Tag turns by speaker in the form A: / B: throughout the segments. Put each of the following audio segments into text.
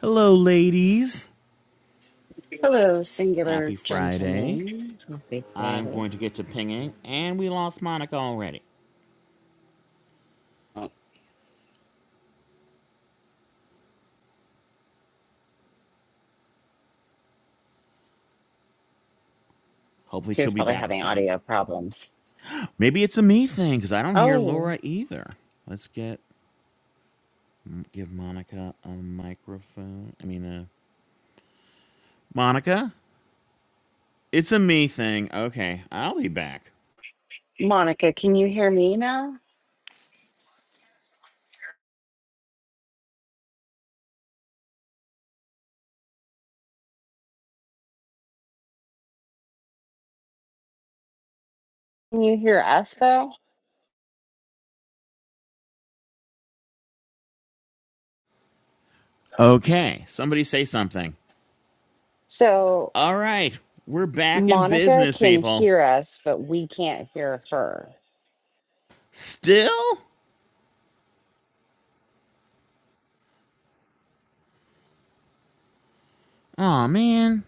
A: Hello, ladies.
B: Hello,
A: Happy
B: singular
A: Friday.
B: gentlemen. Happy
A: I'm
B: Friday.
A: going to get to pinging, and we lost Monica already.
B: Oh,
A: Hopefully,
B: he
A: she'll
B: was
A: be
B: probably
A: back
B: having
A: soon.
B: audio problems.
A: Maybe it's a me thing because I don't hear
B: Oh,
A: Laura either. Let's get give Monica a microphone. I mean, uh, Monica, it's a me thing. Okay, I'll be back.
B: Monica, can you hear me now? Can you hear us though?
A: Okay, somebody say something.
B: So
A: All right, we're back in
B: Monica
A: business,
B: can
A: people.
B: hear us, but we can't hear her.
A: Still? Aw, man.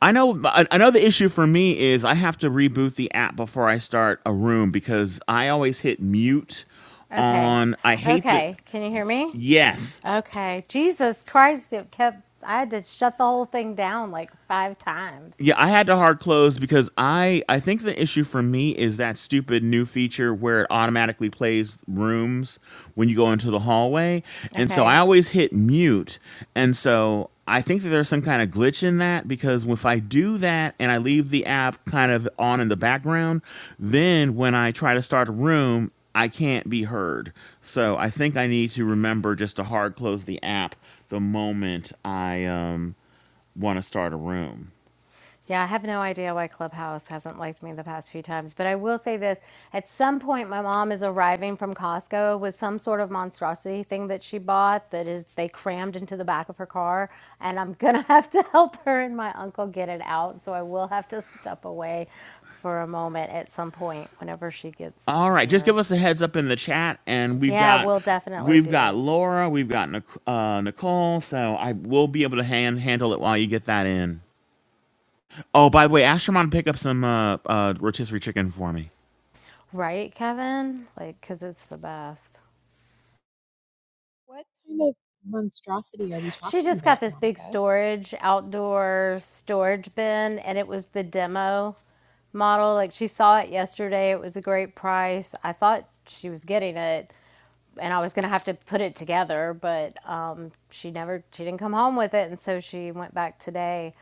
A: I know I I issue for me is I have to reboot the app before I start a room because I always hit mute
C: Okay.
A: on I hate that
C: Okay. Can you hear me?
A: yes.
C: Okay. Jesus Christ, it kept, I had to shut the whole thing down like five times.
A: Yeah, I had to hard close because I I think the issue for me is that stupid new feature where it automatically plays rooms when you go into the hallway. And so
C: Okay.
A: I always hit mute. And so I think that there's some kind of glitch in that because if I do that and I leave the app kind of on in the background, then when I try to start a room, I can't be heard. So I think I need to remember just to hard close the app the moment I um want to start a room.
C: Yeah, I have no idea why Clubhouse hasn't liked me the past few times, but I will say this. At some point, my mom is arriving from Costco with some sort of monstrosity thing that she bought that is they crammed into the back of her car, and I'm gonna have to help her and my uncle get it out. So I will have to step away for a moment at some point whenever she gets
A: All right, just give
C: here.
A: us a heads up in the chat, and we've
C: Yeah,
A: got
C: we'll definitely
A: we've got
C: do.
A: Laura, we've got Nic- uh, Nicole, so I will be able to hand handle it while you get that in. Oh, by the way, ask your mom to pick up some uh, uh, rotisserie chicken for me.
C: Right, Kevin? Like, because it's the best.
D: What kind of monstrosity are we
C: She
D: talking
C: just got
D: about,
C: this big
D: Monica?
C: storage, outdoor storage bin, and it was the demo model. Like, she saw it yesterday. It was a great price. I thought she was getting it, and I was going to have to put it together, but um, she never, she didn't come home with it. And so she went back today,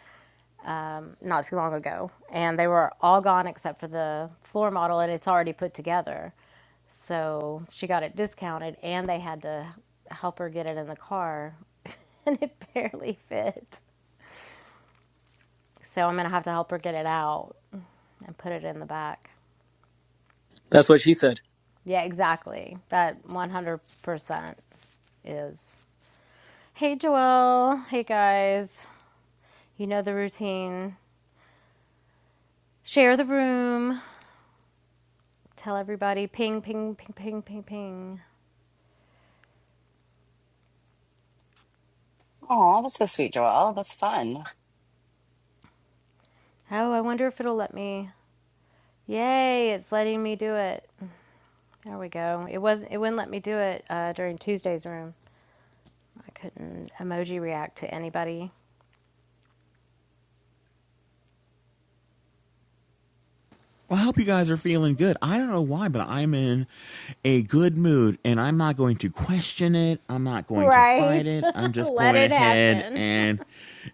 C: um, not too long ago, and they were all gone except for the floor model, and it's already put together. So she got it discounted, and they had to help her get it in the car, and it barely fit. So I'm gonna have to help her get it out and put it in the back.
E: That's what she said.
C: Yeah, exactly. That 100% is. Hey, Joelle. Hey, guys. You know the routine. Share the room. Tell everybody ping, ping, ping, ping, ping, ping.
B: Oh, that's so sweet, Joelle. That's fun.
C: Oh, I wonder if it'll let me. Yay, it's letting me do it. There we go. It wasn't. It wouldn't let me do it uh, during Tuesday's room. I couldn't emoji react to anybody.
A: Well, I hope you guys are feeling good. I don't know why, but I'm in a good mood and I'm not going to question it. I'm not going to fight
C: Right.
A: it. I'm just
C: Let
A: going
C: it
A: ahead
C: happen.
A: and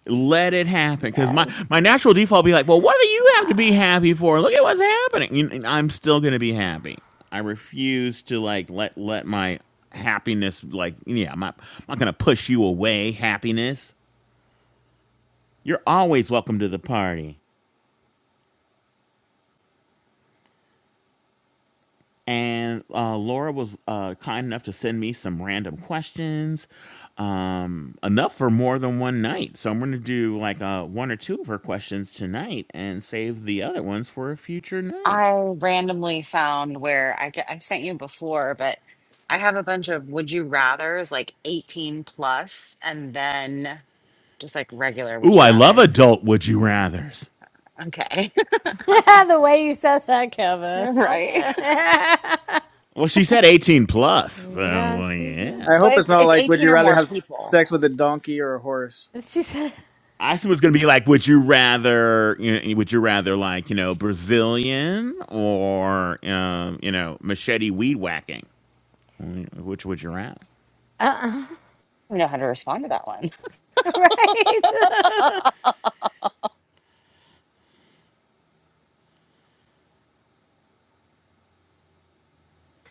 A: let it happen. Because my,
C: Yes.
A: my natural default will be like, well, what do you have to be happy for? Look at what's happening. You- And I'm still going to be happy. I refuse to like let let my happiness like yeah, I'm not, I'm not going to push you away, happiness. You're always welcome to the party. and uh, Laura was uh, kind enough to send me some random questions, um, enough for more than one night. So I'm going to do like uh, one or two of her questions tonight and save the other ones for a future
B: I
A: night.
B: randomly found where I get, I've sent you before, but I have a bunch of would you rather's like 18 plus and then just like regular would
A: Ooh,
B: you
A: I love
B: rather's.
A: adult would you rather's.
B: Okay.
C: the way you said that, Kevin.
B: Right.
C: Okay.
A: Well, she said 18 plus, so
C: Yeah,
A: well,
C: she
A: yeah.
C: said.
E: I hope
B: Well,
E: it's
B: it's
E: not
B: it's
E: like, would
B: 18
E: you
B: or
E: rather
B: more
E: have
B: people.
E: sex with a donkey or a horse?
C: She said,
A: I assume it's going to be like, would you rather, you know, would you rather like, you know, Brazilian or, um, you know, machete weed whacking? Which would you rather?
C: uh
B: I don't know how to respond to that one.
C: right.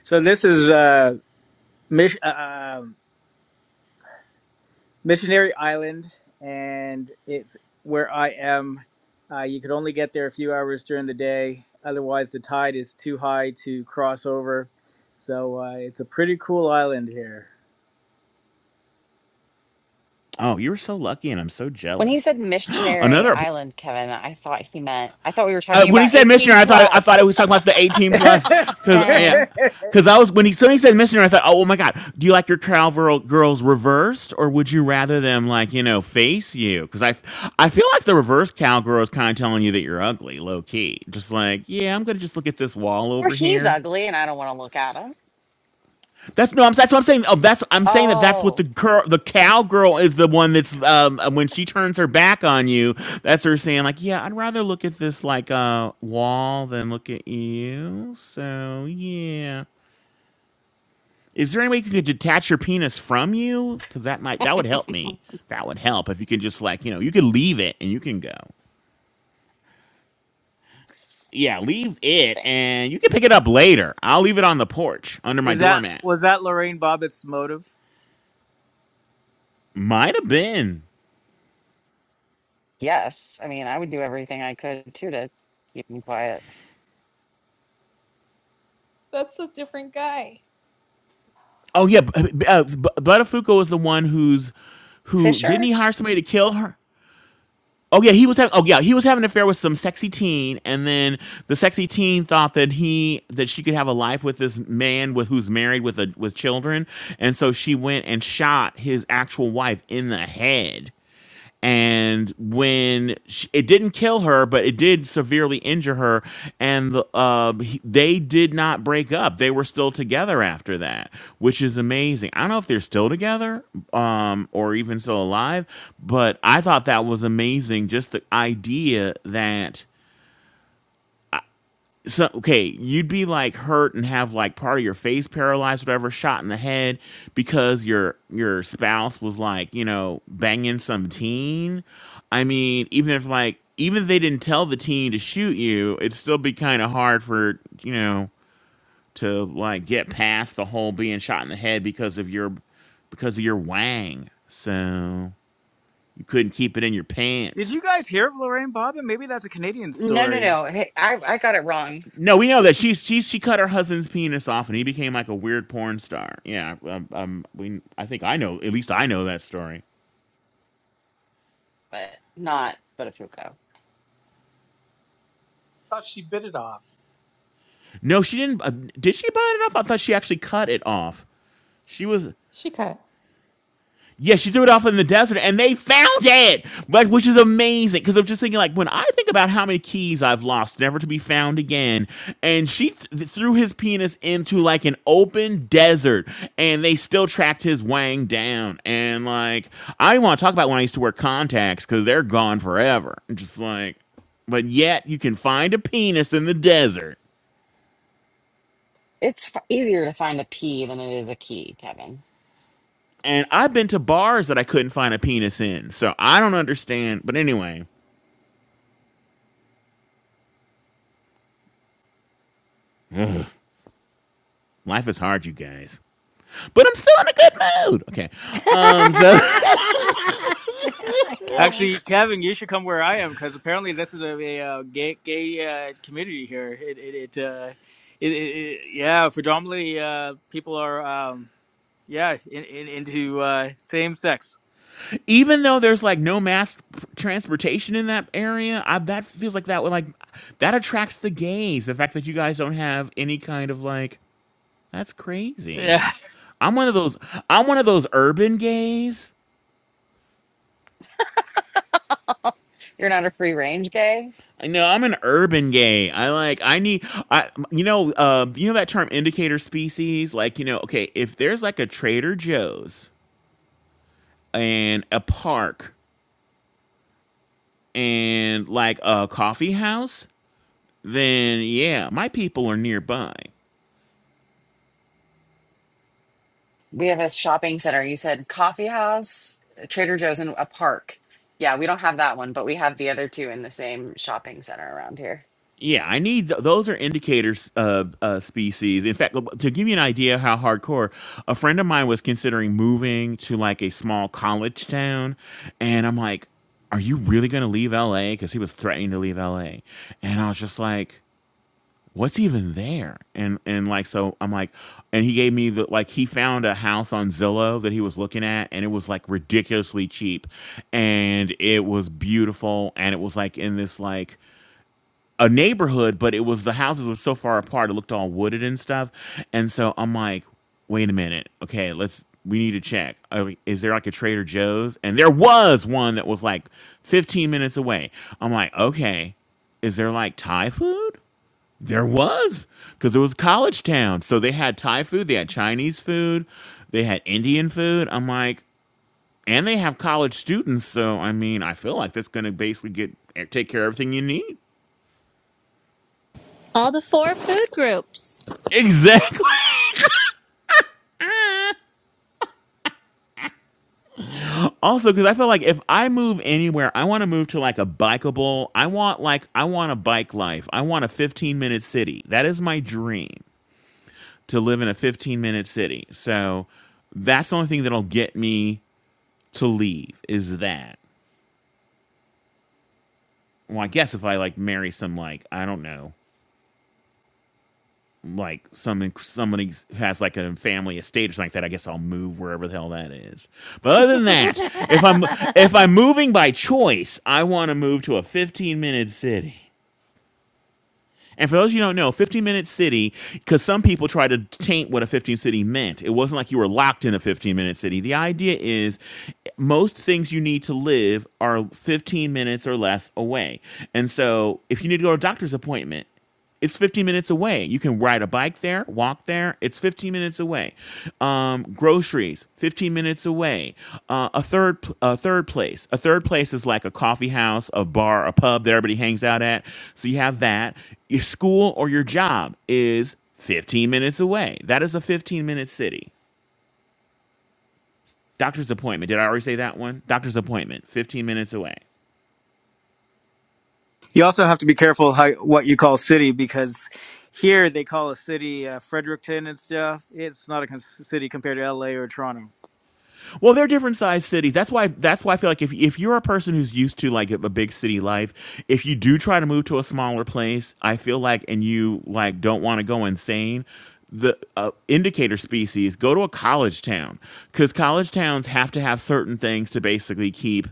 E: So this is uh, Mich- uh, um, Missionary Island, and it's where I am. Uh, you could only get there a few hours during the day. Otherwise, the tide is too high to cross over. So uh, it's a pretty cool island here.
A: Oh, you were so lucky, and I'm so
B: when he
A: jealous.
B: said missionary
A: Another
B: island, Kevin, I thought he meant I thought we were
A: uh,
B: talking
A: when he
B: about
A: said
B: 18
A: missionary, I thought I thought
B: plus.
A: it was talking about the 18 plus because I
C: Same.
A: because I was when he so he said missionary, I thought, oh, oh my god, do you like your cowgirl girls reversed, or would you rather them like you know face you? Because I I feel like the reverse cowgirl is kind of telling you that you're ugly, low key, just like yeah, I'm gonna just look at this wall
B: Or
A: over
B: he's
A: here.
B: ugly and I don't want to look at him.
A: That's no. I'm, that's what I'm saying. Oh, that's I'm saying that that's what
B: Oh,
A: the girl, the cowgirl, is the one that's um uh, when she turns her back on you. That's her saying like, yeah, I'd rather look at this like uh, wall than look at you. So yeah. Is there any way you could detach your penis from you? Because that might that would help me. That would help if you could just like you know you could leave it and you can go.
B: thanks.
A: Yeah, leave it
B: thanks.
A: and you can pick it up later. I'll leave it on the porch under my
E: is that
A: doormat.
E: was that Lorraine Bobbitt's motive?
A: Might have been.
B: Yes. I mean, I would do everything I could too to keep him quiet.
D: That's a different guy.
A: Oh yeah, b- b- uh, B- Buttafuoco was the one who's who didn't
B: Fisher?
A: he hire somebody to kill her? Oh yeah, he was having. Oh yeah, he was having an affair with some sexy teen, and then the sexy teen thought that he that she could have a life with this man with who's married with a with children, and so she went and shot his actual wife in the head and when sh it didn't kill her, but it did severely injure her, and the, uh, he- they did not break up. They were still together after that, which is amazing. I don't know if they're still together um, or even still alive, but I thought that was amazing. Just the idea that so okay, you'd be like hurt and have like part of your face paralyzed, whatever, shot in the head because your your spouse was like, you know, banging some teen. I mean, even if like even if they didn't tell the teen to shoot you, it'd still be kind of hard for you know to like get past the whole being shot in the head because of your because of your wang. So you couldn't keep it in your
E: Did
A: pants.
E: you guys hear of Lorraine Bobbitt? Maybe that's a Canadian
B: No, no,
E: story.
B: no. Hey, I, I got it wrong,
A: No, we know that she's she she cut her husband's penis off, and he became like a weird porn star. Yeah, um, um we I think I know at least I know that story.
B: but not but
F: thought she bit it off.
A: No, she didn't. Uh, did she buy it off? I thought she actually cut it off. She was.
D: Shika.
A: Yes, she threw it off in the desert and they found it, like which is amazing. Because I'm just thinking, like when I think about how many keys I've lost, never to be found again, and she th- threw his penis into like an open desert, and they still tracked his wang down. And like I want to talk about when I used to wear contacts because they're gone forever. I'm just like, but yet you can find a penis in the desert.
B: It's f- easier to find a P than it is a key, Kevin.
A: And I've been to bars that I couldn't find a penis in, so I don't understand. But anyway, life is hard, you guys. but I'm still in a good mood. Okay.
C: Damn
A: Um, so
C: Kevin.
E: Actually, Kevin, you should come where I am because apparently this is a, a, uh gay gay uh, community here. It it it, uh, it, it, it yeah, predominantly uh, people are um, yeah in, in, into uh, same sex.
A: even though there's like no mass transportation in that area, I, that feels like that would like that attracts the gays. The fact that you guys don't have any kind of like that's crazy.
E: Yeah,
A: I'm one of those. I'm one of those urban gays.
B: You're not a free range gay.
A: No, I'm an urban gay. I like. I need. I you know. Uh, you know that term indicator species. Like you know. Okay, if there's like a Trader Joe's and a park and like a coffee house then yeah, my people are nearby.
B: We have a shopping center. You said coffee house, Trader Joe's, and a park. Yeah, we don't have that one, but we have the other two in the same shopping center around here.
A: Yeah, I need th- those are indicators of uh, species. In fact, to give you an idea how hardcore, a friend of mine was considering moving to like a small college town, and I'm like, "Are you really going to leave LA?" Because he was threatening to leave LA, and I was just like, what's even there and and like so i'm like and he gave me the like he found a house on zillow that he was looking at and it was like ridiculously cheap and it was beautiful and it was like in this like a neighborhood but it was the houses were so far apart it looked all wooded and stuff and so i'm like wait a minute okay let's we need to check Uh, is there like a trader joe's and there was one that was like 15 minutes away i'm like okay is there like thai food there was, because it was college town. So they had Thai food, they had Chinese food, they had Indian food. I'm like, and they have college students. So I mean, I feel like that's going to basically get eh, take care of everything you need.
G: all the four food groups.
A: Exactly. also, because I feel like if I move anywhere, I want to move to like a bikeable. I want like I want a bike life. I want a 15 minute city. That is my dream to live in a 15 minute city. So that's the only thing that'll get me to leave is that. well, I guess if I like marry some like I don't know, like some somebody has like a family estate or something like that, I guess I'll move wherever the hell that is. But other than that, if I'm if I'm moving by choice, I want to move to a 15 minute city. And for those of you who don't know, 15 minute city, because some people try to taint what a 15 city meant. It wasn't like you were locked in a 15 minute city. The idea is most things you need to live are 15 minutes or less away. And so if you need to go to a doctor's appointment, It's 15 minutes away. You can ride a bike there, walk there. It's 15 minutes away. Um, groceries, 15 minutes away. Uh, a third, a third place. A third place is like a coffee house, a bar, a pub that everybody hangs out at. So you have that. Your school or your job is 15 minutes away. That is a 15 minute city. Doctor's appointment. Did I already say that one? Doctor's appointment, 15 minutes away.
E: you also have to be careful how what you call city because here they call a city uh, Fredericton and stuff. It's not a con- city compared to L.A. or Toronto.
A: Well, they're different sized cities. That's why. That's why I feel like if if you're a person who's used to like a, a big city life, if you do try to move to a smaller place, I feel like, and you like don't want to go insane. The uh, indicator species go to a college town because college towns have to have certain things to basically keep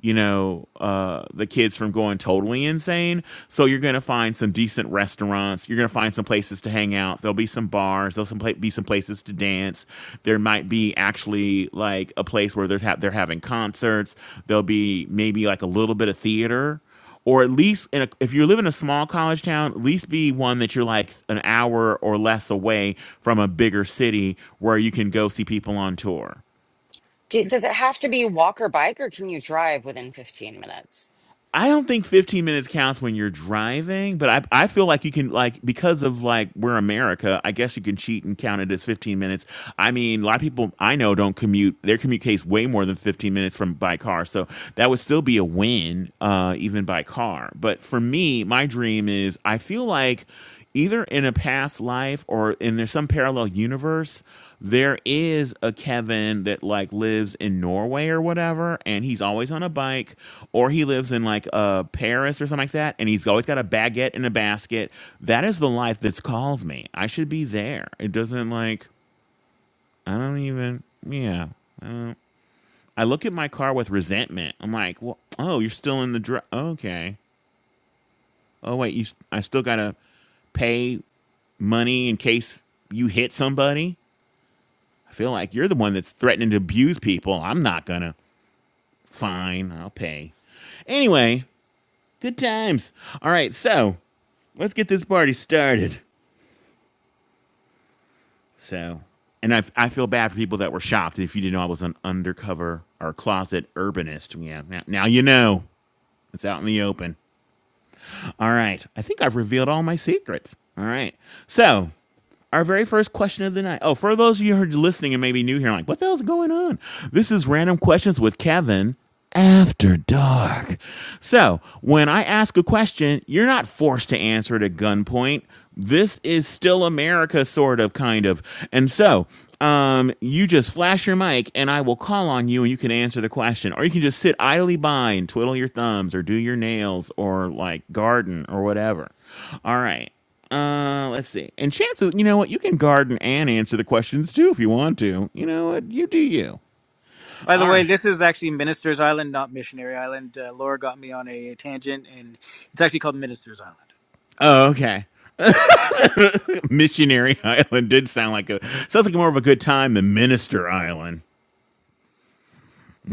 A: you know, uh, the kids from going totally insane. So you're going to find some decent restaurants. You're going to find some places to hang out. There'll be some bars. There'll some pla- be some places to dance. There might be actually like a place where there's ha- they're having concerts. There'll be maybe like a little bit of theater. Or at least, in a, if you live in a small college town, at least be one that you're like an hour or less away from a bigger city where you can go see people on tour.
B: Do, does it have to be walk or bike, or can you drive within 15 minutes?
A: I don't think 15 minutes counts when you're driving, but I, I feel like you can like because of like we're America, I guess you can cheat and count it as 15 minutes. I mean, a lot of people I know don't commute. Their commute takes way more than 15 minutes from by car. So that would still be a win uh even by car. But for me, my dream is I feel like either in a past life or in there's some parallel universe there is a Kevin that like lives in Norway or whatever, and he's always on a bike, or he lives in like uh Paris or something like that, and he's always got a baguette in a basket. That is the life that calls me. I should be there. It doesn't like I don't even yeah. I look at my car with resentment. I'm like, well, oh, you're still in the dr- okay. Oh wait, you s- I still gotta pay money in case you hit somebody. I feel like you're the one that's threatening to abuse people. I'm not gonna. Fine, I'll pay. Anyway, good times. All right, so let's get this party started. So, and I, I feel bad for people that were shocked. If you didn't know I was an undercover or closet urbanist, yeah, now, now you know. It's out in the open. All right, I think I've revealed all my secrets. All right, so Our very first question of the night. Oh, for those of you who are listening and maybe new here, I'm like, what the hell's going on? This is Random Questions with Kevin After Dark. So, when I ask a question, you're not forced to answer it at gunpoint. This is still America, sort of, kind of. And so, um, you just flash your mic and I will call on you and you can answer the question. Or you can just sit idly by and twiddle your thumbs or do your nails or like garden or whatever. All right. Uh, let's see. And chances, you know what? You can garden and answer the questions too if you want to. You know what? You do you.
E: By the
A: All
E: way,
A: right.
E: this is actually Minister's Island, not Missionary Island. Uh, Laura got me on a tangent, and it's actually called Minister's Island.
A: Oh, okay. Missionary Island did sound like a sounds like more of a good time than Minister Island.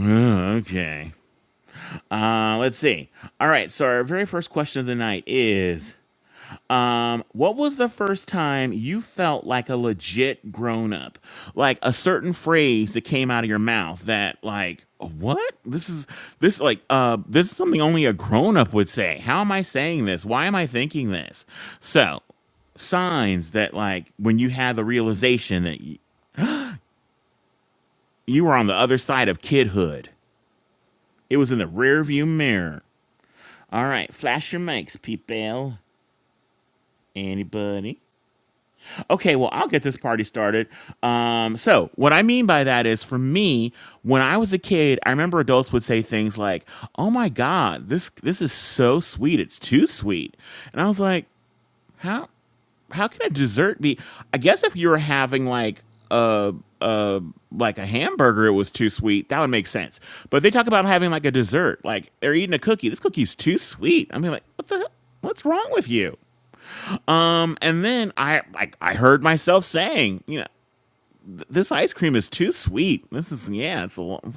A: Oh, okay. Uh, let's see. All right. So our very first question of the night is. Um, what was the first time you felt like a legit grown up? Like a certain phrase that came out of your mouth that like what? This is this like uh this is something only a grown up would say. How am I saying this? Why am I thinking this? So, signs that like when you had the realization that y- you were on the other side of kidhood. It was in the rearview mirror. All right, flash your mics, people. Anybody? Okay, well, I'll get this party started. Um, so, what I mean by that is, for me, when I was a kid, I remember adults would say things like, "Oh my God, this this is so sweet. It's too sweet," and I was like, "How how can a dessert be?" I guess if you were having like a a like a hamburger, it was too sweet. That would make sense. But they talk about having like a dessert, like they're eating a cookie. This cookie's too sweet. I mean, like, what the what's wrong with you? Um, and then I like I heard myself saying, you know, "Th- this ice cream is too sweet. This is yeah, it's a lo-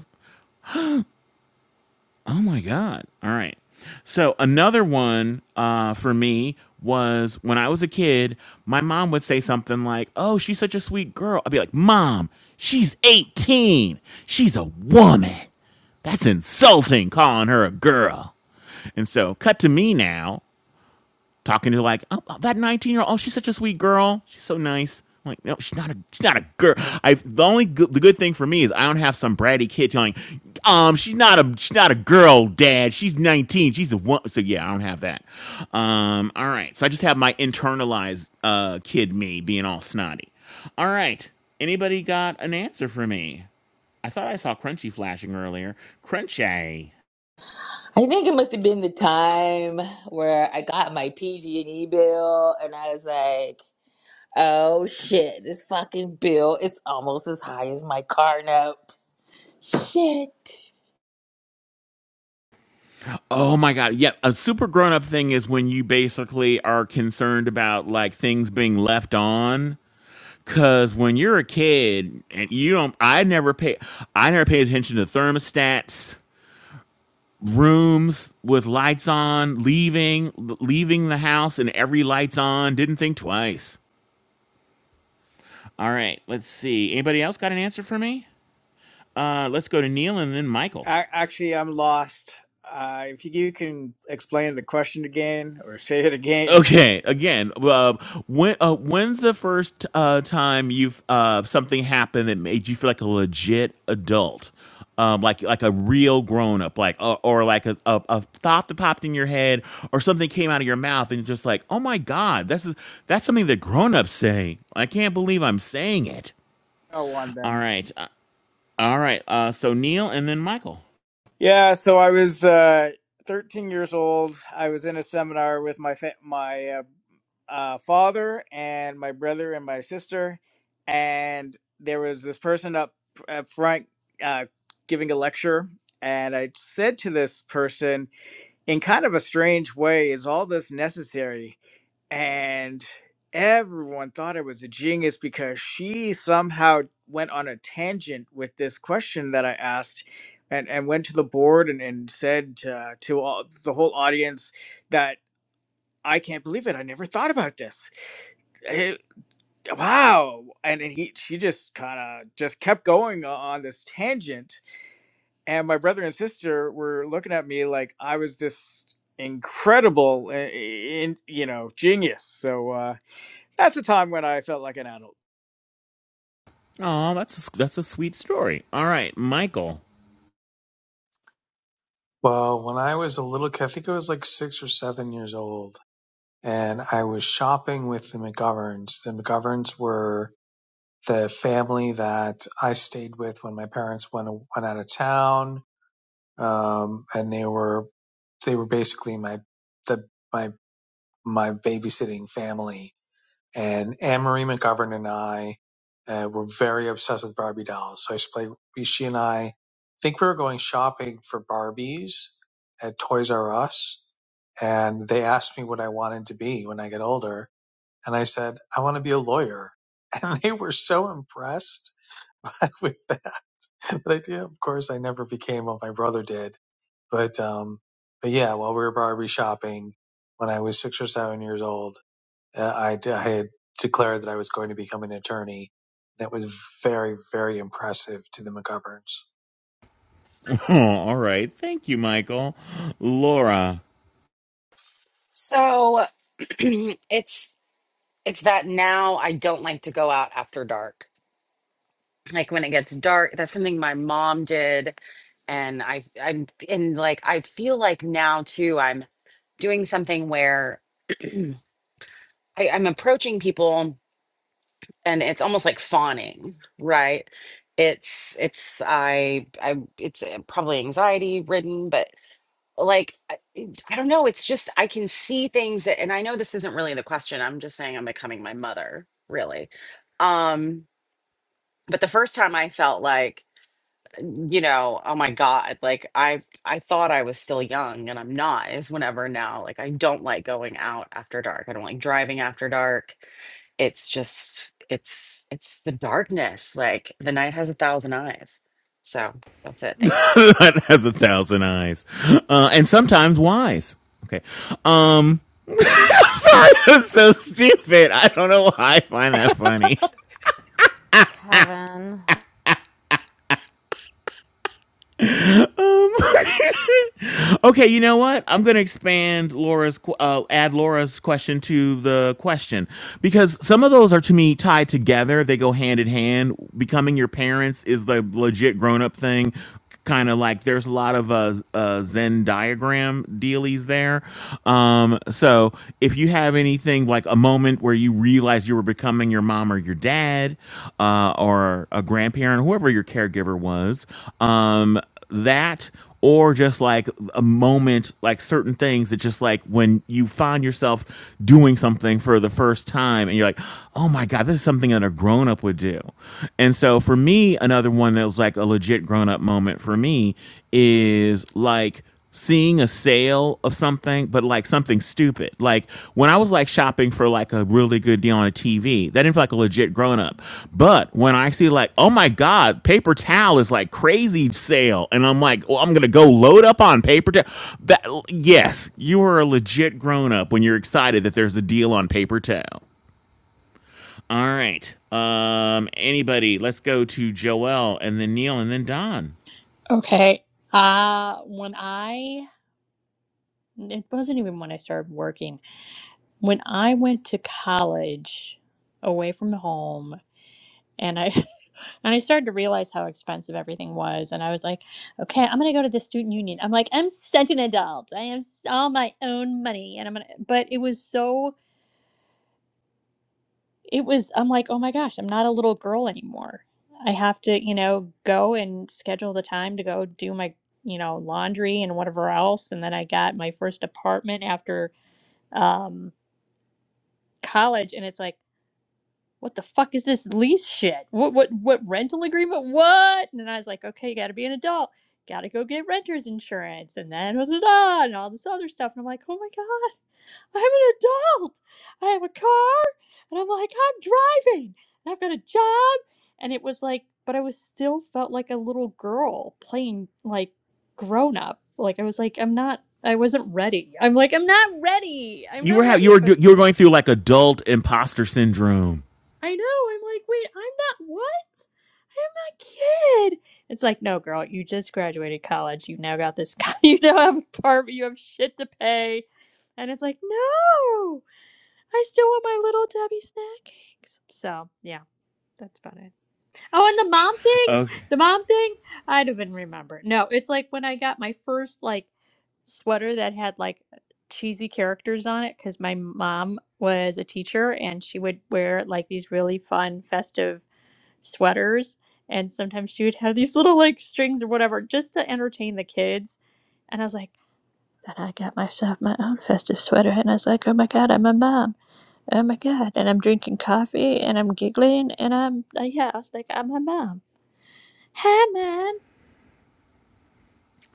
A: oh my god. All right. So another one uh, for me was when I was a kid, my mom would say something like, "Oh, she's such a sweet girl." I'd be like, "Mom, she's 18. She's a woman. That's insulting calling her a girl." And so, cut to me now. talking to like oh, oh, that 19 year old oh she's such a sweet girl she's so nice I'm like no she's not a she's not a girl i the only good, the good thing for me is i don't have some bratty kid telling um she's not a she's not a girl dad she's 19 she's a one so yeah i don't have that um all right so i just have my internalized uh kid me being all snotty all right anybody got an answer for me i thought i saw crunchy flashing earlier crunchy
H: I think it must have been the time where I got my PG&E bill and I was like, "Oh shit, this fucking bill is almost as high as my car note." Shit.
A: Oh my god. Yeah, a super grown up thing is when you basically are concerned about like things being left on cuz when you're a kid and you don't I never pay I never paid attention to thermostats, rooms with lights on, leaving leaving the house and every light's on, didn't think twice. All right, let's see. Anybody else got an answer for me? Uh let's go to Neil and then Michael.
E: actually, I'm lost. Uh, if you can explain the question again or say it again.
A: Okay, again, uh, when uh, when's the first uh, time you've uh, something happened that made you feel like a legit adult, um, like like a real grown up, like uh, or like a, a, a thought that popped in your head, or something came out of your mouth, and you're just like, oh my god, that's that's something that grown ups say. I can't believe I'm saying it.
E: Oh, one
A: All
E: then.
A: right, uh, all right. Uh, so Neil and then Michael.
E: Yeah, so I was uh, 13 years old. I was in a seminar with my fa- my uh, uh, father and my brother and my sister, and there was this person up up front uh, giving a lecture. And I said to this person, in kind of a strange way, is all this necessary? and everyone thought I was a genius because she somehow went on a tangent with this question that I asked and, and went to the board and, and said uh, to all, the whole audience that I can't believe it. I never thought about this. Eh, wow. And then he, she just kind of just kept going o- on this tangent. And my brother and sister were looking at me like I was this incredible, eh, eh, in, you know, genius. So, uh, that's the time when I felt like an adult.
A: Oh, that's a, that's a sweet story. All right, Michael.
F: Well, when I was a little kid, I think I was like six or seven years old, and I was shopping with the McGoverns. The McGoverns were the family that I stayed with when my parents went went out of town, um, and they were they were basically my the my my babysitting family and Anne Marie McGovern and I uh, were very obsessed with Barbie dolls. So I used to play. we- She and I I think we were going shopping for Barbies at Toys R Us, and they asked me what I wanted to be when I get older, and I said I want to be a lawyer, and they were so impressed with that, that idea. Of course, I never became what my brother did, but um, but yeah, while we were Barbie shopping when I was six or seven years old. Uh, I, d- I had declared that I was going to become an attorney. That was very, very impressive to the McGoverns.
A: Oh, all right. Thank you, Michael. Laura.
B: So it's it's that now I don't like to go out after dark. Like when it gets dark, that's something my mom did, and I I'm and like I feel like now too I'm doing something where I, I'm approaching people and it's almost like fawning, right? It's it's I I it's uh, probably anxiety ridden, but like I, it- I don't know, it's just I can see things that and I know this isn't really the question. I'm just saying I'm becoming my mother, really. Um but the first time I felt like you know oh my god like i i thought i was still young and i'm not is whenever now like i don't like going out after dark i don't like driving after dark it's just it's it's the darkness like the night has a thousand eyes so that's it thanks
A: that has a thousand eyes. Uh, and sometimes wise. Okay. Um, I'm sorry. That's so stupid. I don't know why I find that funny.
C: Kevin.
A: Okay, you know what? I'm going to expand Laura's, qu- uh, add Laura's question to the question because some of those are to me tied together. They go hand in hand. Becoming your parents is the legit grown up thing. Kind of like there's a lot of uh, uh, Zen diagram dealies there. Um, so if you have anything like a moment where you realize you were becoming your mom or your dad uh, or a grandparent, whoever your caregiver was, um, that or just like a moment, like certain things that just like when you find yourself doing something for the first time and you're like, oh my God, this is something that a grown up would do. And so for me, another one that was like a legit grown up moment for me is like, seeing a sale of something, but like something stupid. Like when I was like shopping for like a really good deal on a TV, that didn't feel like a legit grown up. But when I see like, oh my God, paper towel is like crazy sale. And I'm like, well, I'm going to go load up on paper towel. That, yes, you are a legit grown up when you're excited that there's a deal on paper towel. All right. Um, anybody, let's go to Joel and then Neil and then Don.
I: Okay. Uh, when I, it wasn't even when I started working. When I went to college away from home and I and I started to realize how expensive everything was and I was like, okay, I'm going to go to the student union. I'm like, I'm such an adult. I am s- all my own money and I'm going to but it was so it was i'm like oh my gosh i'm not a little girl anymore i have to you know go and schedule the time to go do my you know laundry and whatever else and then i got my first apartment after um college and it's like what the fuck is this lease shit what what what rental agreement what and then i was like okay you got to be an adult got to go get renter's insurance and then da, da, da, and all this other stuff and i'm like oh my god I'm an adult. I have a car and I'm like, I'm driving and I've got a job. And it was like, but I was still felt like a little girl playing like grown up. Like I was like, I'm not, I wasn't ready. I'm like, I'm not ready. I'm
A: You were
I: not
A: have
I: ready
A: you were
I: for
A: do-
I: this.
A: you were going through like adult imposter syndrome.
I: I know. I'm like, wait, I'm not what? I'm a kid. It's like, no, girl, you just graduated college. You've now got this, you now have an apartment. You have shit to pay. And it's like, no. I still want my little Debbie snack cakes. So yeah, that's about it. Oh, and the mom thing,
A: Okay.
I: the mom thing, I don't even remember. No, it's like when I got my first like sweater that had like cheesy characters on it because my mom was a teacher and she would wear like these really fun festive sweaters and sometimes she would have these little like strings or whatever just to entertain the kids and i was like then i got myself my own festive sweater and i was like oh my god i'm a mom Oh my god! And I'm drinking coffee, and I'm giggling, and I'm uh, yeah. I was like, I'm my mom. Hi, mom.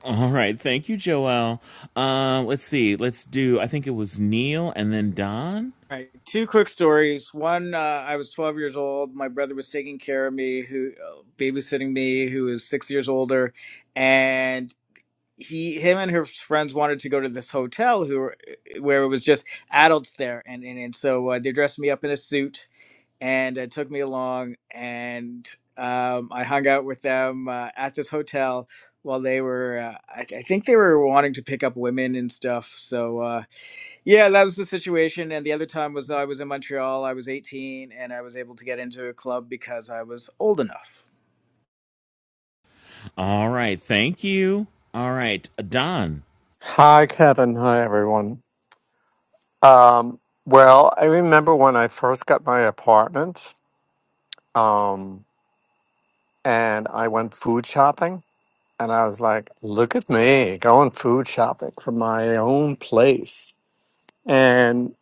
A: All right. Thank you, Joelle. Um, let's see. Let's do, I think it was Neil and then Don.
E: All Right. Two quick stories. One, uh, I was 12 years old. My brother was taking care of me, who uh, babysitting me, who was six years older, and he, him, and his friends wanted to go to this hotel, who were- uh, where it was just adults there, and and, and so uh, they dressed me up in a suit and uh, took me along, and um, I hung out with them uh, at this hotel while they were, uh, I, I think they were wanting to pick up women and stuff, so. Uh, Yeah, that was the situation. And the other time was I was in Montreal. I was 18 and I was able to get into a club because I was old enough.
A: All right. Thank you. All right. Uh, Don.
J: Hi, Kevin. Hi, everyone. Um, well, I remember when I first got my apartment, um, and I went food shopping, and I was like, "Look at me going food shopping from my own place." And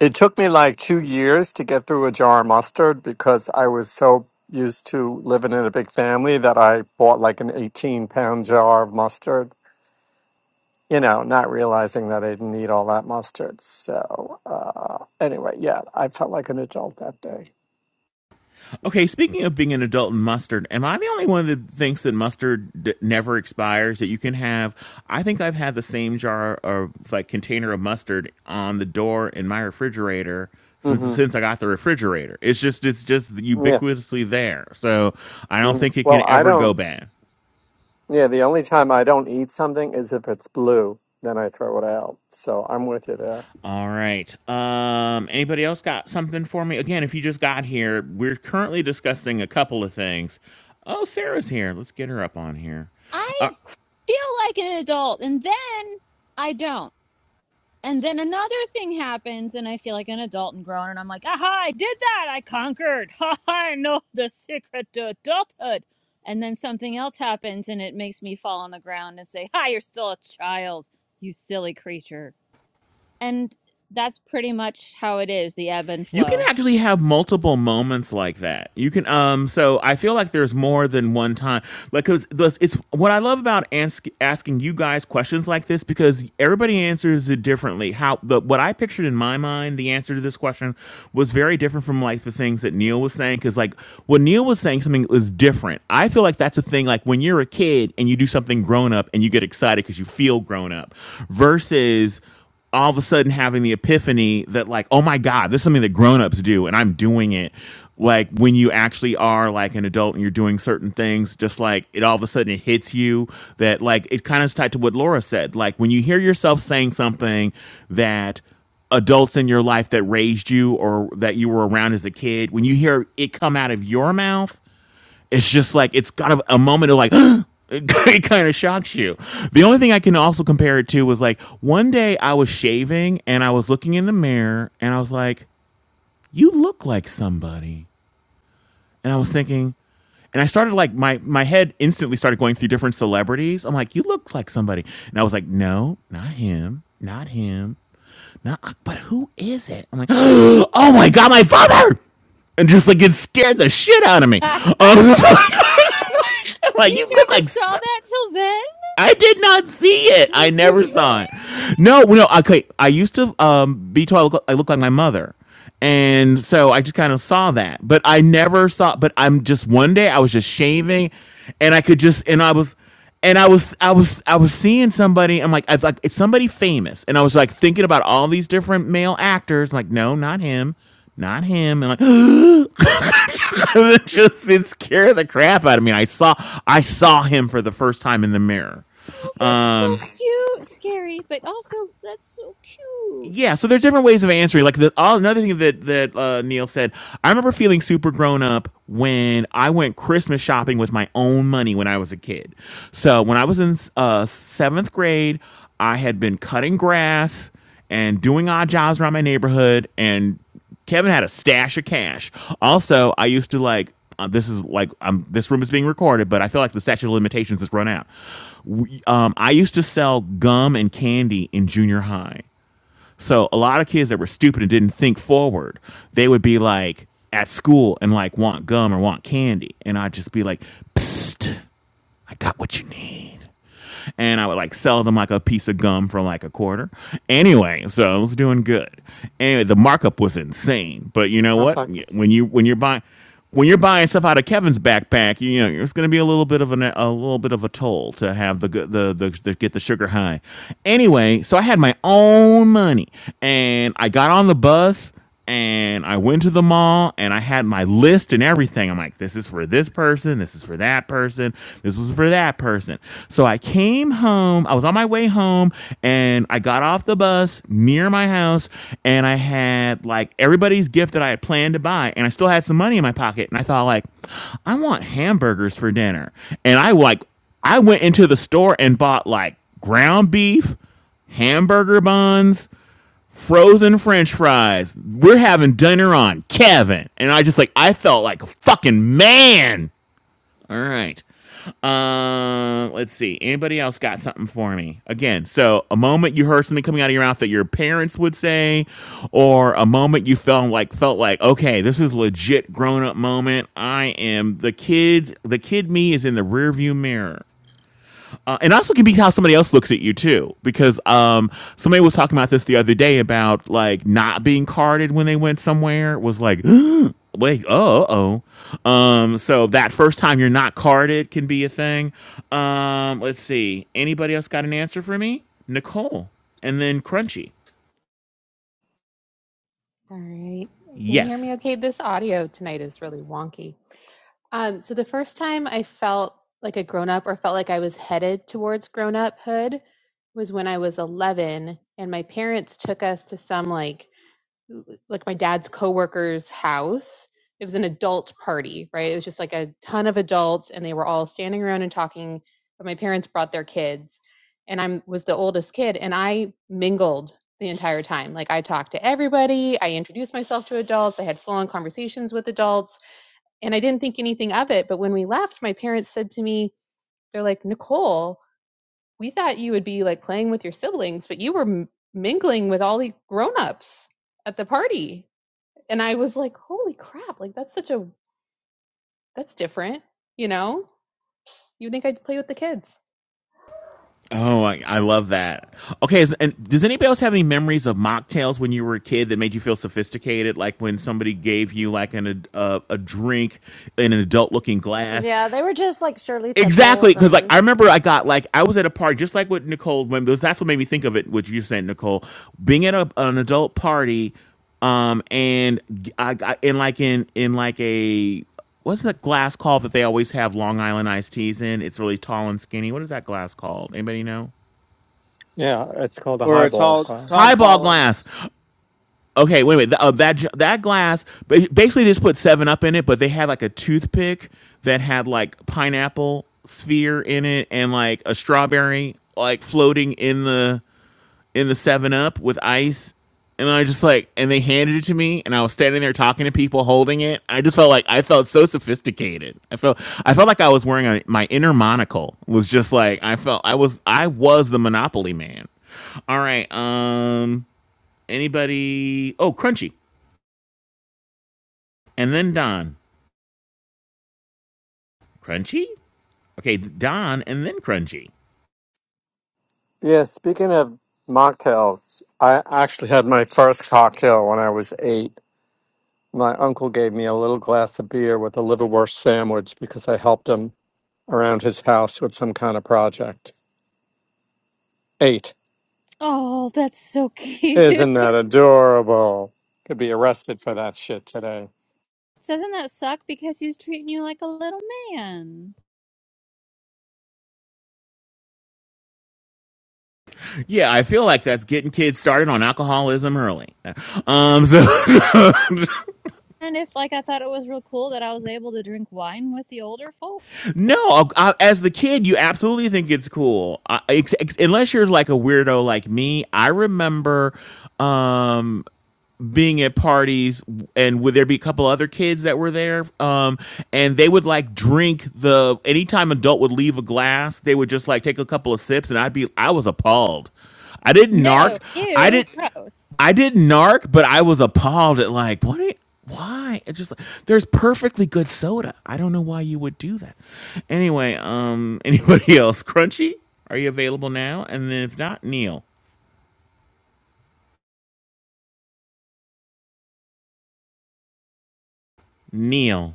J: it took me like two years to get through a jar of mustard because I was so used to living in a big family that I bought like an eighteen-pound jar of mustard you know, not realizing that I didn't eat all that mustard. So uh, anyway, yeah, I felt like an adult that day.
A: Okay. Speaking of being an adult and mustard, am I the only one that thinks that mustard d- never expires, that you can have? I think I've had the same jar or like container of mustard on the door in my refrigerator since
J: hmm
A: since I got the refrigerator. It's just it's just
J: Yeah.
A: ubiquitously there. So I don't
J: hmm
A: think it
J: Well,
A: can
J: I
A: ever go
J: don't.
A: bad.
J: Yeah, the only time I don't eat something is if it's blue, then I throw it out. So I'm with you there.
A: All right. Um, anybody else got something for me? Again, if you just got here, we're currently discussing a couple of things. Oh, Sarah's here. Let's get her up on here.
G: I feel like an adult and then I don't. And then another thing happens and I feel like an adult and grown and I'm like, aha, I did that. I conquered. Ha ha, I know the secret to adulthood. And then something else happens and it makes me fall on the ground and say, hi, you're still a child, you silly creature. And that's pretty much how it is, the ebb and
A: You can
G: flow.
A: actually have multiple moments like that. You can um so I feel like there's more than one time. Like cuz it's what I love about ask, asking you guys questions like this because everybody answers it differently. How the what I pictured in my mind the answer to this question was very different from like the things that Neil was saying cuz like when Neil was saying something was different. I feel like that's a thing like when you're a kid and you do something grown up and you get excited cuz you feel grown up versus all of a sudden having the epiphany that like oh my god this is something that grown-ups do and i'm doing it like when you actually are like an adult and you're doing certain things just like it all of a sudden it hits you that like it kind of is tied to what laura said like when you hear yourself saying something that adults in your life that raised you or that you were around as a kid when you hear it come out of your mouth it's just like it's got a, a moment of like it kind of shocks you. The only thing I can also compare it to was like one day I was shaving and I was looking in the mirror and I was like, "You look like somebody," and I was thinking. And I started like my my head instantly started going through different celebrities. I'm like, you look like somebody, and I was like, no, not him, not him, no, but who is it? I'm like, oh my god, my father! And just like it scared the shit out of me.
G: you never
A: Um, I'm like, you look like so
G: saw that till then?
A: I did not see it. I never saw it.
G: Really?
A: No, no. Okay, I used to um, be told I look, I look like my mother, and so I just kind of saw that. But I never saw. But I'm just one day I was just shaving, and I could just and I was. And I was, I was, I was seeing somebody. I'm like, I was like, it's somebody famous. And I was like thinking about all these different male actors. I'm like, no, not him, not him. And like, it just it scared the crap out of me. I saw, I saw him for the first time in the mirror
G: Oh, that's
A: Um,
G: so cute. Scary, but also that's so cute.
A: yeah so there's different ways of answering like the all, another thing that that uh, neil said i remember feeling super grown up when i went christmas shopping with my own money when i was a kid so when i was in uh, seventh grade i had been cutting grass and doing odd jobs around my neighborhood and Kevin had a stash of cash. Also, I used to like uh, this is like um, this room is being recorded, but I feel like the statute of limitations has run out. We, um, I used to sell gum and candy in junior high. So a lot of kids that were stupid and didn't think forward, they would be like at school and like want gum or want candy, and I'd just be like, "Psst, I got what you need." and I would like sell them like a piece of gum for like a quarter. Anyway, so I was doing good. Anyway, the markup was insane, but you know
J: That's
A: what?
J: like this.
A: When you when you're buying when you're buying stuff out of Kevin's backpack, you know it's going to be a little bit of an, a little bit of a toll to have the, the the the get the sugar high. Anyway, so I had my own money, and I got on the bus and I went to the mall and I had my list and everything. I'm like, this is for this person, this is for that person, this was for that person. So I came home, I was on my way home, and I got off the bus near my house, and I had like everybody's gift that I had planned to buy, and I still had some money in my pocket. And I thought, like, I want hamburgers for dinner. And I like I went into the store and bought like ground beef, hamburger buns, frozen french fries. We're having dinner on Kevin. And I just like, I felt like a fucking man. All right. Um, let's see. Anybody else got something for me? Again, so a moment you heard something coming out of your mouth that your parents would say, or a moment you felt like felt like, okay, this is legit grown up moment. I am the kid. The kid me is in the rearview mirror. Uh, and also can be how somebody else looks at you too, because um, somebody was talking about this the other day about like not being carded when they went somewhere was like, wait, oh, oh. Um, so that first time you're not carded can be a thing. Um, let's see. Anybody else got an answer for me? Nicole, and then Crunchy.
D: All right. Can you hear
A: Yes.
D: me okay? This audio tonight is really wonky. Um, so the first time I felt like a grown up or felt like I was headed towards grown uphood was when I was 11 and my parents took us to some like like my dad's coworker's house. It was an adult party, right? It was just like a ton of adults and they were all standing around and talking, but my parents brought their kids and i was the oldest kid and I mingled the entire time. Like I talked to everybody, I introduced myself to adults, I had full-on conversations with adults, and I didn't think anything of it, but when we left, my parents said to me, they're like, "Nicole, we thought you would be like playing with your siblings, but you were m- mingling with all the grown-ups at the party." and I was like, holy crap, like that's such a that's different, you know? You think I'd play with the kids.
A: Oh, I, I love that. Okay, is, and does anybody else have any memories of mocktails when you were a kid that made you feel sophisticated? Like when somebody gave you like an a, a drink in an adult-looking glass.
C: Yeah, they were just like Shirley
A: Exactly,
C: Temples
A: because like I
C: and
A: remember I got like I was at a party just like what Nicole. When that's what made me think of it. What you were saying, Nicole, being at a, an adult party, um, and I got in like in in like a what's that glass called that they always have Long Island iced teas in? It's really tall and skinny. What is that glass called? Anybody know?
J: Yeah, it's called a
E: Or a
J: highball
E: tall
J: glass.
E: Tom
A: highball
E: Collins
A: glass. Okay, wait, wait. Th- uh, that j- that glass, ba- basically, they just put Seven Up in it, but they had like a toothpick that had like pineapple sphere in it and like a strawberry like floating in the in the Seven Up with ice. And I just like, and they handed it to me, and I was standing there talking to people holding it. I just felt like I felt so sophisticated. I felt I felt like I was wearing a, my inner monocle. Was just like I felt I was I was the Monopoly man. All right, um, Anybody? Oh, Crunchy. And then Don. Crunchy? Okay, Don and then Crunchy.
J: Yeah. Speaking of mocktails, I actually had my first cocktail when I was eight. My uncle gave me a little glass of beer with a liverwurst sandwich because I helped him around his house with some kind of project. Eight.
G: Oh, that's so cute.
J: Isn't that adorable? Could be arrested for that shit today.
G: Doesn't that suck? Because he was treating you like a little man.
A: Yeah, I feel like that's getting kids started on alcoholism early. Um, so
G: And if like I thought it was real cool that I was able to drink wine with the older folk.
A: no, I, as the kid, you absolutely think it's cool, I, ex- ex- unless you're like a weirdo like me. I remember um being at parties and would there be a couple other kids that were there um and they would like drink the anytime adult would leave a glass they would just like take a couple of sips and i'd be i was appalled i didn't narc
G: No,
A: i
G: ew,
A: did
G: gross.
A: i didn't narc but i was appalled at like what are- why it just there's perfectly good soda i don't know why you would do that anyway um anybody else crunchy are you available now and then if not neil neil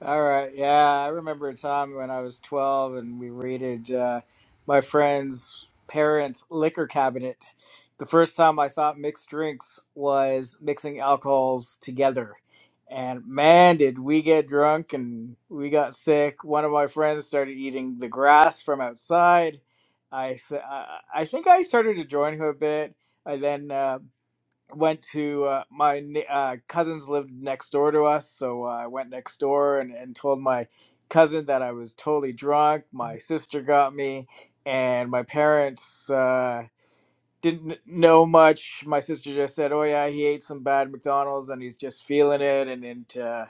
E: All right. Yeah, I remember a time when I was 12 and we raided uh, my friend's parents' liquor cabinet. The first time I thought mixed drinks was mixing alcohols together. And man, did we get drunk and we got sick. One of my friends started eating the grass from outside. I, s- I I think I started to join him a bit. I then uh, went to uh, my ne- uh, cousins lived next door to us, so uh, I went next door and, and told my cousin that I was totally drunk. My sister got me, and my parents uh, didn't kn- know much. My sister just said, "Oh yeah, he ate some bad McDonald's and he's just feeling it, and and uh,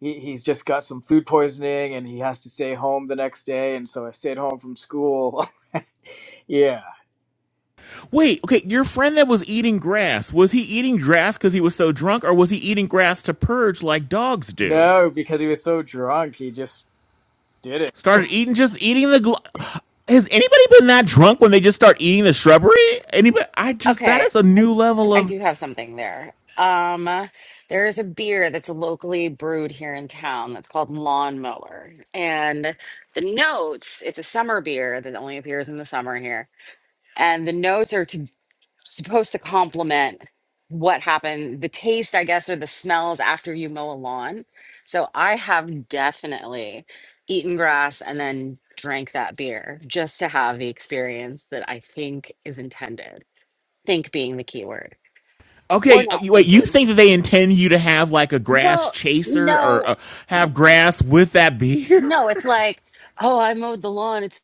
E: he, he's just got some food poisoning and he has to stay home the next day." And so I stayed home from school. yeah,
A: Wait, okay, your friend that was eating grass, was he eating grass because he was so drunk, or was he eating grass to purge like dogs do?
E: no, because he was so drunk, he just did it.
A: Started eating, just eating the. Gl- Has anybody been that drunk when they just start eating the shrubbery? Anybody? I just that
B: okay
A: is a
B: i
A: new level
B: i
A: of.
B: do have something there um there is a beer that's locally brewed here in town that's called lawnmower and the notes it's a summer beer that only appears in the summer here and the notes are to supposed to complement what happened the taste i guess or the smells after you mow a lawn so i have definitely eaten grass and then drank that beer just to have the experience that i think is intended think being the key word or
A: Okay, uh,
B: not
A: wait. You
B: thinking
A: think that they intend you to have like a grass
B: well
A: chaser
B: no
A: or uh, have grass with that beer?
B: no it's like oh i mowed the lawn it's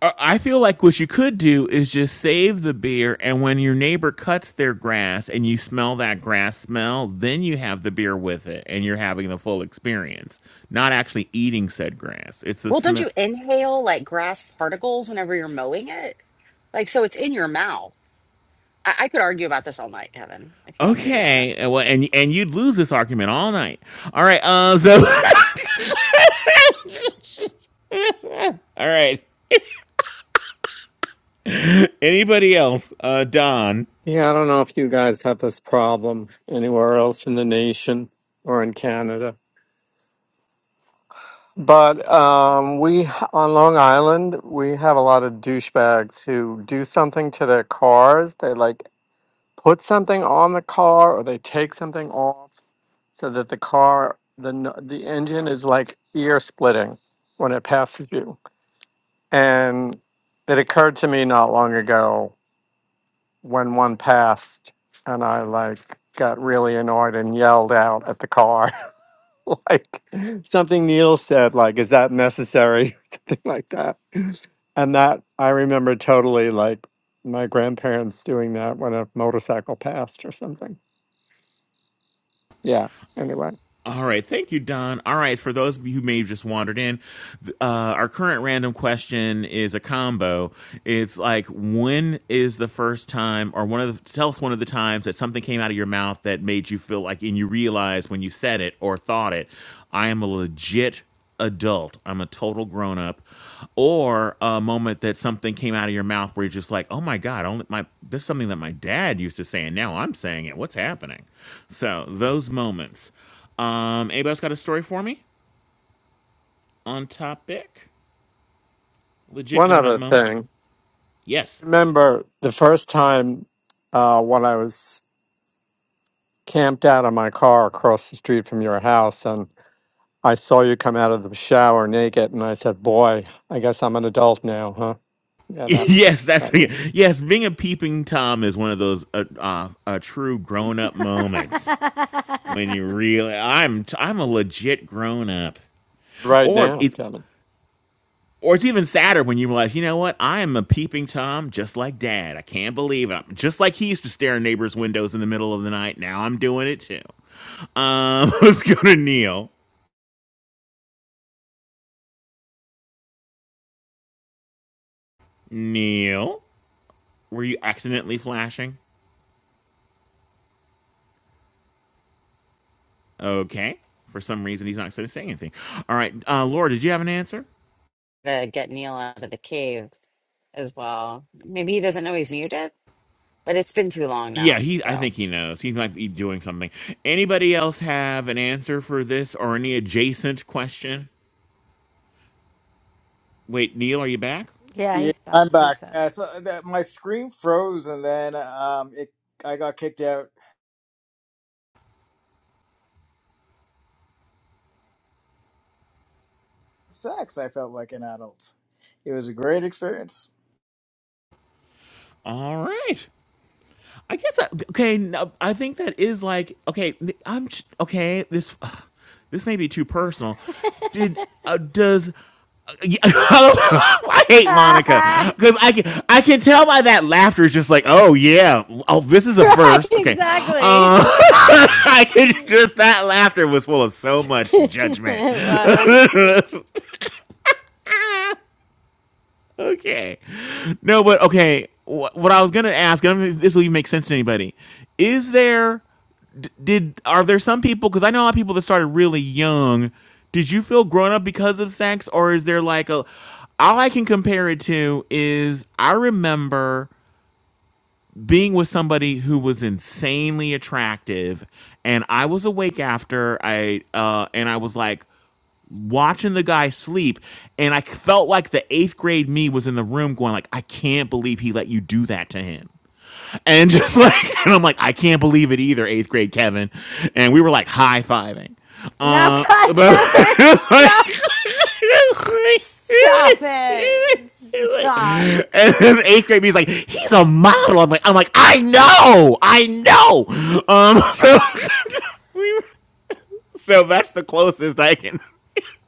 A: uh, I feel like what you could do is just save the beer, and when your neighbor cuts their grass and you smell that grass smell, then you have the beer with it, and you're having the full experience, not actually eating said grass. It's the
B: well don't
A: smell.
B: you inhale like grass particles whenever you're mowing it like so it's in your mouth I, I could argue about this all night, Kevin, if you want me to be
A: Okay, and
B: honest.
A: well, and and you'd lose this argument all night. All right, uh, so all right. Anybody else? Uh, Don.
J: Yeah, I don't know if you guys have this problem anywhere else in the nation or in Canada. But um, we on Long Island, we have a lot of douchebags who do something to their cars. They like put something on the car or they take something off so that the car, the, n- the engine is like ear splitting when it passes you. And it occurred to me not long ago when one passed and I like got really annoyed and yelled out at the car like something Neil said like is that necessary something like that. And that I remember totally like my grandparents doing that when a motorcycle passed or something. Yeah, anyway.
A: All right, thank you, Don. All right, for those of you who may have just wandered in, th- uh, our current random question is a combo. It's like, when is the first time, or one of the, tell us one of the times that something came out of your mouth that made you feel like, and you realized when you said it or thought it, I am a legit adult. I'm a total grown up, or a moment that something came out of your mouth where you're just like, "Oh my god, only my this is something that my dad used to say, and now I'm saying it. What's happening?" So those moments. Um, anybody else got a story for me on topic? Legit
J: One
A: grown up
J: other
A: moment.
J: thing.
A: Yes.
J: Remember the first time uh when I was camped out of my car across the street from your house and I saw you come out of the shower naked, and I said, "Boy, I guess I'm an adult now, huh?" Yeah, that
A: yes,
J: was
A: that's
J: that was
A: yes. Being a peeping tom is one of those uh, uh, uh true grown up moments when you really I'm i I'm a legit grown up,
J: right
A: or
J: now,
A: it's
J: Kevin.
A: or it's even sadder when you realize you know what I am a peeping tom just like Dad. I can't believe it. I'm Just like he used to stare in neighbors' windows in the middle of the night. Now I'm doing it too. Um, let's go to Neil. Neil. Were you accidentally flashing? Okay. For some reason, he's not going to say anything. All right, uh, Laura, did you have an answer?
B: To get Neil out of the cave as well. Maybe he doesn't know he's muted, but it's been too long
A: Yeah,
B: now.
A: he. I
B: So,
A: think he knows. He might be doing something. Anybody else have an answer for this or any adjacent question? Wait, Neil, are you back?
C: Yeah,
E: Yeah,
C: he's back,
E: I'm
C: he
E: back.
C: said.
E: Uh, so uh, that my screen froze, and then um, it I got kicked out. Sex, I felt like an adult. It was a great experience.
A: All right. I guess I, okay. No, I think that is like okay. th- I'm j- okay. This this may be too personal. Did uh, does uh, yeah, I hate Monica
C: right,
A: because I can I can tell by that laughter. is just like oh yeah, oh this is a first. Okay, uh,
C: exactly.
A: I could just that laughter was full of so much judgment.
C: it was.
A: okay. No, but okay. Wh- What I was gonna ask, I don't know if this will even make sense to anybody. Is there d- did are there some people? Because I know a lot of people that started really young. Did you feel grown up because of sex, or is there like a? All I can compare it to is I remember being with somebody who was insanely attractive, and I was awake after I uh, and I was like, watching the guy sleep and I felt like the 8th grade me was in the room going like I can't believe he let you do that to him. And just like and I'm like I can't believe it either 8th grade Kevin. And we were like high-fiving.
C: No,
A: Uh
C: God
A: but
C: damn it!
A: like,
C: Stop! Stop it! Stop.
A: and then eighth grade me's like, he's a model. I'm like, I'm like, I know, I know. Um, so so that's the closest I can.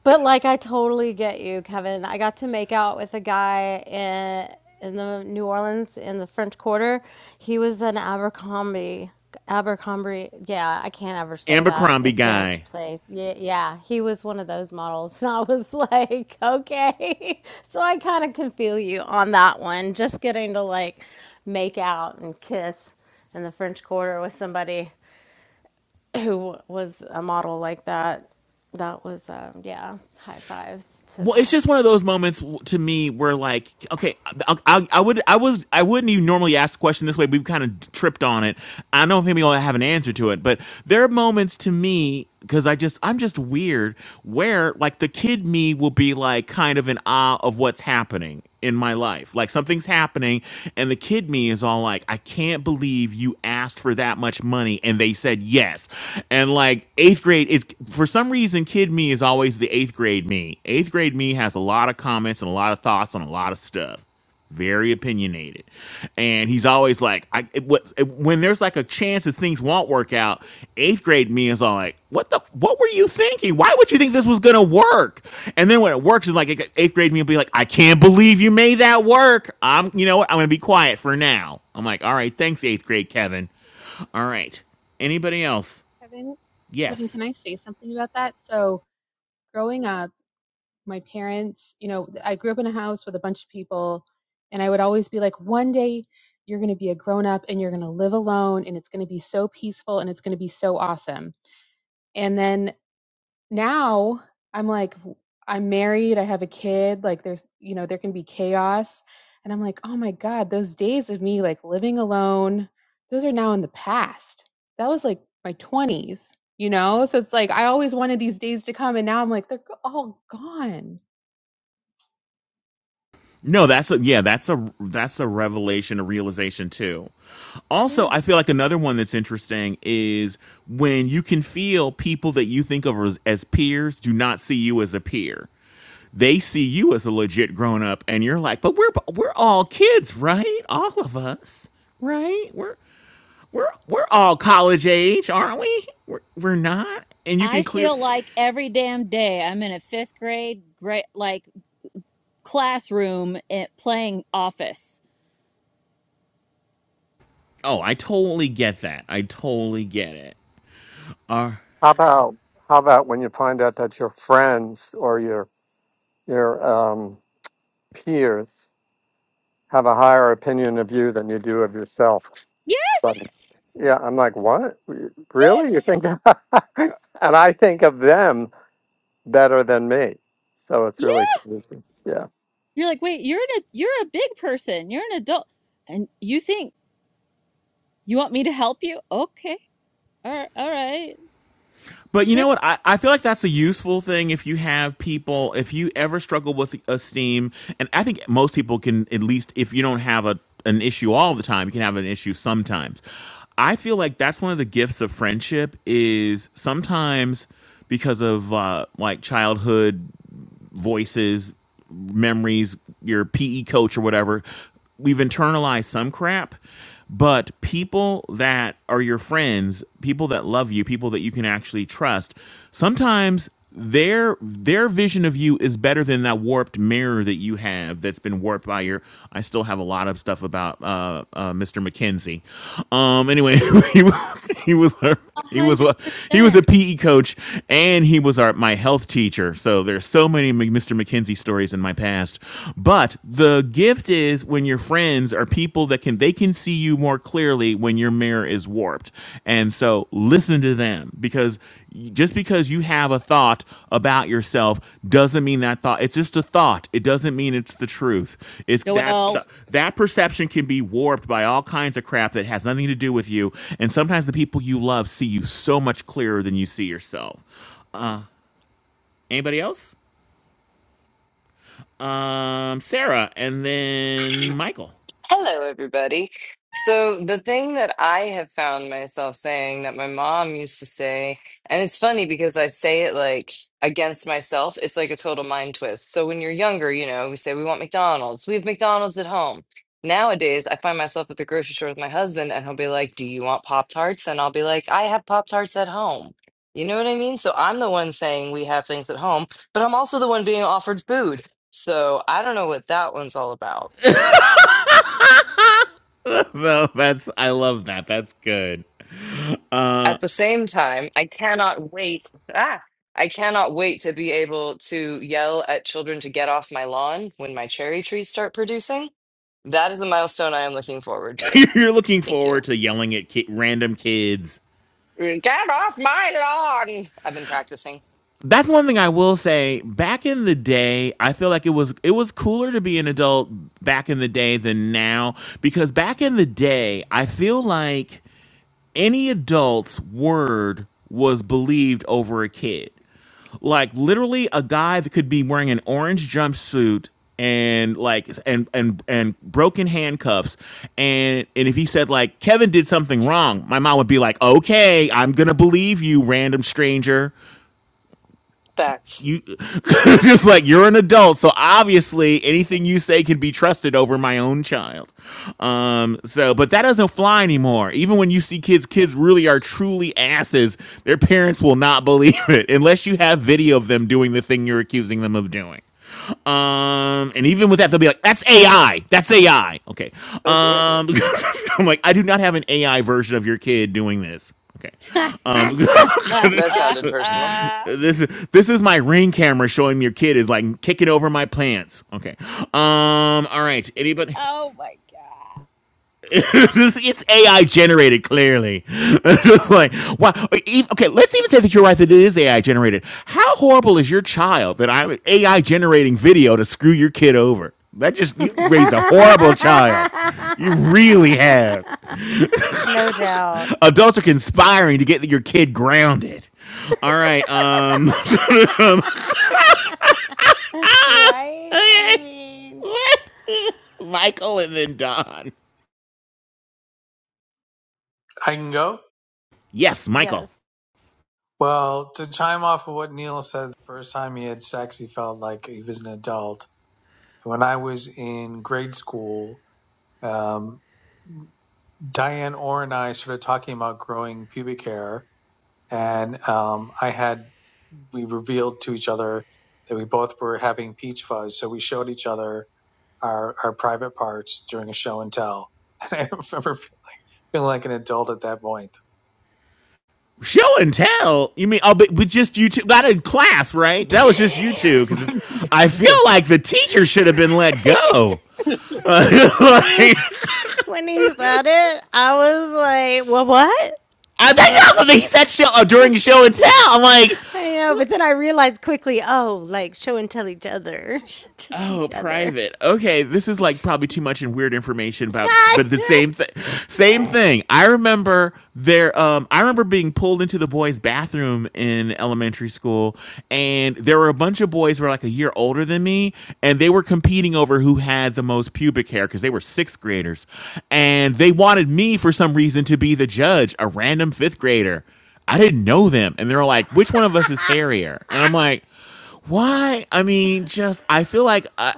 C: But like I totally get you, Kevin. I got to make out with a guy in in the New Orleans in the French Quarter. He was an Abercrombie Abercrombie. Yeah, I can't ever say that. A
A: Abercrombie guy.
C: French place. Yeah, yeah. He was one of those models, and I was like, okay. So I kind of can feel you on that one. Just getting to like make out and kiss in the French Quarter with somebody who was a model like that. That was, um, yeah, high fives to
A: well, it's
C: pass.
A: just one of those moments to me where, like, okay, I, I, I would, I was, I wouldn't even normally ask the question this way. We've kind of tripped on it. I don't know if maybe I'll have an answer to it, but there are moments to me because I just, I'm just weird where, like, the kid me will be like kind of in awe of what's happening, in my life. Like something's happening, and the kid me is all like, I can't believe you asked for that much money and they said yes. And like eighth grade is for some reason, kid me is always the eighth grade me. Eighth grade me has a lot of comments and a lot of thoughts on a lot of stuff very opinionated and he's always like i it, what, it- when there's like a chance that things won't work out eighth grade me is all like what the what were you thinking why would you think this was gonna work and then when it works it's like it- eighth grade me will be like i can't believe you made that work i'm you know what i'm gonna be quiet for now i'm like all right thanks eighth grade kevin all right anybody else
D: Kevin, Kevin,
A: yes
D: can I say something about that? So growing up, my parents, you know, I grew up in a house with a bunch of people and I would always be like, one day you're gonna be a grown up and you're gonna live alone and it's gonna be so peaceful and it's gonna be so awesome. And then now I'm like, i I'm married, I have a kid, like there's, you know, there can be chaos. And I'm like, oh my God, those days of me like living alone, those are now in the past. That was like my 20s, you know? So it's like, I always wanted these days to come. And now I'm like, they're all gone.
A: No, that's a yeah, that's a that's a revelation, a realization too. Also,
D: Yeah.
A: I feel like another one that's interesting is when you can feel people that you think of as, as peers do not see you as a peer. They see you as a legit grown up, and you're like, but we're we're all kids, right? All of us, right? We're we're we're all college age, aren't we? We're we're not, and you
G: I
A: can clear.
G: feel like every damn day I'm in a fifth grade, grade like classroom at playing office.
A: Oh, I totally get that. I totally get it. All right.
J: How about how about when you find out that your friends or your your um, peers have a higher opinion of you than you do of yourself? It's
G: Yes,
J: like, yeah, I'm like, what? Really? You
G: yes,
J: think that? and I think of them better than me, so it's
G: yes.
J: really confusing. Yeah.
G: You're like, wait, you're in a you're a big person. You're an adult, and you think You want me to help you? Okay. All right. All right.
A: But you
G: Chris,
A: know what? I, I feel like that's a useful thing if you have people, if you ever struggle with esteem, and I think most people can at least, if you don't have a an issue all the time, you can have an issue sometimes. I feel like that's one of the gifts of friendship is sometimes because of uh, like childhood voices, memories, your PE coach or whatever. We've internalized some crap, but people that are your friends, people that love you, people that you can actually trust, sometimes their their vision of you is better than that warped mirror that you have that's been warped by your I still have a lot of stuff about uh, uh Mr. McKenzie. Um anyway, he was he was
G: a
A: he was
G: hundred
A: a he was a
G: percent.
A: PE coach and he was our my health teacher. So there's so many Mr. McKenzie stories in my past. But the gift is when your friends are people that can they can see you more clearly when your mirror is warped. And so listen to them because just because you have a thought about yourself doesn't mean that thought it's just a thought it doesn't mean it's the truth it's that
G: Joel.
A: th- that perception can be warped by all kinds of crap that has nothing to do with you and sometimes the people you love see you so much clearer than you see yourself anybody else um sarah and then michael
K: Hello, everybody. So, the thing that I have found myself saying that my mom used to say, and it's funny because I say it like against myself, it's like a total mind twist. So, when you're younger, you know, we say we want McDonald's, we have McDonald's at home. Nowadays, I find myself at the grocery store with my husband, and he'll be like, Do you want Pop Tarts? And I'll be like, I have Pop Tarts at home. You know what I mean? So, I'm the one saying we have things at home, but I'm also the one being offered food. So, I don't know what that one's all about.
A: no, that's I love that. That's good.
K: at the same time, I cannot wait. Ah, I cannot wait to be able to yell at children to get off my lawn when my cherry trees start producing. That is the milestone I am looking forward to.
A: You're looking
K: Thank you.
A: forward to yelling at ki- random kids
K: Get off my lawn. I've been practicing.
A: that's one thing I will say. Back in the day, I feel like it was it was cooler to be an adult back in the day than now because back in the day, I feel like any adult's word was believed over a kid. Like literally a guy that could be wearing an orange jumpsuit and like and and and broken handcuffs and and if he said like Kevin did something wrong, my mom would be like, "Okay, I'm going to believe you, random stranger."
K: That's,
A: you it's like you're an adult so obviously anything you say can be trusted over my own child um so but that doesn't fly anymore even when you see kids kids really are truly asses their parents will not believe it unless you have video of them doing the thing you're accusing them of doing um, and even with that, they'll be like, "That's AI. That's AI." Okay. Um,
K: oh dear.
A: I'm like, I do not have an AI version of your kid doing this. Okay.
G: oh
A: Um,
K: That sounded personal. Mhm.
A: This is this is my ring camera showing your kid is like kicking over my plants. Okay. Um. All right. Anybody?
G: my god.
A: this it's AI generated clearly. it's like wow. e- Okay. Let's even say that you're right that it is AI generated. How horrible is your child that I'm AI generating video to screw your kid over? That just you raised a horrible child. You really have.
C: no doubt.
A: Adults are conspiring to get your kid grounded. All right. Um. Ah!
C: Right? I
A: Okay.
C: mean,
A: What? Michael and then Don.
F: I can go?
A: Yes, Michael.
C: yes.
F: Well, to chime off of what Neil said, the first time he had sex, he felt like he was an adult. When I was in grade school, um, Diane Orr and I started talking about growing pubic hair, and um, I had we revealed to each other that we both were having peach fuzz, so we showed each other our our private parts during a show and tell. And I remember feeling like an adult at that point.
A: Show and tell. You mean? Oh, but, but just you two. Not in class, right? That was just you
C: it
A: two.
C: was
A: Because I
C: Jennifer's.
A: feel
F: yeah,
A: like the teacher should have
C: When,
A: been let go. Uh,
C: I-
A: like,
C: when he said it, I was like, well, what? But.
A: I think he said show uh, during show and tell. I'm like,
C: I know, but then I realized quickly, oh, like show and tell each other, just
A: Oh,
C: each other.
A: private. Okay, this is like probably too much and weird information about, but the same thing. Same
C: right.
A: thing. I remember there. Um, I remember being pulled into the boys' bathroom in elementary school, and there were a bunch of boys who were like a year older than me, and they were competing over who had the most pubic hair because they were sixth graders, and they wanted me for some reason to be the judge, a random fifth grader. I didn't know them, and they're like, "Which one of us is hairier?" And I'm like. Why? I mean, just I feel like I,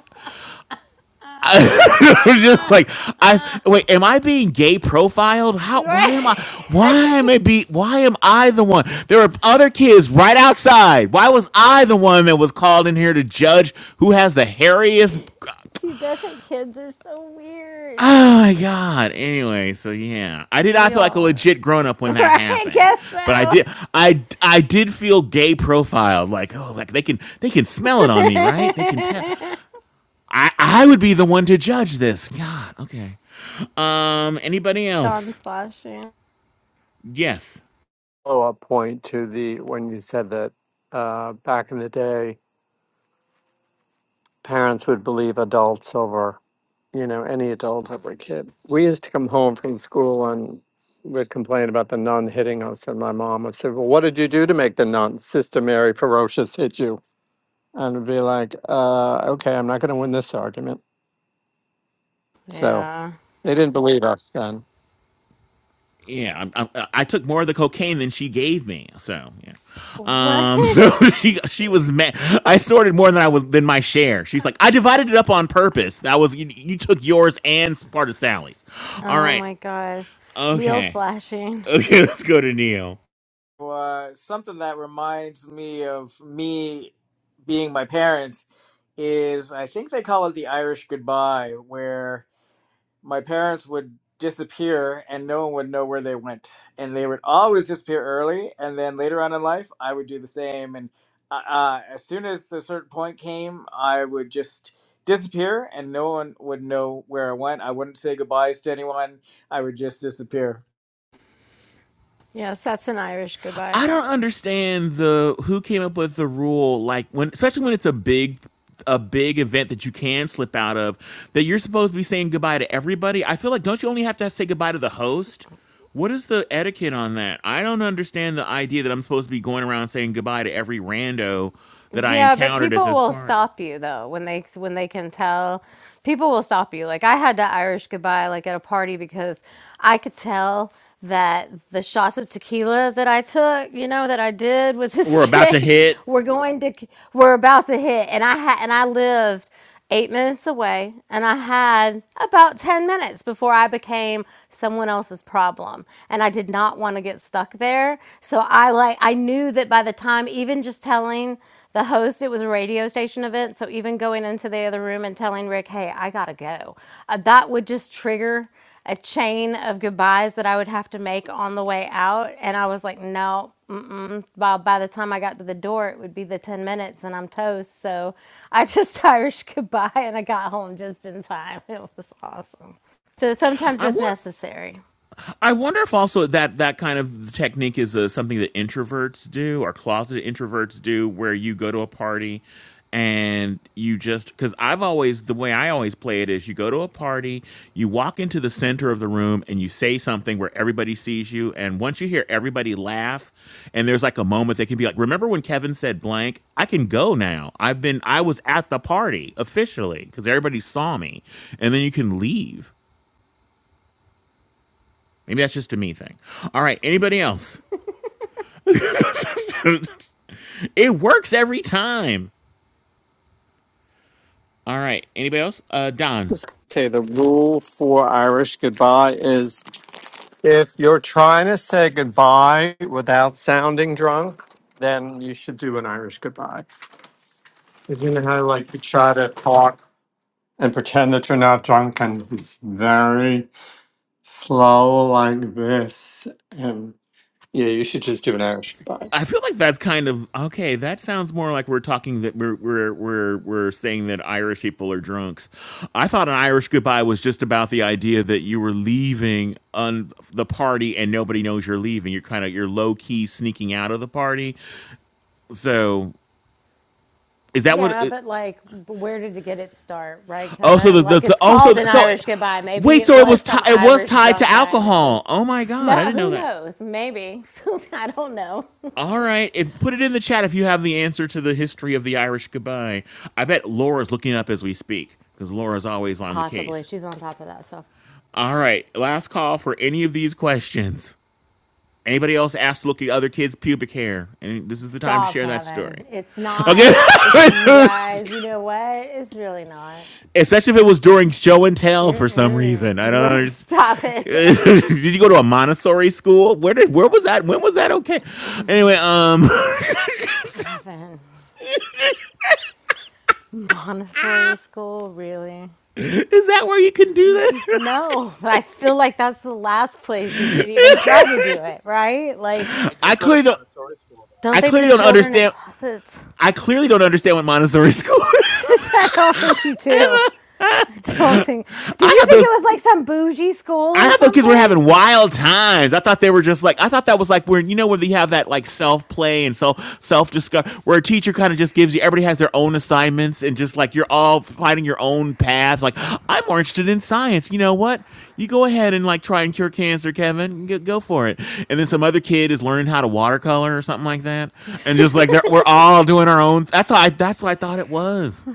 A: just like I wait. Am I being gay profiled? How? Why
C: Right.
A: am I? Why am I be? Why am I the one? There were other kids right outside. Why was I the one that was called in here to judge who has the hairiest?
C: Pubescent kids are so weird.
A: Oh my god. Anyway, so yeah, I did not
C: We
A: feel like a
C: all are.
A: legit grown up when that
C: Right, I
A: happened,
C: guess
A: but I did. I I did feel gay profiled. Like oh, like they can they can smell it
C: so.
A: on me, right? They can tell. I I would be the one to judge this. God, okay. Um, anybody else?
C: Dawn's flashing.
A: Yes.
J: follow-up point to the when you said that uh, back in the day, parents would believe adults over you know any adult over a kid. We used to come home from school and would complain about the nun hitting us, and my mom would say, "Well, what did you do to make the nun, Sister Mary Ferocious, hit you?" And it'd be like, uh, "Okay, I'm not going to win this argument." So
C: Yeah.
J: they didn't believe us then.
A: Yeah, i i I took more of the cocaine than she gave me, so yeah.
C: What?
A: Um, so she she was mad. I snorted more than I was than my share. She's like, I divided it up on purpose. That was you, you took yours and part of Sally's. All
C: Oh
A: right,
C: my god. Neil's
A: okay,
C: flashing.
A: okay. Let's go to Neil.
E: Uh, something that reminds me of me being my parents is I think they call it the Irish goodbye, where my parents would disappear and no one would know where they went. And they would always disappear early. And then later on in life, I would do the same. And uh, uh, as soon as a certain point came, I would just disappear and no one would know where I went. I wouldn't say goodbyes to anyone. I would just disappear.
C: Yes, that's an Irish goodbye.
A: I don't understand the who came up with the rule like when especially when it's a big a big event that you can slip out of that you're supposed to be saying goodbye to everybody. I feel like don't you only have to say goodbye to the host? What is the etiquette on that? I don't understand the idea that I'm supposed to be going around saying goodbye to every rando that I
C: Yeah, but
A: encountered at
C: people
A: this
C: will
A: party.
C: stop you though when they when they can tell. People will stop you. Like I had to Irish goodbye like at a party because I could tell that the shots of tequila that I took, you know, that I did with
A: We're
C: this
A: about to
C: chick,
A: hit.
C: were going to were about to hit, and I had and I lived eight minutes away, and I had about 10 minutes before I became someone else's problem. And I did not want to get stuck there. So I like, I knew that by the time, even just telling the host it was a radio station event, so even going into the other room and telling Rick, hey, I got to go, uh, that would just trigger a chain of goodbyes that I would have to make on the way out. And I was like, no, mm-mm. By, by the time I got to the door, it would be the 10 minutes and I'm toast. So I just Irish goodbye and I got home just in time. It was awesome. So sometimes
A: I
C: it's
A: want
C: necessary.
A: I wonder if also that that kind of technique is uh, something that introverts do or closeted introverts do, where you go to a party and you just because I've always the way I always play it is you go to a party, you walk into the center of the room and you say something where everybody sees you, and once you hear everybody laugh, and there's like a moment that can be like, remember when Kevin said blank? I can go now. I've been I was at the party officially because everybody saw me, and then you can leave. Maybe that's just a me thing. All right. Anybody else? It works every time. All right. Anybody else? Uh, Don.
J: Okay, the rule for Irish goodbye is If you're trying to say goodbye without sounding drunk, then you should do an Irish goodbye. Isn't it how like you try to talk and pretend that you're not drunk and it's very slow like this? And yeah, you should just do an Irish goodbye.
A: I feel like that's kind of okay. That sounds more like we're talking that we're we're we're we're saying that Irish people are drunks. I thought an Irish goodbye was just about the idea that you were leaving on the party and nobody knows you're leaving. You're kind of you're low key sneaking out of the party. So is that what?
C: Yeah,
A: uh,
C: but like, where did it get its start, right,
A: Oh, so the,
C: Kevin?
A: the,
C: Like,
A: the
C: it's
A: also
C: called
A: the,
C: an
A: so
C: Irish goodbye. Maybe
A: wait,
C: it
A: so it was
C: was
A: ti-
C: some
A: it was
C: Irish
A: tied to
C: drunk guy that
A: alcohol.
C: just,
A: Oh my god, I
C: no,
A: didn't know
C: who
A: that.
C: knows? Maybe. I don't know.
A: All right, if, put it in the chat if you have the answer to the history of the Irish goodbye. I bet Laura's looking up as we speak because Laura's always on the
C: Possibly.
A: case.
C: She's on top of that stuff. So.
A: All right, last call for any of these questions. Anybody else asked to look at other kids' pubic hair? And this is the time to
C: Stop,
A: share that
C: Kevin.
A: story.
C: It's not.
A: Okay.
C: It's you guys. You know what? It's really not.
A: especially if it was during show and tell for some reason. I don't understand.
C: Stop it, Kevin.
A: did you go to a Montessori school? Where did where was that? When was that okay? Anyway, um,
C: Kevin. Montessori school, really?
A: is that where you can do that?
C: No. But I feel like that's the last place you should even try to do it, right? Like,
F: I
A: I
F: did go to
A: clearly don't.
F: Montessori school.
C: don't
A: I
C: they
A: clearly
C: put
A: don't
C: children in
A: understand.
C: closets?
A: I clearly don't understand what Montessori school is.
C: I don't think you do. I don't think.
A: I
C: Did you
A: got
C: think it
A: those.
C: was like some bougie school
A: I
C: or
A: thought those kids were
C: something?
A: having wild times. I thought they were just like I thought that was like where you know where you have that like self play and self self discovery where a teacher kind of just gives you everybody has their own assignments and just like you're all finding your own paths. Like I'm more interested in science. You know what? You go ahead and like try and cure cancer, Kevin. Go, go for it. And then some other kid is learning how to watercolor or something like that, and just like they're, we're all doing our own. That's how I that's what I thought it was.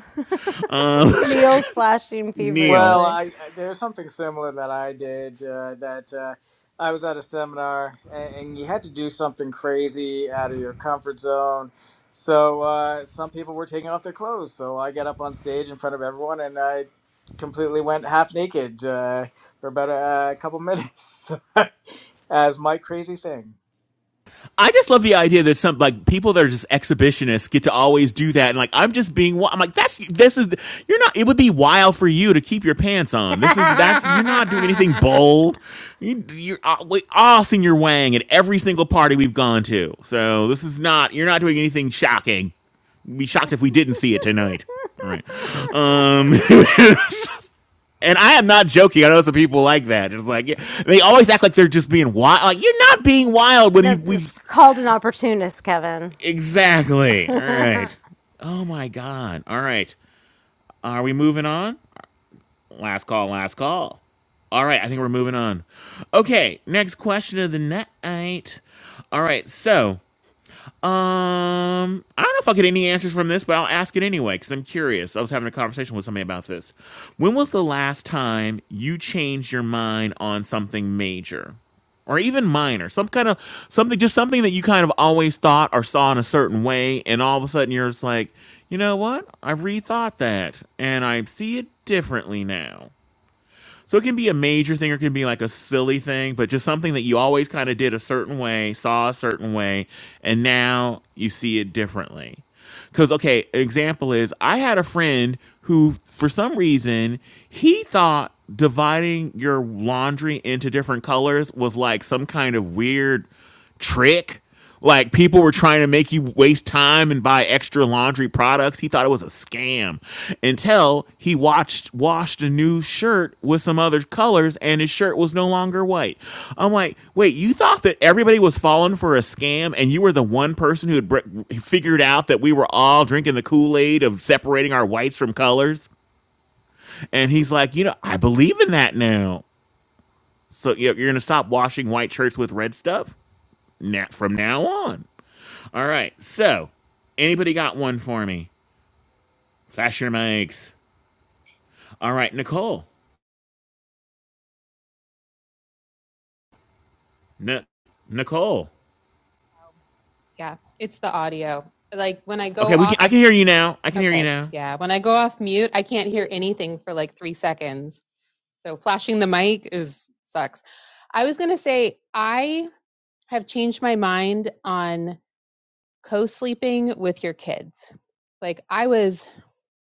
A: Um,
C: Neil's flashing
A: Neil.
E: Well,
C: feverishly.
E: I there's something similar that I did. Uh, that uh, I was at a seminar, and, and you had to do something crazy out of your comfort zone. So uh, some people were taking off their clothes. So I got up on stage in front of everyone, and I completely went half naked uh, for about a, a couple minutes as my crazy thing.
A: I just love the idea that some like people that are just exhibitionists get to always do that, and like I'm just being. I'm like that's this is you're not. It would be wild for you to keep your pants on. This is that's you're not doing anything bold. You, you're uh, we all seen your wang at every single party we've gone to, so this is not you're not doing anything shocking. We'd Be shocked if we didn't see it tonight. All right, um, and I am not joking. I know some people like that. It's like yeah, they always act like they're just being wild. Like you're not being wild when you
C: No, it's
A: we've
C: called an opportunist, Kevin. It's an-
A: Exactly. All right. Oh my God. All right. Are we moving on? Last call, last call. All right. I think we're moving on. Okay. Next question of the night. All right. So. Um, I don't know if I'll get any answers from this, but I'll ask it anyway because I'm curious. I was having a conversation with somebody about this. When was the last time you changed your mind on something major? Or even minor, some kind of something, just something that you kind of always thought or saw in a certain way, and all of a sudden you're just like, you know what? I've rethought that, and I see it differently now. So it can be a major thing or it can be like a silly thing, but just something that you always kind of did a certain way, saw a certain way, and now you see it differently. Because, okay, an example is I had a friend who, for some reason, he thought dividing your laundry into different colors was like some kind of weird trick. Like people were trying to make you waste time and buy extra laundry products. He thought it was a scam until he watched washed a new shirt with some other colors and his shirt was no longer white. I'm like, wait, you thought that everybody was falling for a scam and you were the one person who had br- figured out that we were all drinking the Kool Aid of separating our whites from colors? And he's like, you know, I believe in that now. So you- know, you're going to stop washing white shirts with red stuff now, from now on. All right. So anybody got one for me? Flash your mics. All right, Nicole. N- Nicole.
D: Yeah, it's the audio. Like when I go
A: Okay, we can.
D: off,
A: I can hear you now. I can hear you
D: okay,
A: now.
D: yeah, when I go off mute, I can't hear anything for like three seconds. So flashing the mic is sucks. I was gonna say, I have changed my mind on co sleeping with your kids. Like, I was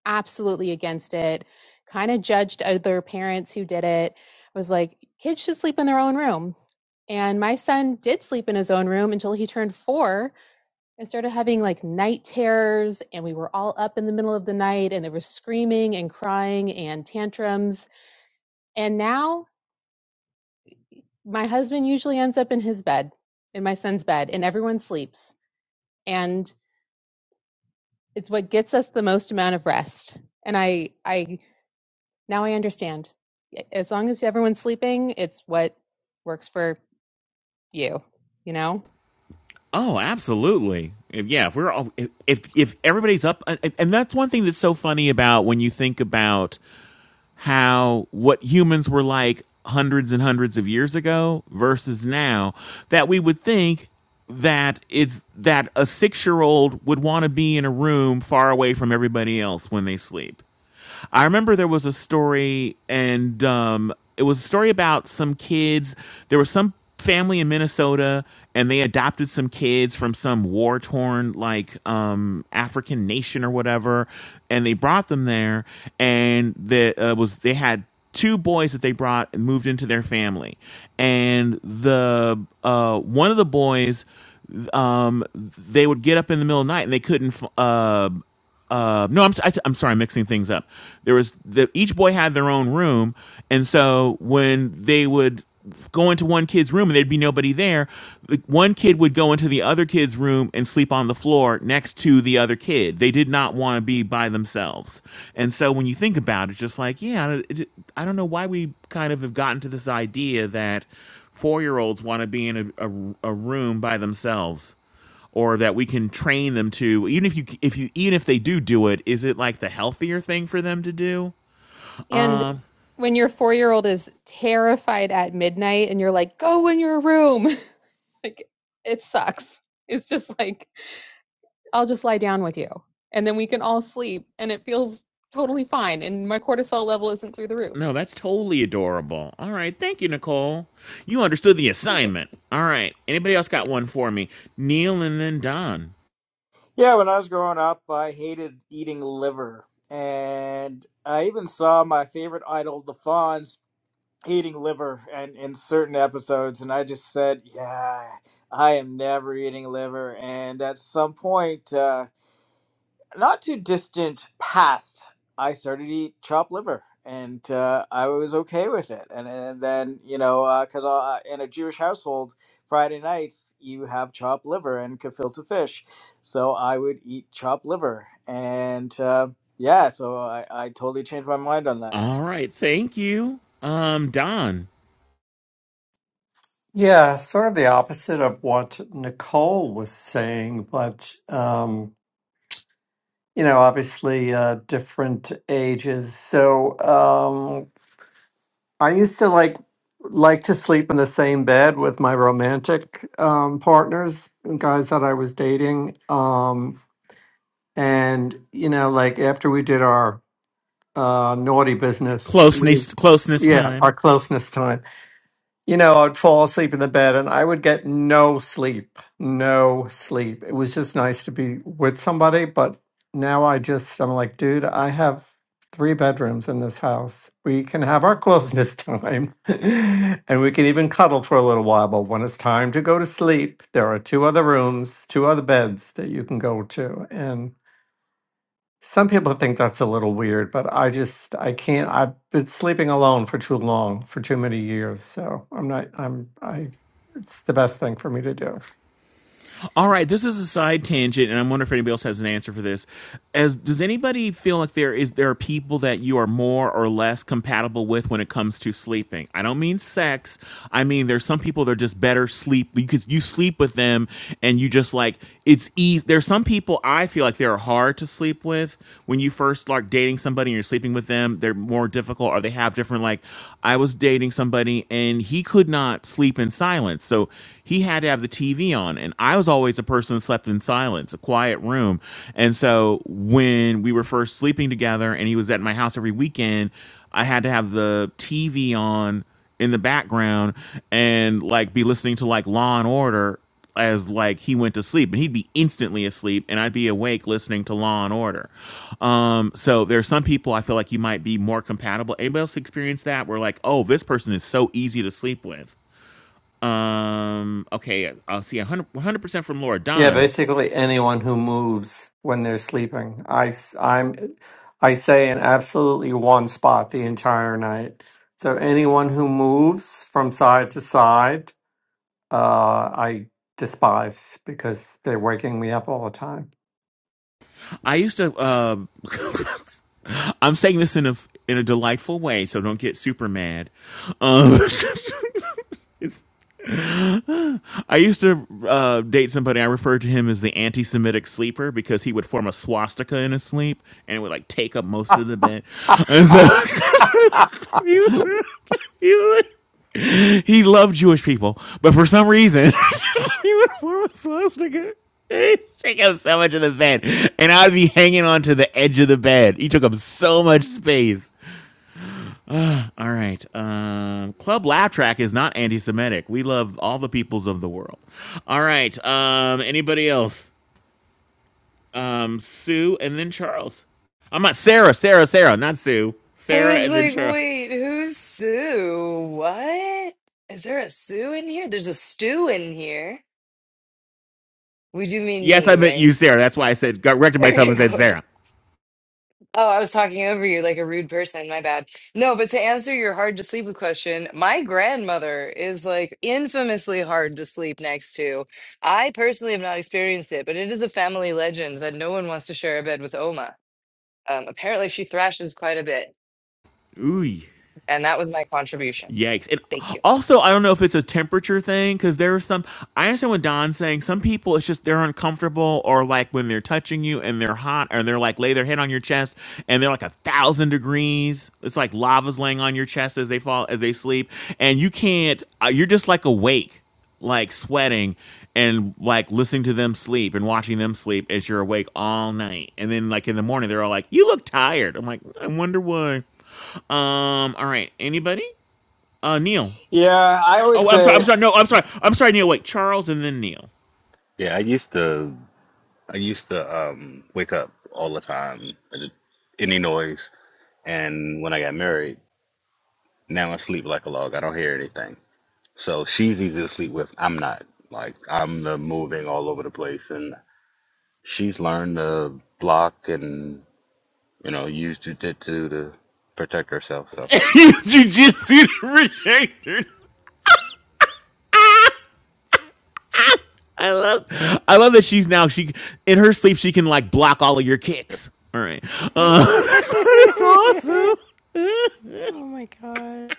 D: absolutely against it, kind of judged other parents who did it. I was like, kids should sleep in their own room. And my son did sleep in his own room until he turned four and started having like night terrors. And we were all up in the middle of the night and there was screaming and crying and tantrums. And now my husband usually ends up in his bed, in my son's bed, and everyone sleeps. And it's what gets us the most amount of rest. And I I now I understand. As long as everyone's sleeping, it's what works for you, you know?
A: Oh, absolutely. If, yeah, if we're all, if, if if everybody's up, and, and that's one thing that's so funny about when you think about how what humans were like hundreds and hundreds of years ago versus now, that we would think that it's that a six year old would want to be in a room far away from everybody else when they sleep. I remember there was a story, and um, it was a story about some kids. There was some family in Minnesota, and they adopted some kids from some war torn, like um, African nation or whatever, and they brought them there. And the uh, was they had two boys that they brought and moved into their family, and the uh, one of the boys um, they would get up in the middle of the night and they couldn't f- uh, uh, no, I'm, I, am i am sorry, I'm mixing things up. There was the, each boy had their own room, and so when they would go into one kid's room and there'd be nobody there, the- one kid would go into the other kid's room and sleep on the floor next to the other kid. They did not want to be by themselves, and so when you think about it, just like yeah, it, I don't know why we kind of have gotten to this idea that four year olds want to be in a, a, a room by themselves or that we can train them to even if you if you even if they do do it is it like the healthier thing for them to do um
D: And
A: uh,
D: when your 4-year-old is terrified at midnight and you're like, "Go in your room." like it sucks. It's just like, "I'll just lie down with you." And then we can all sleep and it feels totally fine and my cortisol level isn't through the roof.
A: no that's totally adorable all right thank you nicole you understood the
D: Thank you.
A: assignment all right anybody else got one for me neil and then don
E: Yeah, when I was growing up, I hated eating liver, and I even saw my favorite idol, the Fonz eating liver and in certain episodes and i just said yeah i am never eating liver and at some point uh, not too distant past i started to eat chopped liver and uh, i was okay with it and, and then you know because uh, 'cause, uh, in a jewish household friday nights you have chopped liver and gefilte fish so i would eat chopped liver and uh, yeah so I, I totally changed my mind on that
A: all right thank you um don
J: Yeah, sort of the opposite of what Nicole was saying, but um, you know, obviously uh, different ages. So um, I used to like like to sleep in the same bed with my romantic um, partners guys that I was dating. Um, and you know, like after we did our uh, naughty business, we
A: closeness closeness
J: yeah,
A: time
J: our closeness time you know, I'd fall asleep in the bed and I would get no sleep, no sleep. It was just nice to be with somebody, but now I just, I'm like, dude, I have three bedrooms in this house. We can have our closeness time and we can even cuddle for a little while. But when it's time to go to sleep, there are two other rooms, two other beds that you can go to. and. Some people think that's a little weird, but I just I can't. I've been sleeping alone for too long, for too many years. So I'm not. I'm. I. It's the best thing for me to do.
A: All right, this is a side tangent, and I wonder if anybody else has an answer for this. As does anybody feel like there is there are people that you are more or less compatible with when it comes to sleeping? I don't mean sex. I mean there's some people that are just better sleep. You could you sleep with them, and you just like it's easy. There's some people I feel like they're hard to sleep with when you first start dating somebody and you're sleeping with them. They're more difficult, or they have different like. I was dating somebody and he could not sleep in silence, so he had to have the TV on. And I was always a person that slept in silence, a quiet room. And so when we were first sleeping together and he was at my house every weekend, I had to have the TV on in the background and like be listening to like Law and Order as like he went to sleep and he'd be instantly asleep and I'd be awake listening to Law and Order. Um, so there are some people I feel like you might be more compatible. Anybody else experience that? Where like, oh, this person is so easy to sleep with. Um. Okay. I'll see. 100 percent from Laura
J: Yeah,
A: Don.
J: basically anyone who moves when they're sleeping. I. s- I'm. I say in absolutely one spot the entire night. So anyone who moves from side to side, uh, I despise because they're waking me up all the time.
A: I used to. Uh, I'm saying this in a in a delightful way, so don't get super mad. Um, it's I used to uh, date somebody. I referred to him as the anti-Semitic sleeper because he would form a swastika in his sleep and it would like take up most of the bed. And so
J: Ah.
A: he, was- he was- he loved Jewish people, but for some reason he would form a swastika. he took up so much of the bed, and I'd be hanging on to the edge of the bed. He took up so much space. All right. Um, Club Laugh Track is not anti-Semitic. We love all the peoples of the world. All right. Um, anybody else? Um, Sue and then Charles. I'm not Sarah. Sarah. Sarah. Not Sue.
K: I
A: Sarah
K: was
A: and then
K: like,
A: Charles.
K: wait, who's Sue? What? Is there a Sue in here? There's a stew in here. We do mean
A: Yes,
K: me,
A: I meant you,
K: right?
A: Sarah. That's why I said got corrected myself
K: Okay,
A: and said
K: cool.
A: Sarah.
K: Oh, I was talking over you like a rude person. My bad. No, but to answer your hard to sleep with question, my grandmother is like infamously hard to sleep next to. I personally have not experienced it, but it is a family legend that no one wants to share a bed with Oma. Um, apparently, she thrashes quite a bit,
A: Ooh.
K: and that was my contribution.
A: Yikes. And
K: Thank you.
A: also, I don't know if it's a temperature thing because there are some, I understand what Don's saying. Some people, it's just they're uncomfortable or like when they're touching you and they're hot and they're like lay their head on your chest and they're like a thousand degrees. It's like lava's laying on your chest as they fall, as they sleep. And you can't, uh, you're just like awake, like sweating and like listening to them sleep and watching them sleep as you're awake all night. And then like in the morning, they're all like, you look tired. I'm like, I wonder why. Um, all right. Anybody? Uh, Neil.
E: yeah i would
A: Oh, I'm sorry.
E: say
A: I'm sorry. No, I'm sorry. I'm sorry, Neil. Wait, Charles and then Neil.
L: Yeah, I used to I used to um wake up all the time with any noise and when I got married, now I sleep like a log. I don't hear anything. So she's easy to sleep with. I'm not. Like I'm the moving all over the place and she's learned to block and you know, use jujitsu to protect herself. So
A: Jujitsu rejection. I love, I love that she's now she in her sleep she can like block all of your kicks. All right, uh, that's awesome.
C: oh my god.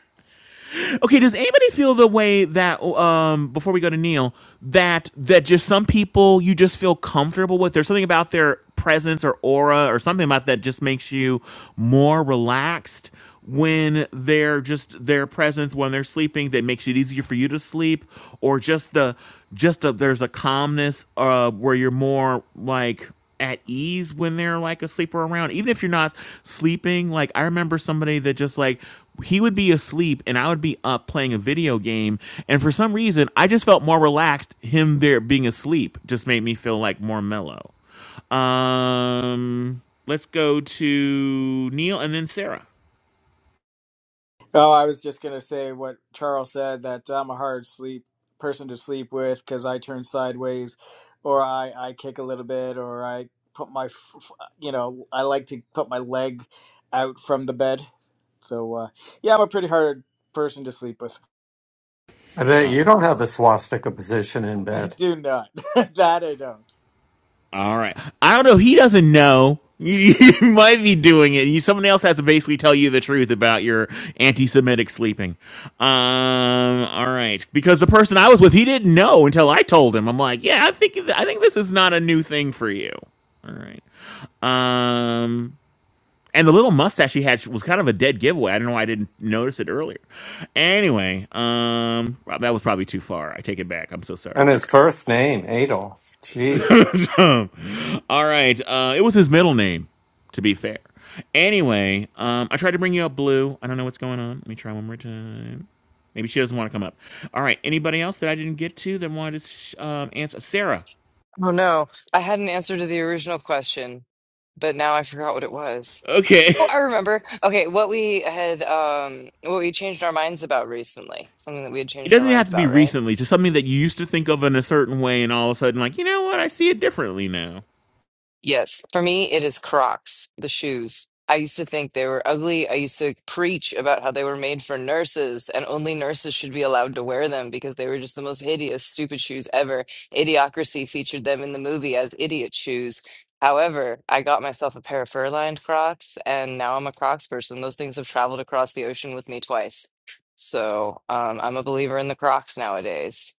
A: Okay, does anybody feel the way that um before we go to Neil that that just some people you just feel comfortable with? There's something about their presence or aura or something about that just makes you more relaxed when they're just their presence when they're sleeping that makes it easier for you to sleep or just the just a, there's a calmness uh where you're more like at ease when they're like asleep or around even if you're not sleeping like i remember somebody that just like he would be asleep and i would be up playing a video game and for some reason i just felt more relaxed him there being asleep just made me feel like more mellow um let's go to neil and then sarah
E: Oh, I was just going to say what Charles said that I'm a hard sleep person to sleep with because I turn sideways or I, I kick a little bit or I put my, f- f- you know, I like to put my leg out from the bed. So, uh, yeah, I'm a pretty hard person to sleep with.
J: I bet you don't have the swastika position in
E: I
J: bed.
E: do not. that I don't.
A: All right. I don't know. He doesn't know. You, you might be doing it. You, someone else has to basically tell you the truth about your anti-Semitic sleeping. Um. All right. Because the person I was with, he didn't know until I told him. I'm like, yeah, I think I think this is not a new thing for you. All right. Um. And the little mustache he had was kind of a dead giveaway. I don't know why I didn't notice it earlier. Anyway, um, well, that was probably too far. I take it back. I'm so sorry.
J: And his first name, Adolf. Jeez.
A: All right. Uh, it was his middle name, to be fair. Anyway, um, I tried to bring you up, Blue. I don't know what's going on. Let me try one more time. Maybe she doesn't want to come up. All right. Anybody else that I didn't get to that wanted to sh- um, answer? Sarah.
K: Oh no, I had an answer to the original question, but now I forgot what it was.
A: Okay.
K: Oh, I remember. Okay, what we had, um, what we changed our minds about recently, something that we had
A: It
K: changed our
A: doesn't
K: minds
A: have to be
K: about, right?
A: recently, just something that you used to think of in a certain way, and all of a sudden, like, you know what? I see it differently now.
K: Yes, for me, it is Crocs, the shoes. I used to think they were ugly. I used to preach about how they were made for nurses and only nurses should be allowed to wear them because they were just the most hideous, stupid shoes ever. Idiocracy featured them in the movie as idiot shoes. However, I got myself a pair of fur-lined Crocs and now I'm a Crocs person. Those things have traveled across the ocean with me twice. So, um, I'm a believer in the Crocs nowadays.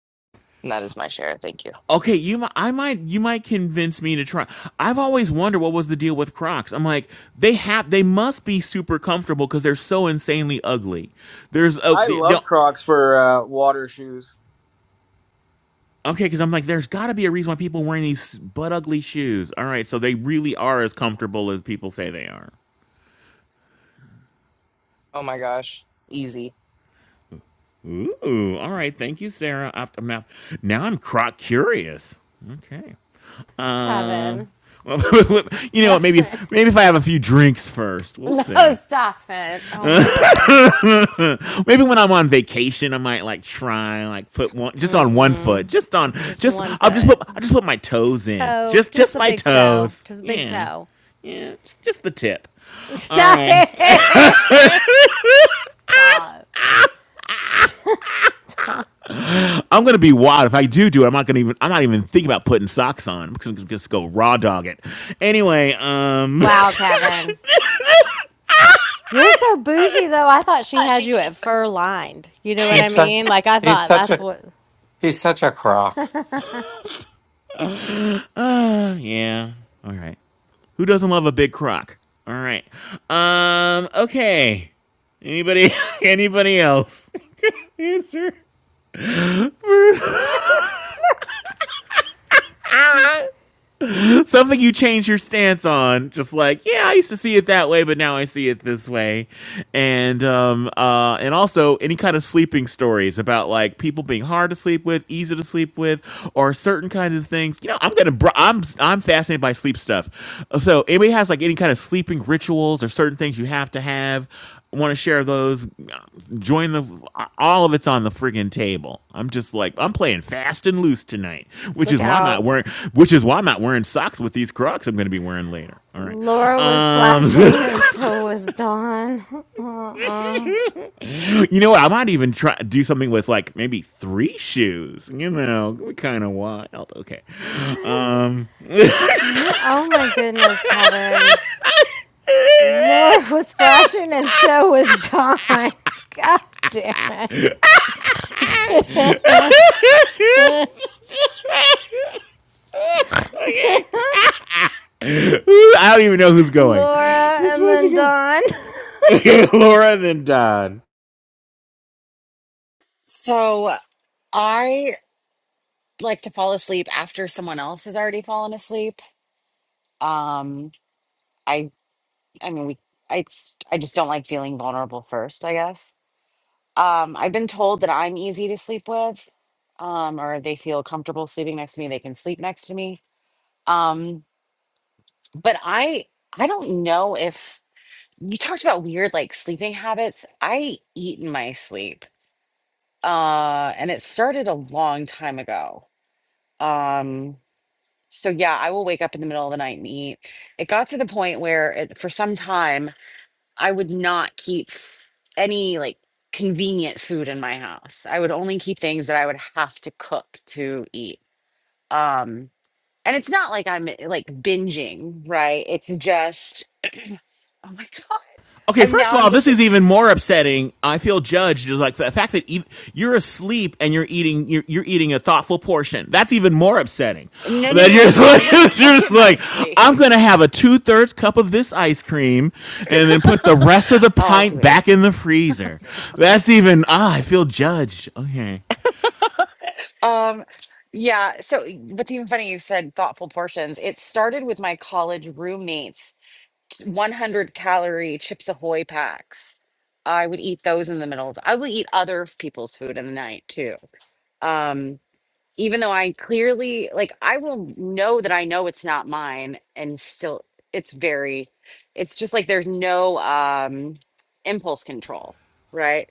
K: And that is my share. Thank you.
A: Okay, you I might you might convince me to try. I've always wondered what was the deal with Crocs. I'm like, they have they must be super comfortable cuz they're so insanely ugly. There's a,
E: I
A: the,
E: love Crocs for uh, water shoes.
A: Okay, cuz I'm like there's got to be a reason why people are wearing these butt ugly shoes. All right, so they really are as comfortable as people say they are.
K: Oh my gosh. Easy.
A: Ooh, all right. Thank you, Sarah. I am now, now I'm croc curious. Okay.
C: Kevin.
A: Um, uh, well, you know
C: Kevin.
A: what? Maybe if maybe if I have a few drinks first, we'll
C: No,
A: see.
C: stop it. Oh my god.
A: Maybe when I'm on vacation, I might like try and like put one just on one foot, just on
C: Just
A: just
C: one
A: I'll just
C: foot.
A: put I just put my toes
C: Just
A: in,
C: toe.
A: just
C: Just
A: just
C: the
A: my
C: big toe.
A: toes.
C: Just the big
A: Yeah,
C: toe.
A: yeah, just, just the tip. All
C: Stop
A: right,
C: it. Stop.
A: I'm gonna be wild if I do do it. I'm not gonna even I'm not even thinking about putting socks on because I'm just go raw dog it. Anyway, um,
C: Wow, Kevin. You're so bougie, though. I thought she had you at fur lined. You know what I
J: He's such
C: mean? Like, I
J: he's
C: thought
J: such
C: that's
J: a
C: what.
J: he's such a crock.
A: yeah, all right. Who doesn't love a big crock? All right, um, okay. Anybody, anybody else? Answer. something you change your stance on just like yeah i used to see it that way but now i see it this way and um uh and also any kind of sleeping stories about like people being hard to sleep with easy to sleep with or certain kinds of things you know i'm gonna br- i'm i'm fascinated by sleep stuff so anybody has like any kind of sleeping rituals or certain things you have to have want to share those, join the all of it's on the friggin' table. I'm just like I'm playing fast and loose tonight, which is
C: Look
A: why I'm not
C: out.
A: wearing which is why I'm not wearing socks with these Crocs I'm going to be wearing later. All right,
C: Laura was
A: um,
C: flashing, and so was Dawn. Uh-uh.
A: you know what? I might even try do something with like maybe three shoes. You know, kind of wild. Okay,
C: What?
A: um,
C: No. Oh my goodness, Kevin. Laura was flashing, and so was Dawn. God damn it.
A: okay. I don't even know who's going.
C: Laura
A: Who's
C: and
A: supposed to
C: then
A: go?
C: Dawn.
A: Laura then Don.
B: so I like to fall asleep after someone else has already fallen asleep. Um, I, I mean, we, I, it's, I just don't like feeling vulnerable first, I guess. Um, I've been told that I'm easy to sleep with, um, or they feel comfortable sleeping next to me. They can sleep next to me. Um, but I, I don't know if you talked about weird like sleeping habits. I eat in my sleep. Uh and it started a long time ago. Um so yeah, I will wake up in the middle of the night and eat. It got to the point where it, for some time I would not keep f- any like convenient food in my house. I would only keep things that I would have to cook to eat. Um and it's not like I'm like binging, right? It's just oh my god.
A: Okay,
B: I'm
A: first
B: now
A: of
B: I'm
A: all, this
B: just
A: is even more upsetting. I feel judged. like the fact that ev you're asleep and you're eating, you're, you're eating a thoughtful portion. That's even more upsetting.
B: No, no,
A: That
B: no,
A: you're
B: no,
A: just
B: no. I wouldn't
A: like, you're
B: cook
A: just
B: in my
A: like
B: sleep.
A: I'm gonna have a two thirds cup of this ice cream, and then put the rest of the
B: Oh, I see
A: pint
B: what you're
A: back in
B: saying.
A: the freezer. That's even. Ah, I feel judged. Okay.
B: Um, yeah. So what's even funny, you said thoughtful portions. It started with my college roommates, 100 calorie Chips Ahoy packs. I would eat those in the middle of, I will eat other people's food in the night too. Um, even though I clearly, like, I will know that I know it's not mine and still, it's very, it's just like there's no um impulse control, right?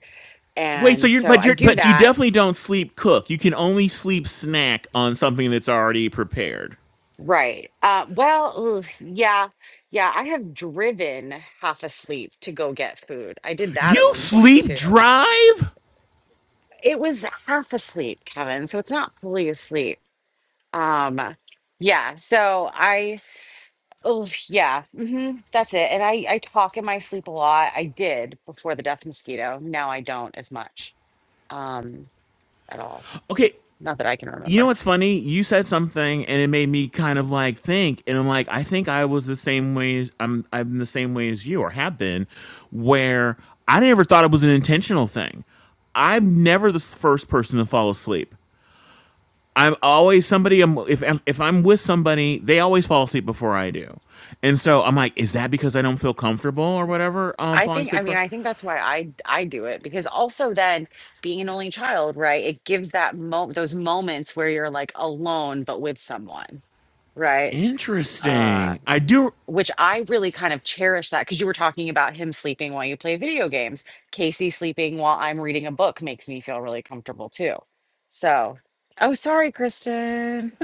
A: Wait, so
B: and
A: you're
B: so
A: but
B: I
A: you're
B: do
A: but you
B: that.
A: definitely don't sleep cook. You can only sleep snack on something that's already prepared.
B: Right. Uh, well, ooh, yeah, yeah. I have driven half asleep to go get food. I did that at
A: You
B: one point
A: sleep
B: too.
A: drive?
B: It was half asleep, Kevin. So it's not fully asleep. Um, yeah. So I, oh yeah, hmm that's it. And I, I talk in my sleep a lot. I did before the death mosquito. Now I don't as much um, at all.
A: Okay,
B: Not that I can
A: You know
B: remember.
A: what's funny? You said something and it made me kind of like think and I'm like I think I was the same way as, I'm I'm the same way as you or have been where I never thought it was an intentional thing. I'm never the s- first person to fall asleep. I'm always somebody I'm if I'm- if I'm with somebody, they always fall asleep before I do. And so I'm like, is that because I don't feel comfortable or whatever um
B: I
A: falling
B: think, I
A: asleep
B: mean,
A: for?
B: I think that's why I I do it because also then being an only child, right? It gives that moment, those moments where you're like alone but with someone, right? Uh,
A: Interesting. I do
B: which I really kind of cherish that because you were talking about him sleeping while you play video games. Casey sleeping while I'm reading a book makes me feel really comfortable too. So, oh, sorry, Kristen.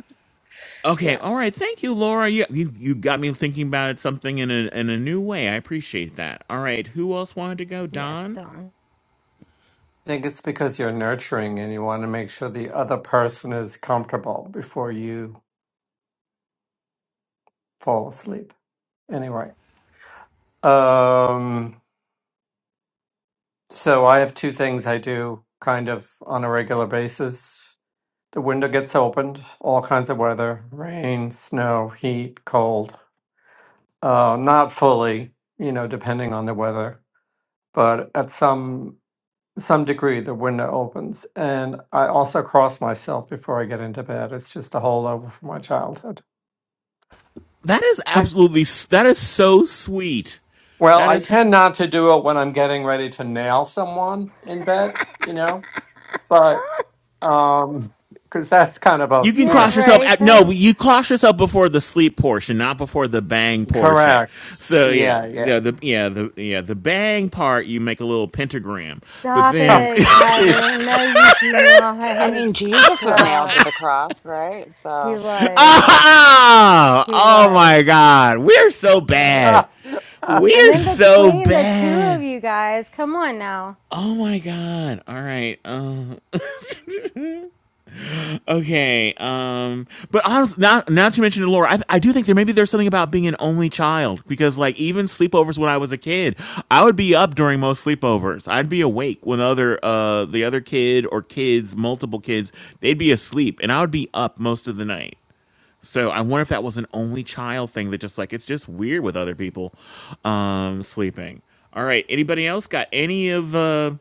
A: Okay,
B: Yeah.
A: all right. Thank you, Laura. You you, you got me thinking about something in a in a new way. I appreciate that. All right, who else wanted to go?
C: yes,
A: Don.
C: Dawn.
J: I think it's because you're nurturing and you want to make sure the other person is comfortable before you fall asleep. Anyway. Um so I have two things I do kind of on a regular basis. The window gets opened, all kinds of weather, rain, snow, heat, cold. Uh not fully, you know, depending on the weather. But at some some degree the window opens and i also cross myself before i get into bed it's just a holdover from my childhood
A: That is
J: Okay.
A: absolutely s- that is so sweet.
J: well
A: That
J: i
A: is
J: tend not to do it when i'm getting ready to nail someone in bed you know but um because that's kind of a
A: you can
J: you
C: Yeah,
A: cross
J: know
A: yourself
C: right.
A: at
C: That
A: no,
C: would
A: you cross yourself before the sleep portion, not before the bang portion.
J: correct
A: So yeah,
J: yeah yeah
A: the, the yeah the yeah the bang part you make a little pentagram, but
C: stop
J: Oh,
A: then
C: it, Kevin.
J: Jeez.
C: No, you do
B: I
C: not
B: mean, Jesus was nailed to
C: stop.
B: the cross, right?
C: He
B: So,
C: was.
A: ah
C: He
A: oh my
C: was.
A: god, we're so bad.
C: I'm
A: We're
C: in
A: so
C: between the two of
A: bad.
C: you guys. Come on now.
A: Oh my god! All right. Uh, okay. Um. But honestly, not not to mention the lore, I, I do think there maybe there's something about being an only child because like even sleepovers when I was a kid, I would be up during most sleepovers. I'd be awake when other uh the other kid or kids, multiple kids, they'd be asleep, and I would be up most of the night. So I wonder if that was an only child thing that just like it's just weird with other people um sleeping. All right, anybody else got any of uh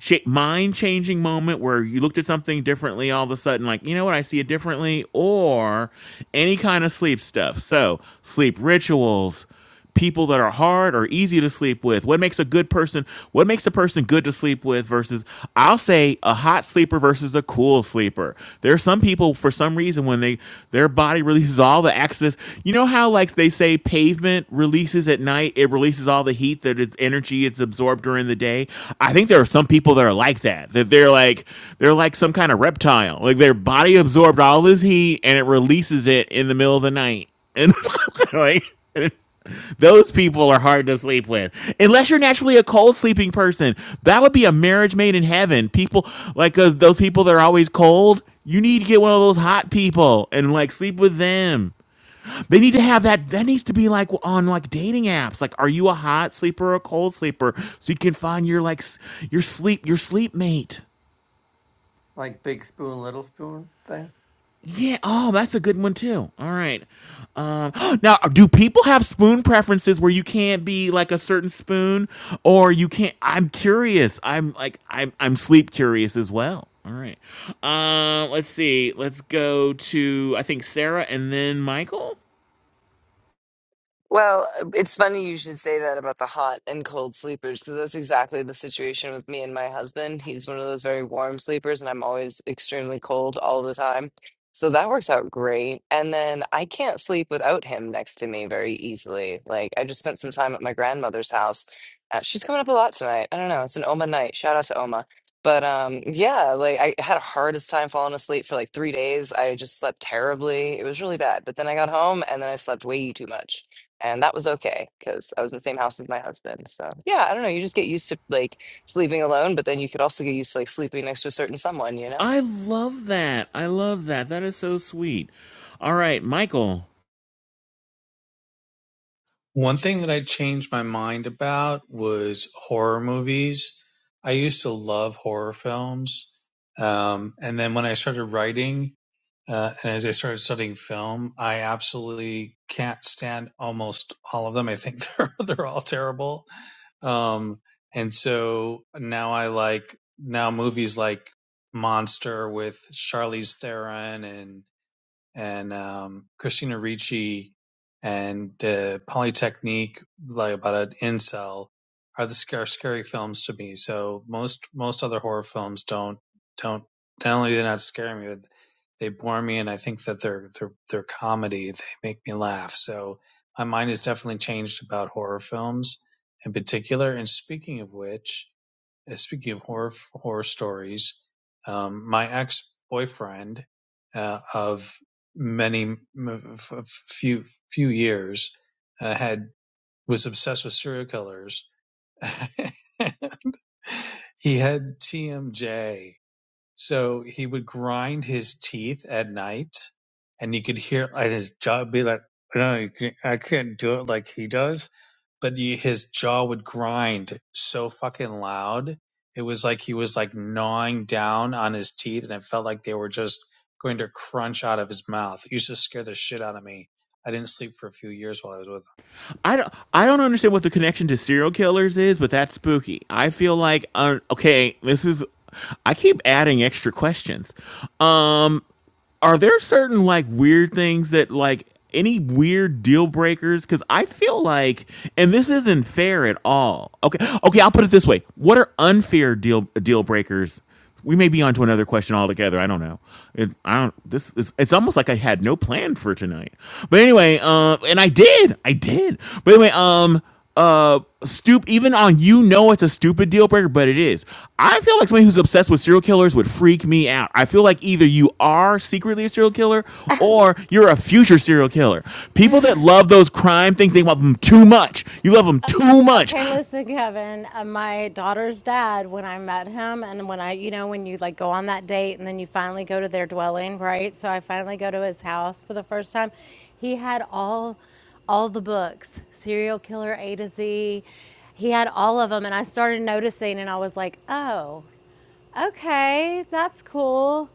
A: cha- mind changing moment where you looked at something differently all of a sudden like, you know what, I see it differently or any kind of sleep stuff. So, sleep rituals, people that are hard or easy to sleep with what makes a good person what makes a person good to sleep with versus i'll say a hot sleeper versus a cool sleeper there are some people for some reason when they their body releases all the excess you know how like they say pavement releases at night it releases all the heat that its energy it's absorbed during the day i think there are some people that are like that that they're like they're like some kind of reptile like their body absorbed all this heat and it releases it in the middle of the night and like those people are hard to sleep with. Unless you're naturally a cold sleeping person, that would be a marriage made in heaven. People like those, those people that are always cold, you need to get one of those hot people and like sleep with them. They need to have that. That needs to be like on like dating apps. Like, are you a hot sleeper or a cold sleeper? So you can find your like your sleep your sleep mate.
J: like big spoon little spoon
A: Yeah. Oh, that's a good one too. All right. Um, now, do people have spoon preferences where you can't be like a certain spoon, or you can't? I'm curious. I'm like I'm I'm sleep curious as well. All right. Uh, let's see. Let's go to I think Sarah and then Michael.
K: Well, it's funny you should say that about the hot and cold sleepers because that's exactly the situation with me and my husband. He's one of those very warm sleepers, and I'm always extremely cold all the time. So that works out great. And then I can't sleep without him next to me very easily. Like, I just spent some time at my grandmother's house. Uh, she's coming up a lot tonight. I don't know. It's an Oma night. Shout out to Oma. But um, yeah, like I had a hardest time falling asleep for like three days. I just slept terribly. It was really bad. But then I got home and then I slept way too much and that was okay because I was in the same house as my husband. So yeah, I don't know. You just get used to like sleeping alone, but then you could also get used to like sleeping next to a certain someone, you know?
A: I love that. I love that. That is so sweet. All right, Michael.
F: One thing that I changed my mind about was horror movies. I used to love horror films. Um, and then when I started writing, uh, and as I started studying film, I absolutely can't stand almost all of them. I think they're, they're all terrible. Um, and so now I like, now movies like Monster with Charlize Theron and and um, Christina Ricci and uh, Polytechnique, like about an incel, are the sc- are scary films to me. So most most other horror films don't don't not only do they not scare me, but they bore me, and I think that they're they're they're comedy. They make me laugh. So my mind has definitely changed about horror films in particular. And speaking of which uh, speaking of horror horror stories, um, my ex boyfriend uh, of many m- f- f- few few years uh, had was obsessed with serial killers. he had TMJ so he would grind his teeth at night, and you could hear and his jaw be like, "No, you can't, I can't do it like he does." But you, his jaw would grind so fucking loud, it was like he was like gnawing down on his teeth, and it felt like they were just going to crunch out of his mouth. It used to scare the shit out of me. I didn't sleep for a few years while I was with
A: I don't, I don't understand what the connection to serial killers is, but that's spooky. I feel like, uh, okay, this is. I keep adding extra questions. Um, are there certain like weird things that like any weird deal breakers because i feel like and this isn't fair at all okay okay i'll put it this way what are unfair deal deal breakers we may be onto another question altogether i don't know it, i don't this is it's almost like i had no plan for tonight but anyway uh and i did i did but anyway um uh stoop even on you know it's a stupid deal breaker but it is i feel like somebody who's obsessed with serial killers would freak me out i feel like either you are secretly a serial killer or you're a future serial killer people that love those crime things they love them too much you love them too much
C: Okay, listen, Kevin. Uh, my daughter's dad, when I met him, and when I, you know, when you like go on that date and then you finally go to their dwelling, right? So I finally go to his house for the first time. He had all, all the books, serial killer A to Z. He had all of them, and I started noticing, and I was like, oh, okay, that's cool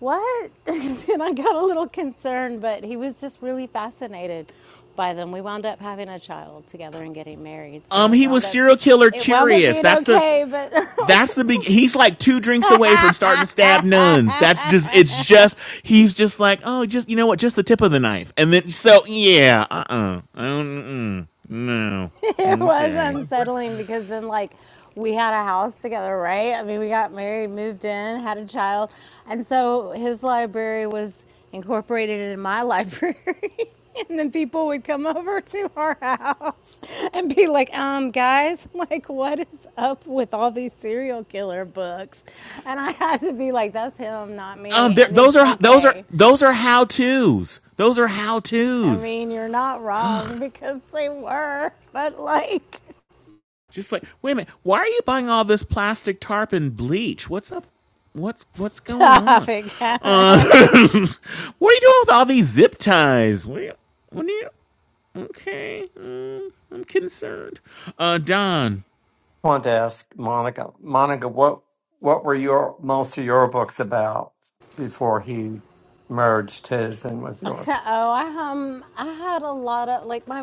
C: what? and I got a little concerned, but he was just really fascinated by them. We wound up having a child together and getting married, so
A: um
C: it
A: he was
C: wound up
A: serial killer
C: it wound up
A: curious
C: being
A: that's the
C: okay, but I
A: That's the big.
C: was
A: He's like two drinks away from starting to stab nuns. That's just. It's just. He's just like, oh, just you know what? Just the tip of the knife. And then so yeah. Uh. Uh-uh. uh. mm No.
C: It was
F: him.
A: Okay.
F: My
C: unsettling
F: boyfriend
C: because then, like, we had a house together, right? I mean, we got married, moved in, had a child. And so his library was incorporated in my library. and then people would come over to our house and be like, um, guys, like, what is up with all these serial killer books? And I had to be like, that's him, not me.
A: Um. There,
C: And
A: those
C: it's
A: are those are
C: okay.
A: those are how tos. Those are how
C: I
A: tos.
C: mean, you're not wrong because they were, but like,
A: Just like, wait a minute, why are you buying all this plastic tarp and bleach? What's up? What's what's going
C: Stop
A: on?
C: it, Kevin.
A: Uh,
C: oh,
A: what are you doing with all these zip ties? What are you? What are you? Okay, mm, I'm concerned. Uh, Don.
J: I want to ask Monica. Monica, what what were your most of your books about before he merged his in with yours?
C: I um, I had a lot of like my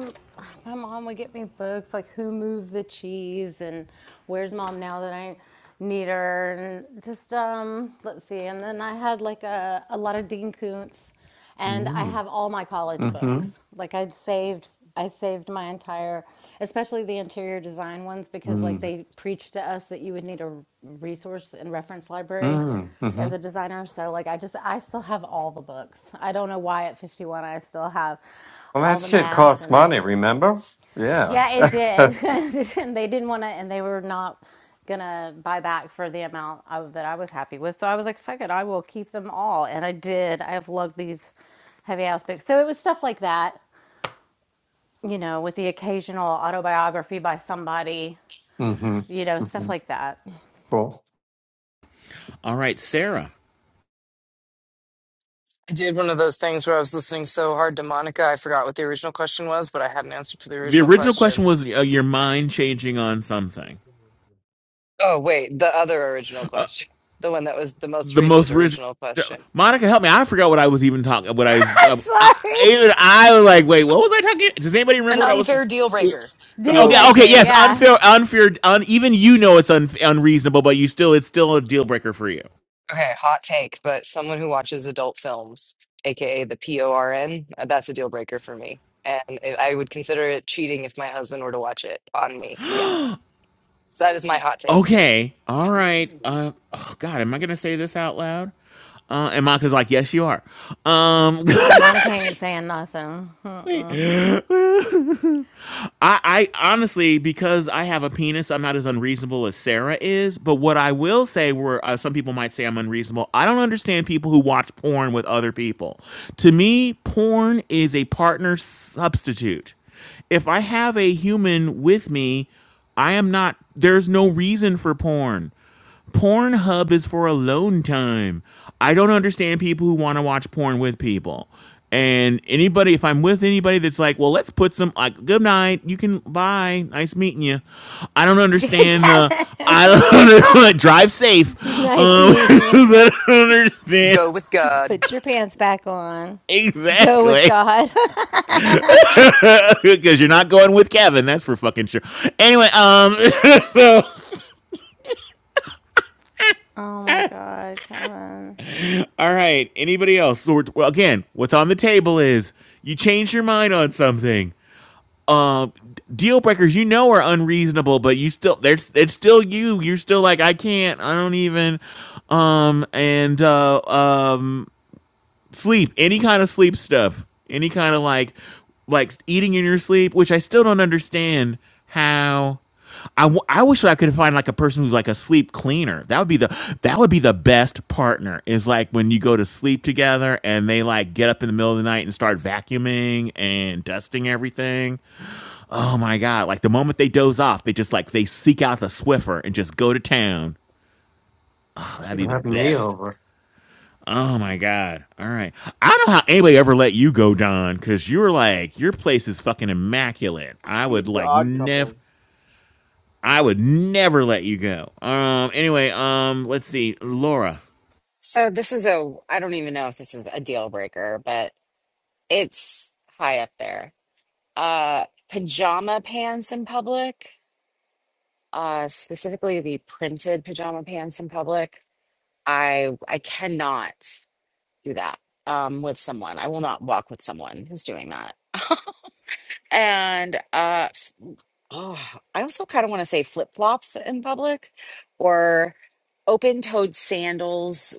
C: my mom would get me books like Who Moved the Cheese and Where's Mom Now That I Need Her and just um, let's see. And then I had like a a lot of Dean Koontz, and I
J: Mm.
C: have all my college
J: Mm-hmm.
C: books. Like I saved. I saved my entire, especially the interior design ones, because like
J: Mm.
C: they preached to us that you would need a resource and reference library
J: Mm. hmm
C: as a designer. So like I just I still have all the books. I don't know why at 51 I still have
J: Well, that
C: all the
J: shit
C: math
J: costs
C: and
J: money. Remember? Yeah.
C: yeah, it did. and they didn't want to and they were not gonna buy back for the amount I, that I was happy with. So I was like, fuck it, I will keep them all. And I did. I have lugged these heavy ass books. So it was stuff like that, you know, with the occasional autobiography by somebody,
J: mm-hmm.
C: you know, stuff
J: hmm
C: like that.
J: Cool.
A: All right, Sarah.
K: I did one of those things where I was listening so hard to Monica, I forgot what the original question was, but I had an answer for the
A: The
K: original
A: original question
K: question.
A: was uh, your mind changing on something.
K: Oh, wait, the other original
A: Uh,
K: question, the one that was the most
A: the
K: recent
A: most original.
K: original question.
A: Monica, help me! I forgot what I was even talking. What I, uh, I
C: Sorry.
A: even I was like, wait, what was I talking? Does anybody remember
K: An
A: what I was?
K: unfair deal breaker.
C: Deal
E: Deal
A: Okay, okay,
E: breaker.
C: breaker,
A: yes,
C: yeah.
A: unfair, unfair, un, even you know it's un, unreasonable, but you still, it's still a deal breaker for you.
K: Okay, hot take, but someone who watches adult films, aka the PORN, uh, that's a deal breaker for me. And I I would consider it cheating if my husband were to watch it on me. Yeah. So that is my hot take.
A: Okay, all right. Uh, oh God, am I gonna say this out loud? Uh, and Maka's like, yes, you are. Um,
C: Uh, Monica ain't saying nothing.
A: Wait.
C: Mm-mm.
A: I, I honestly, because I have a penis, I'm not as unreasonable as Sarah is. But what I will say, where uh, some people might say I'm unreasonable, I don't understand people who watch porn with other people. To me, porn is a partner substitute. If I have a human with me, I am not, there's no reason for porn. Pornhub is for alone time. I don't understand people who want to watch porn with people. And anybody, if I'm with anybody that's like, well, let's put some, like, good night, you can, bye, nice meeting you. I don't understand the, I
C: Kevin,
A: don't, know, drive safe. Um,
C: nice meeting
A: I
C: you.
A: don't understand
K: Go with God.
C: Put your pants back on. Go with
A: exactly.
C: God.
A: Because you're not going with Kevin, that's for fucking sure. Anyway, um, so
C: oh my God, Kevin.
A: all right. Anybody else? So we're, well, again, what's on the table is you change your mind on something. um, deal breakers you know are unreasonable, but you still there's it's still you. You're still like I can't. I don't even. Um and uh um sleep any kind of sleep stuff any kind of like like eating in your sleep which i still don't understand how I, w- I wish I could find like a person who's like a sleep cleaner. That would be the that would be the best partner. Is like when you go to sleep together and they like get up in the middle of the night and start vacuuming and dusting everything. Oh my god! Like the moment they doze off, they just like they seek out the Swiffer and just go to town. Oh, that'd
J: Should
A: be
J: have
A: the
J: had me
A: best.
J: over.
A: Oh my god! All right, I don't know how anybody ever let you go, Don, because you were like your place is fucking immaculate. I
E: From the
A: would like
E: odd
A: never,
E: couple.
A: I would never let you go. Um. Anyway, um. Let's see, Laura.
B: so this is a, I don't even know if this is a deal breaker, but It's high up there. Uh, pajama pants in public, uh, specifically the printed pajama pants in public. I I cannot do that um, with someone. I will not walk with someone who's doing that. And uh, oh, I also kind of want to say flip flops in public or open toed sandals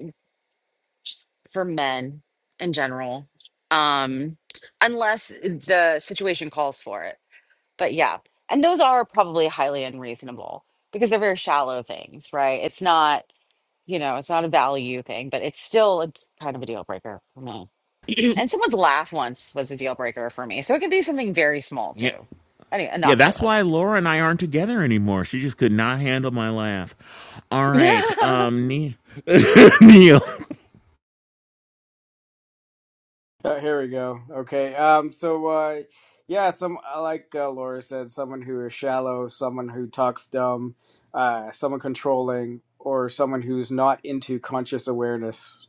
B: just for men in general, um, unless the situation calls for it but yeah and those are probably highly unreasonable because they're very shallow things right it's not you know it's not a value thing but it's still it's kind of a deal breaker for me and someone's laugh once was a deal breaker for me so it could be something very small
A: Yeah.
B: too anyway
A: Yeah, that's why
B: innocuous
A: Laura and I aren't together anymore. She just could not handle my laugh. All right,
B: i
A: um, Ne- Neil.
E: Uh, here we go. Okay. Um. So, uh, yeah. Some I like uh, Laura said, someone who is shallow, someone who talks dumb, uh, someone controlling, or someone who's not into conscious awareness.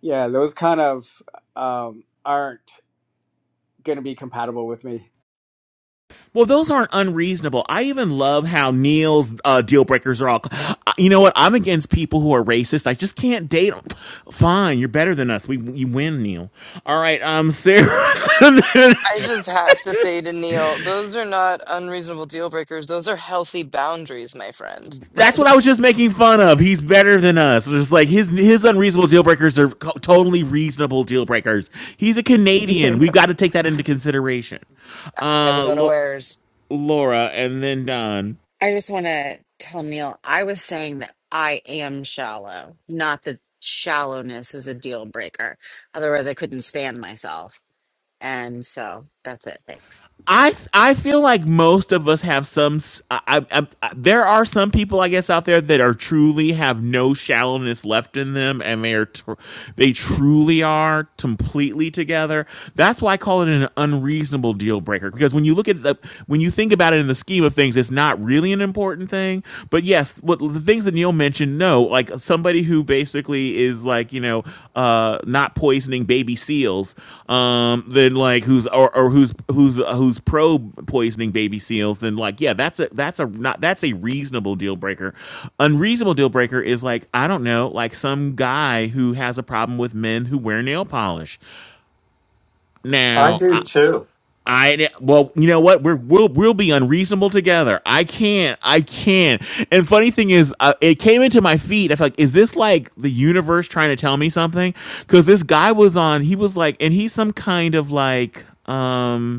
E: Yeah, those kind of um, aren't going to be compatible with me.
A: Well, those aren't unreasonable. I even love how Neil's uh, deal breakers are all. uh, You know what? I'm against people who are racist. I just can't date them. Fine, you're better than us. We you win, Neil. All right, um, Sarah.
K: I just have to say to Neil, those are not unreasonable deal breakers. Those are healthy boundaries, my friend.
A: That's what I
K: Like,
A: was just making fun of. He's better than us. It's like his his unreasonable deal breakers are co- totally reasonable deal breakers. He's a
K: you
A: Canadian. We've
K: know,
A: got to take that into consideration.
K: I was
A: Uh, Lo-
K: unawares.
A: Laura, and then Don.
B: just want to tell neil i was saying that i am shallow not that shallowness is a deal breaker otherwise i couldn't stand myself and so that's it thanks
A: I I feel like most of us have some. s- I, I, I- there are some people, I guess, out there that are truly have no shallowness left in them, and they are tr- they truly are completely together. That's why I call it an unreasonable deal breaker because when you look at the when you think about it in the scheme of things, it's not really an important thing. But yes, what the things Neil mentioned no, like somebody who basically is like you know uh, not poisoning baby seals, um, then like who's or, or who's who's uh, who's pro poisoning baby seals, then like yeah, that's a that's a not that's a reasonable deal breaker. Unreasonable deal breaker is like I don't know, like some guy who has a problem with men who wear nail polish.
J: I
A: Now I,
J: do too.
A: I well, you know what? We're we'll we'll be unreasonable together. I can't. I can't. And funny thing is, uh, it came into my feed. I felt like, is this like the universe trying to tell me something? Because this guy was on. He was like, and he's some kind of like um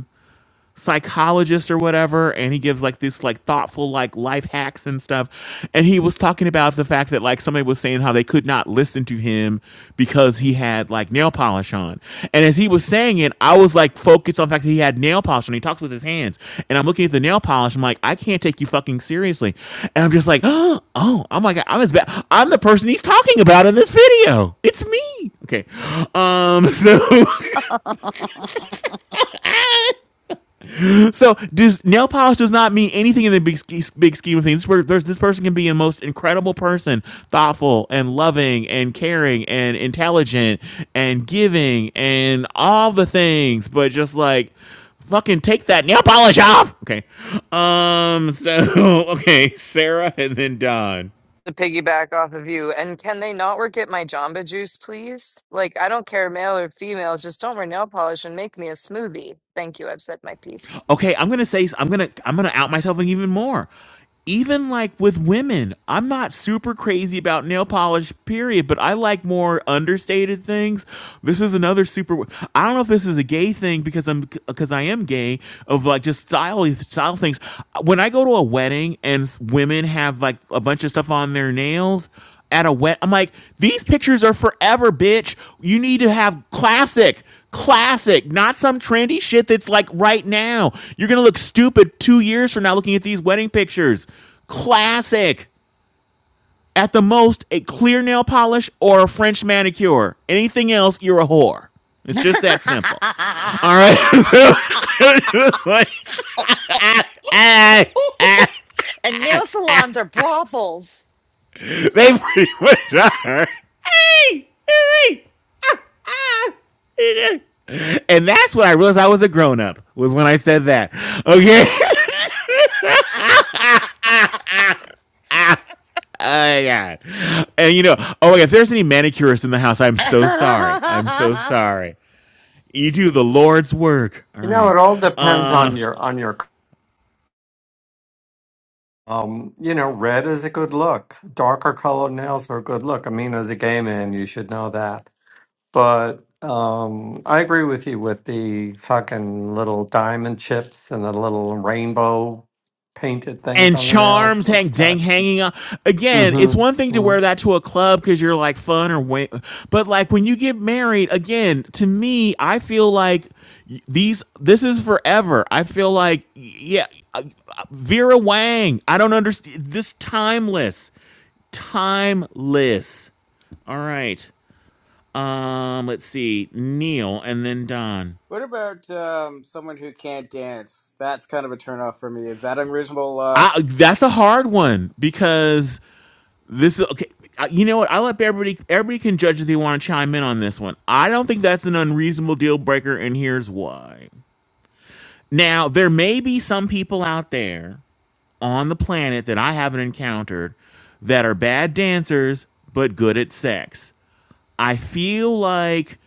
A: psychologist or whatever and he gives like this like thoughtful like life hacks and stuff and he was talking about the fact that like somebody was saying how they could not listen to him because he had like nail polish on and as he was saying it i was like focused on the fact that he had nail polish on he talks with his hands and i'm looking at the nail polish i'm like i can't take you fucking seriously and i'm just like oh oh my god i'm as bad i'm the person he's talking about in this video it's me okay um so So does nail polish does not mean anything in the big big scheme of things. This, this person can be the most incredible person, thoughtful and loving and caring and intelligent and giving and all the things, but just like fucking take that nail polish off. Okay. Um. So okay, Sarah and then Don.
K: to piggyback off of you. And can they not work at my Jamba Juice, please? Like, I don't care, male or female, just don't wear nail polish and make me a smoothie. Thank you. I've said my piece.
A: Okay, I'm gonna say I'm gonna I'm gonna out myself and even more. Even like with women, I'm not super crazy about nail polish, period. But I like more understated things. This is another super. I don't know if this is a gay thing because I'm because I am gay of like just style style things. When I go to a wedding and s- women have like a bunch of stuff on their nails, at a wet. I'm like, these pictures are forever, bitch. You need to have classic, classic, not some trendy shit that's like right now. You're gonna look stupid two years from now looking at these wedding pictures. Classic. At the most, a clear nail polish or a French manicure. Anything else, you're a whore. It's just that simple. All right. So, like, hey,
B: and nail salons are brothels.
A: they pretty much are. and that's when I realized I was a grown up. Was when I said that. Okay. Oh yeah. And you know, oh my God, if there's any manicurists in the house, I'm so sorry. I'm so
B: I
A: sorry. You do the Lord's work. All
J: You know,
A: right.
J: it all depends
A: Uh,
J: on your on your. Um, you know, red is a good look. Darker colored nails are a good look. I mean, as a gay man, you should know that. But um, I agree with you with the fucking little diamond chips and the little rainbow painted things
A: and
J: on the nails. It
A: charms hang
J: looks
A: dang
J: taxing.
A: hanging on again it's one thing to
J: Mm-hmm.
A: wear that to a club because you're like fun or win- but like when you get married again to me i feel like these this is forever i feel like yeah uh, uh, vera wang i don't understand this timeless timeless all right um let's see neil and then don
E: What about um, someone who can't dance? That's kind of a turnoff for me. Is that unreasonable? Uh,
A: I, that's a hard one because This is okay. I- You know what? I'll let everybody everybody can judge if they want to chime in on this one. I don't think that's an unreasonable deal breaker, and here's why. Now, there may be some people out there on the planet that I haven't encountered that are bad dancers but good at sex. I feel like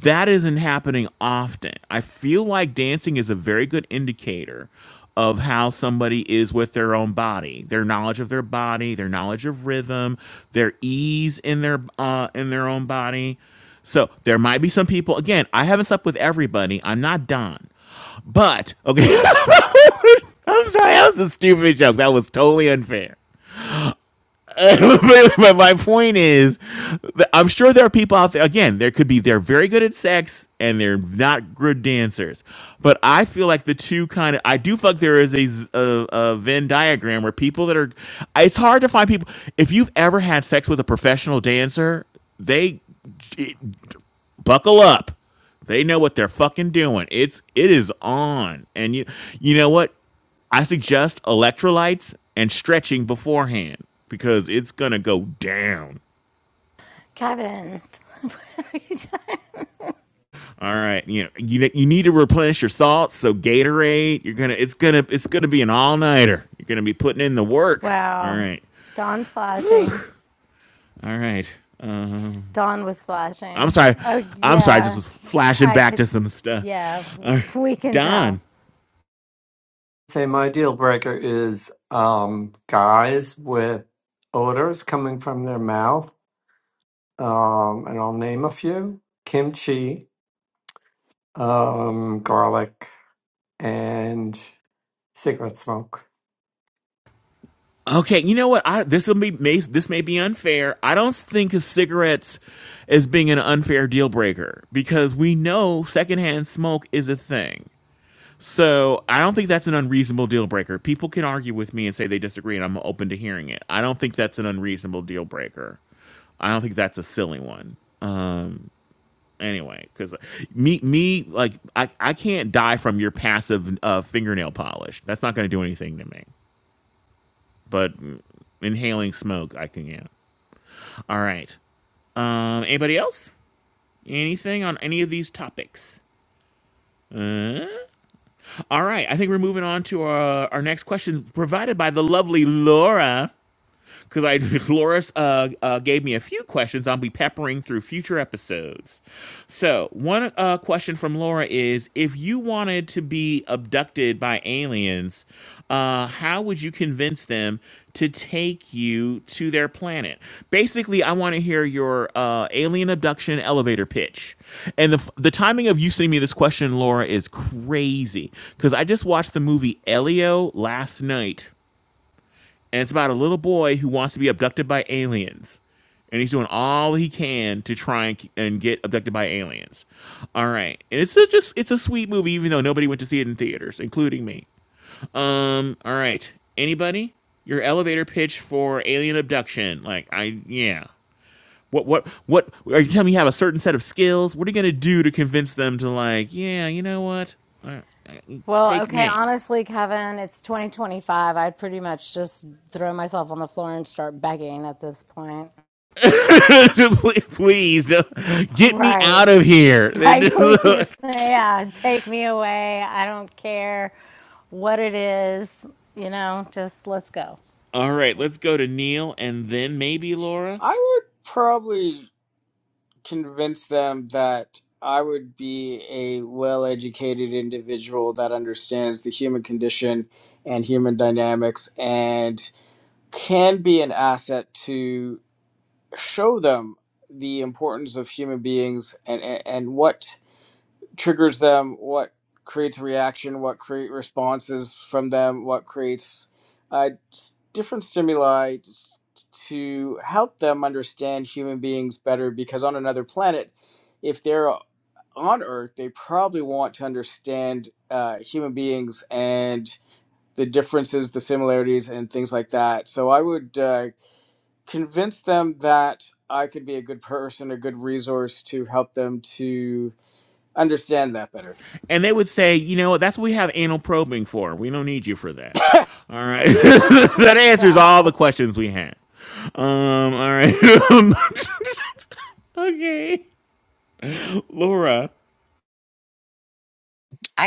A: that isn't happening often. I feel like dancing is a very good indicator of how somebody is with their own body, their knowledge of their body, their knowledge of rhythm, their ease in their uh, in their own body. So there might be some people. Again, I haven't slept with everybody. I'm not Don, but okay. I'm sorry, that was a stupid joke. That was totally unfair. but, my point is, I'm sure there are people out there. Again, there could be they're very good at sex and they're not good dancers. But I feel like the two kind of I do feel like there is a, a a Venn diagram where people that are. It's hard to find people. If you've ever had sex with a professional dancer, they it, buckle up. They know what they're fucking doing. It's it is on. And you you know what? I suggest electrolytes and stretching beforehand because it's gonna go down.
C: Kevin, what are you doing?
A: All right, you know, you you need to replenish your salts. So Gatorade, you're gonna it's gonna it's gonna be an all nighter. You're gonna be putting in the work. All
C: Wow.
A: right,
C: Dawn's flashing.
A: all right. Um,
C: Dawn was
A: I'm
C: flashing.
A: sorry,
C: Oh,
A: I'm sorry. I just
C: yeah.
A: was flashing
C: I
A: back
C: could,
A: to some stuff.
C: yeah,
A: Uh,
C: we can tell.
A: Don,
J: Okay, my deal breaker is um, guys with odors coming from their mouth, um, and I'll name a few: kimchi, um, garlic, and cigarette smoke.
A: Okay, you know what? I this will be may, this may be unfair. I don't think of cigarettes as being an unfair deal breaker because we know secondhand smoke is a thing. So I don't think that's an unreasonable deal breaker. People can argue with me and say they disagree, and I'm open to hearing it. I don't think that's an unreasonable deal breaker. I don't think that's a silly one. Anyway, because me, me, like I, I can't die from your passive uh, fingernail polish. That's not going to do anything to me. But mm, inhaling smoke, I can. Yeah. All right. Um, anybody else? Anything on any of these topics? All right. I think we're moving on to our, our next question provided by the lovely Laura. because I Loris uh, uh, gave me a few questions. I'll be peppering through future episodes. So one uh, question from Laura is: If you wanted to be abducted by aliens, uh, how would you convince them to take you to their planet? Basically, I want to hear your uh, alien abduction elevator pitch. And the the timing of you sending me this question, Laura, is crazy because I just watched the movie Elio last night and it's about a little boy who wants to be abducted by aliens, and he's doing all he can to try and, and get abducted by aliens. All right, and it's a, just it's a sweet movie, even though nobody went to see it in theaters, including me. Um, all right, anybody? Your elevator pitch for alien abduction? Like I yeah. What what what are you telling me you have a certain set of skills? What are you gonna do to convince them to like, yeah, you know what? All right,
C: Well,
A: take
C: okay,
A: me.
C: honestly, Kevin, it's 2025. I'd pretty much just throw myself on the floor and start begging at this point.
A: Please no. get me out
C: Right.
A: of here.
C: It's
A: They're
C: like,
A: just
C: please,
A: like,
C: yeah, take me away. I don't care what it is. You know, just let's go.
A: all right, let's go to Neil and then maybe Laura.
E: I would probably convince them that I would be a well educated individual that understands the human condition and human dynamics and can be an asset to show them the importance of human beings and, and, and what triggers them, what creates reaction, what create responses from them, what creates uh, different stimuli to help them understand human beings better. Because on another planet, if they're on Earth, they probably want to understand uh, human beings and the differences, the similarities, and things like that. So I would uh, convince them that I could be a good person, a good resource to help them to understand that better.
A: And they would say, you know what? That's what we have anal probing for. We don't need you for that. All right. that answers all the
C: Stop.
A: questions we had. Um, all right. okay. Laura.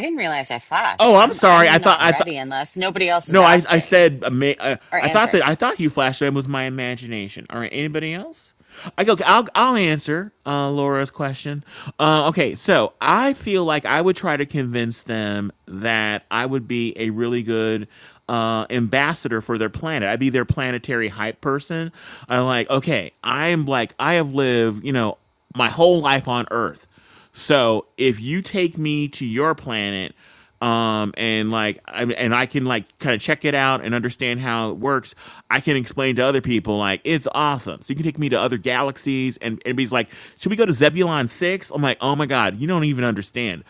B: didn't realize I flashed.
A: Oh, I'm
B: I'm
A: sorry.
B: I'm
A: I thought
B: not
A: I thought
B: ready unless nobody else is
A: No, I I
B: asking
A: said ama- uh,
B: or
A: I thought that
B: answering.
A: I thought you flashed Flashman was my imagination. All right, anybody else? I go. okay, I'll I'll answer uh, Laura's question. Uh, okay, so I feel like I would try to convince them that I would be a really good uh, ambassador for their planet. I'd be their planetary hype person. I'm like, okay, I'm like I have lived, you know, my whole life on Earth. So if you take me to your planet, um, and like, I, and I can like kind of check it out and understand how it works. I can explain to other people like it's awesome. So you can take me to other galaxies, and and everybody's like, should we go to Zebulon Six? I'm like, oh my god, you don't even understand.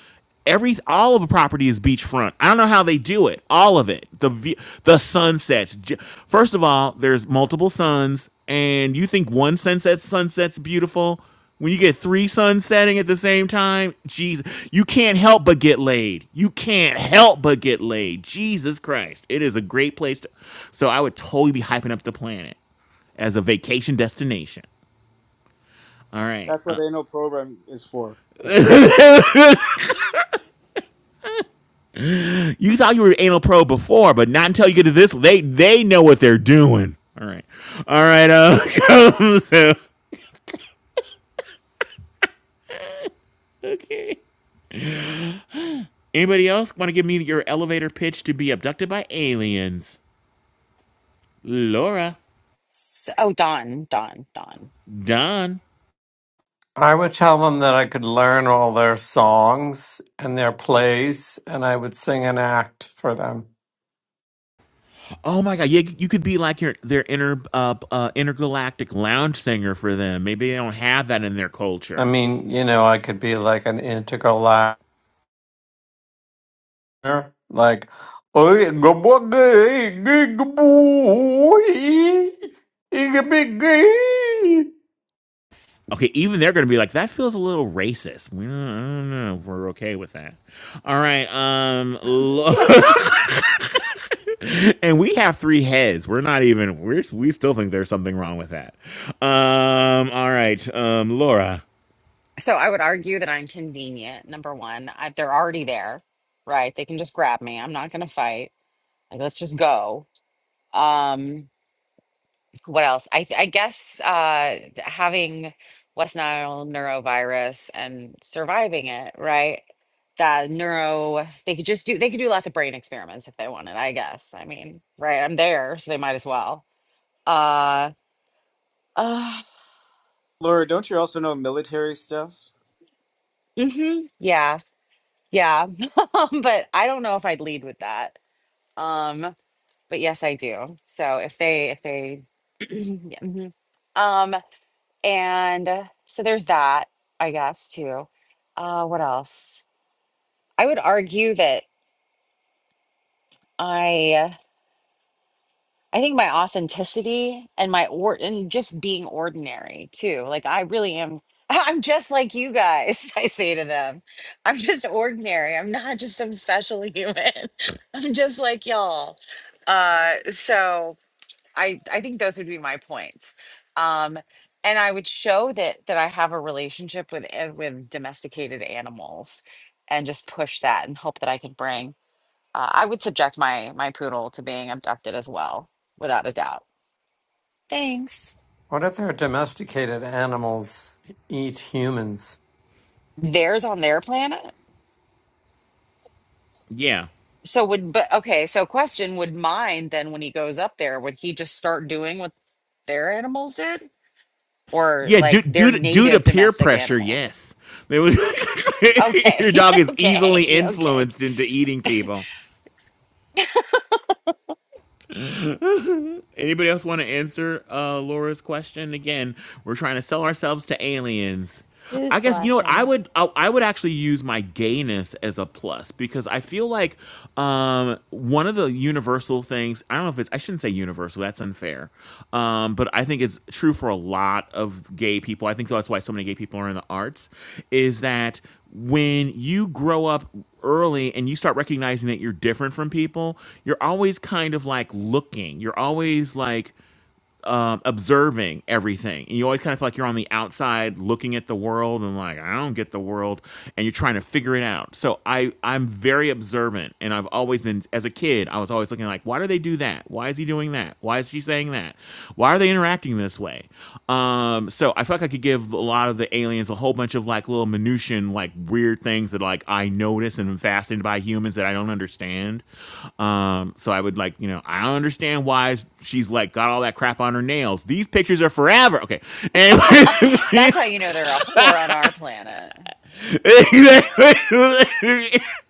A: Every all of the property is beachfront. I don't know how they do it. All of it. The vi- the sunsets. J- First of all, there's multiple suns, and you think one sunset sunset's beautiful. When you get three suns setting at the same time, Jesus, you can't help but get laid. You can't help but get laid. Jesus Christ. It is a great place to. So I would totally be hyping up the planet as a vacation destination. All right.
E: That's what
A: Uh,
E: ANO program is for, Kevin.
A: you thought you were anal pro before, but not until you get to this. They they know what they're doing. All right. All right. Uh, so, okay. Anybody else want to give me your elevator pitch to be abducted by aliens? Laura,
B: So, oh, Dawn, Dawn, Dawn.
A: Don.
J: I would tell them that I could learn all their songs and their plays, and I would sing an act for them.
A: Oh my god, yeah, you could be like your their inter uh, uh intergalactic lounge singer for them. Maybe they don't have that in their
J: I
A: culture.
J: mean, you know, I could be like an integral actor, like, "Oh, yeah, go boogie, gig boy, igga biggie."
A: Okay, even they're going to be like that feels a little racist. We don't, I don't know. if We're okay with that. All right, um lo- and we have three heads. We're not even we're we still think there's something wrong with that. Um all right, um Laura.
B: So I would argue that I'm convenient. Number one, I, they're already there, right? They can just grab me. I'm not going to fight. Like, let's just go. Um, what else? I th- I guess uh th- having West Nile neurovirus and surviving it, right? That neuro they could just do they could do lots of brain experiments if they wanted, I guess. I mean, right, I'm there, so they might as well. Uh uh
E: Laura, don't you also know military stuff?
B: hmm yeah, yeah. but I don't know if I'd lead with that. Um, but yes, I do. So if they if they yeah. mhm. And uh, so there's that, I guess, too. Uh, what else? I would argue that I, uh, I think my authenticity and my or and just being ordinary too. Like I really am. I'm just like you guys. I say to them, I'm just ordinary. I'm not just some special human. I'm just like y'all. Uh, so I I think those would be my points. Um, and I would show that that I have a relationship with a- with domesticated animals, and just push that and hope that I can bring. Uh, I would subject my my poodle to being abducted as well, without a doubt. Thanks.
J: what if they're domesticated animals eat humans?
B: Theirs on their planet.
A: Yeah.
B: So would but okay. So question: Would mine then when he goes up there, would he just start doing what their animals did, or
A: Yeah, due,
B: like their
A: due, to, due to
B: native
A: peer
B: domestic
A: pressure,
B: animals?
A: yes. They would,
B: Okay,
A: your dog is easily
B: okay, okay.
A: influenced into eating people. Anybody else want to answer uh, Laura's question? Again, we're trying to sell ourselves to aliens. I
C: Stu's
A: guess you know what I
C: flashing.
A: would. I, I would actually use my gayness as a plus because I feel like um, one of the universal things. I don't know if it's. I shouldn't say universal. That's unfair. Um, but I think it's true for a lot of gay people. I think that's why so many gay people are in the arts. Is that when you grow up early and you start recognizing that you're different from people, you're always kind of like looking. You're always like um, observing everything. And you always kind of feel like you're on the outside looking at the world and like, I don't get the world. And you're trying to figure it out. So I, I'm very observant. And I've always been, as a kid, I was always looking like, why do they do that? Why is he doing that? Why is she saying that? Why are they interacting this way? Um, um, so I feel like I could give a lot of the aliens a whole bunch of like little minutian, like weird things that like I notice and am fascinated by humans that I don't understand. Um, so I would like, you know, I don't understand why she's like got all that crap on her nails. These pictures are forever. Okay. Anyway.
B: That's how you know they're a whore on our planet.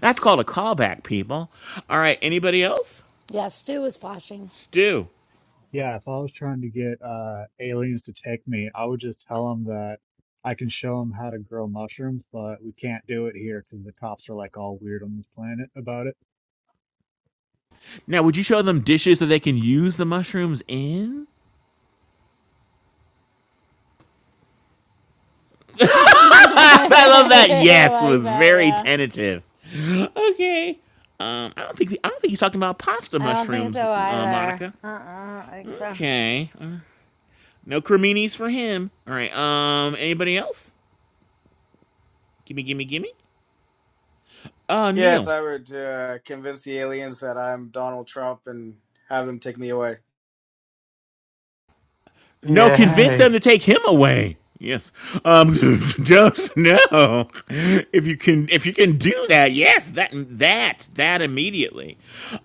A: That's called a callback, people. All right, anybody else?
C: Yeah, Stu is flashing.
A: Stew.
M: Yeah, if I was trying to get uh, aliens to take me, I would just tell them that I can show them how to grow mushrooms, but we can't do it here because the cops are like all weird on this planet about it.
A: Now, would you show them dishes that they can use the mushrooms in?
C: I
A: I love that. Yes
C: like
A: was
C: that,
A: very
C: yeah.
A: tentative. Okay. Um, I don't think the, I don't think he's talking about pasta
C: I don't think
A: mushrooms,
C: so
A: uh,
C: either.
A: Monica.
C: Uh uh I don't think so.
A: Okay. Uh, no creminis for him. All right. Um, anybody else? Gimme, gimme, gimme. Uh,
E: Yes,
A: Neil.
E: I would uh, convince the aliens that I'm Donald Trump and have them take me away.
A: No, convince them
J: Yay.
A: to take him away. Yes. Um just no. If you can if you can do that, yes, that that that immediately.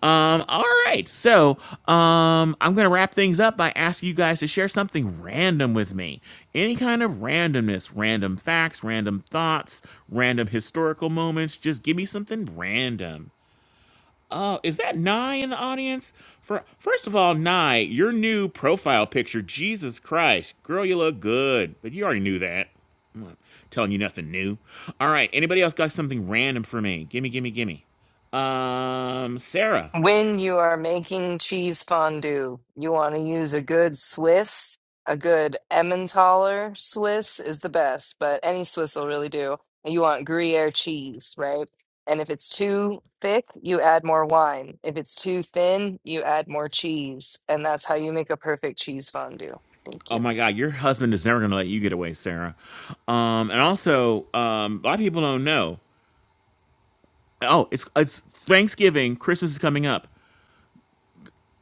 A: Um all right. So, um I'm going to wrap things up by asking you guys to share something random with me. Any kind of randomness, random facts, random thoughts, random historical moments, just give me something random. Uh, is that Nye in the audience? For first of all, Nye, your new profile picture, Jesus Christ, girl, you look good, but you already knew that. I'm not telling you nothing new. All right, anybody else got something random for me? Gimme, gimme, gimme. Um, Sarah.
K: When you are making cheese fondue, you want to use a good Swiss. A good Emmentaler Swiss is the best, but any Swiss will really do. And you want Gruyere cheese, right? And if it's too thick, you add more wine. If it's too thin, you add more cheese. And that's how you make a perfect cheese fondue. Thank you.
A: Oh my God, your husband is never gonna let you get away, Sarah. Um, and also, um, a lot of people don't know. Oh, it's it's Thanksgiving. Christmas is coming up.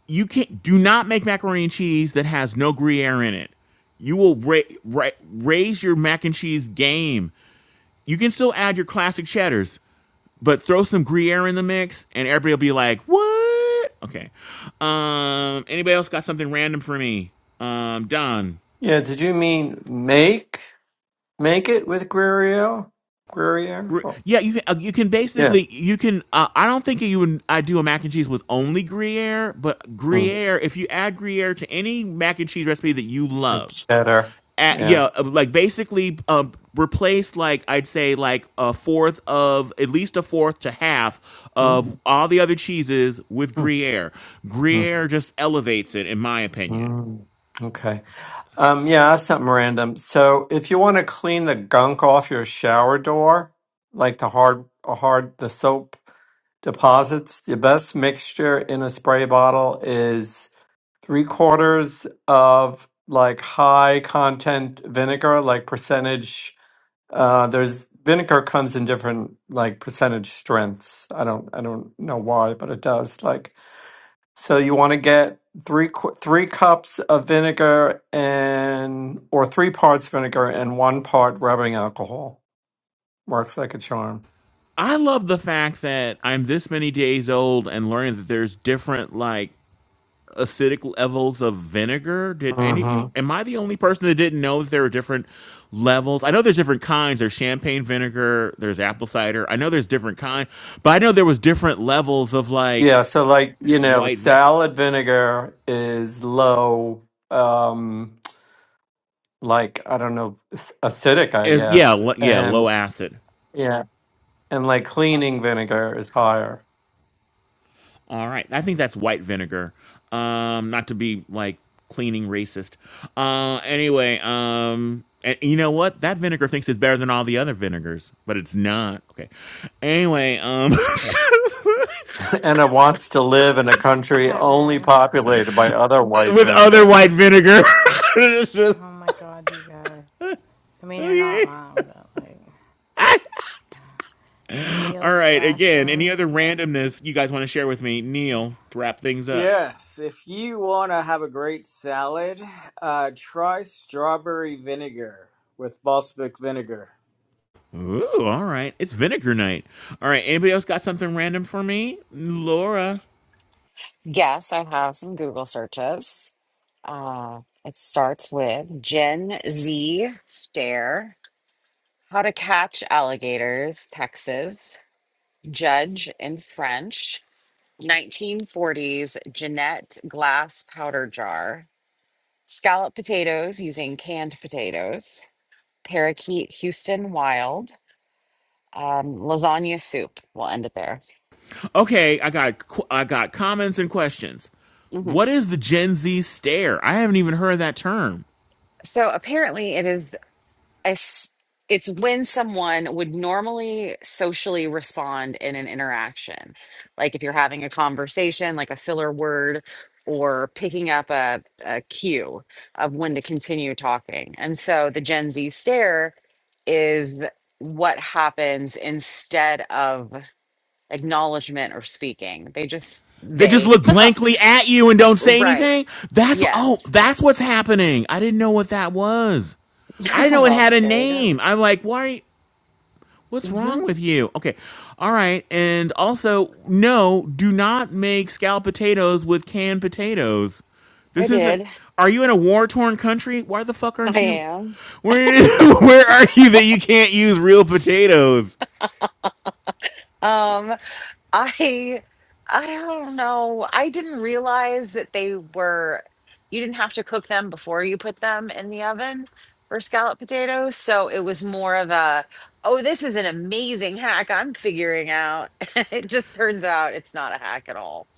A: you can't do not make macaroni and cheese that has no gruyere in it you will ra- ra- raise your mac and cheese game you can still add your classic cheddars but throw some gruyere in the mix and everybody will be like what okay um anybody else got something random for me um don
J: Yeah, did you mean make? Make it with Guerrero? Guerrero?
A: yeah you can uh, you can
J: Yeah.
A: basically you can uh, i don't think you would i do a mac and cheese with only gruyere but
J: Mm-hmm.
A: gruyere if you add gruyere to any mac and cheese recipe that you
J: Like
A: love
J: cheddar.
A: at,
J: Yeah.
A: yeah, uh, like basically um, replace like I'd say like a fourth of at least a fourth to half of
J: Mm,
A: all the other cheeses with
J: mm,
A: Gruyere.
J: mm,
A: Gruyere just elevates it, in my opinion.
J: mm. Okay. Um, yeah, that's something random. So if you want to clean the gunk off your shower door, like the hard, a hard, the soap deposits, the best mixture in a spray bottle is three quarters of like high content vinegar, like percentage. Uh, there's vinegar comes in different like percentage strengths. I don't, I don't know why, but it does. Like So you want to get three qu- three cups of vinegar and or three parts vinegar and one part rubbing alcohol. Works like a charm.
A: I love the fact that I'm this many days old and learning that there's different like acidic levels of vinegar? Did any?
J: hmm
A: Am I the only person that didn't know that there are different levels? I know there's different kinds. There's champagne vinegar. There's apple cider. I know there's different kind, but I know there was different levels of like
J: Yeah, so like, you know,
A: white vin.
J: salad vinegar is low um like I don't know s- acidic, I
A: Is yeah,
J: guess.
A: lo- yeah,
J: And
A: low acid.
J: yeah, and like cleaning vinegar is higher.
A: All right, I think that's white vinegar. Um, not to be like cleaning racist. Uh, anyway, um, and you know what? That vinegar thinks it's better than all the other vinegars, but it's not. Okay. Anyway, um,
J: and it wants to live in a country only
C: Kevin.
J: populated by other white
A: with
J: vinegar.
A: other white vinegar.
C: Oh my god, you guys. I mean, you're not
A: okay.
C: wrong, but like
A: All
C: Neil's
A: right. Again, any
C: flashing.
A: other randomness you guys want to share with me, Neil, to wrap things up?
E: Yes, if you want to have a great salad, uh, try strawberry vinegar with balsamic vinegar.
A: Ooh, all right. It's vinegar night. All right. Anybody else got something random for me, Laura?
B: Yes, I have some Google searches. Uh, it starts with Gen Z stare, how to catch alligators, Texas, judge in French, 1940s Jeanette glass powder jar, scallop potatoes using canned potatoes, parakeet Houston wild, um, lasagna soup. We'll end it there.
A: Okay, I got I got comments and questions.
B: Mhm.
A: What is the Gen Z stare? I haven't even heard that term.
B: So apparently, it is. I s it's when someone would normally socially respond in an interaction. Like if you're having a conversation, like a filler word, or picking up a, a cue of when to continue talking. And so the Gen Z stare is what happens instead of acknowledgement or speaking. They just,
A: They just
B: they,
A: look blankly at you and don't say
B: right.
A: anything. That's oh,
B: Yes.
A: that's what's happening. I didn't know what that was. I didn't know it
B: well,
A: had a
B: there you go.
A: name. I'm like, why? What's
B: hmm
A: wrong with you? Okay. All right. And also, no, do not make scalloped potatoes with canned potatoes.
B: I
A: This isn't.
B: did.
A: Are you in a war torn country? Why the fuck
B: I
A: aren't you.
B: am.
A: Where, where are you that you can't use real potatoes?
B: Um, I I don't know. I didn't realize that they were you didn't have to cook them before you put them in the oven for scallop potatoes. So it was more of a, oh, this is an amazing hack I'm figuring out. It just turns out it's not a hack at all.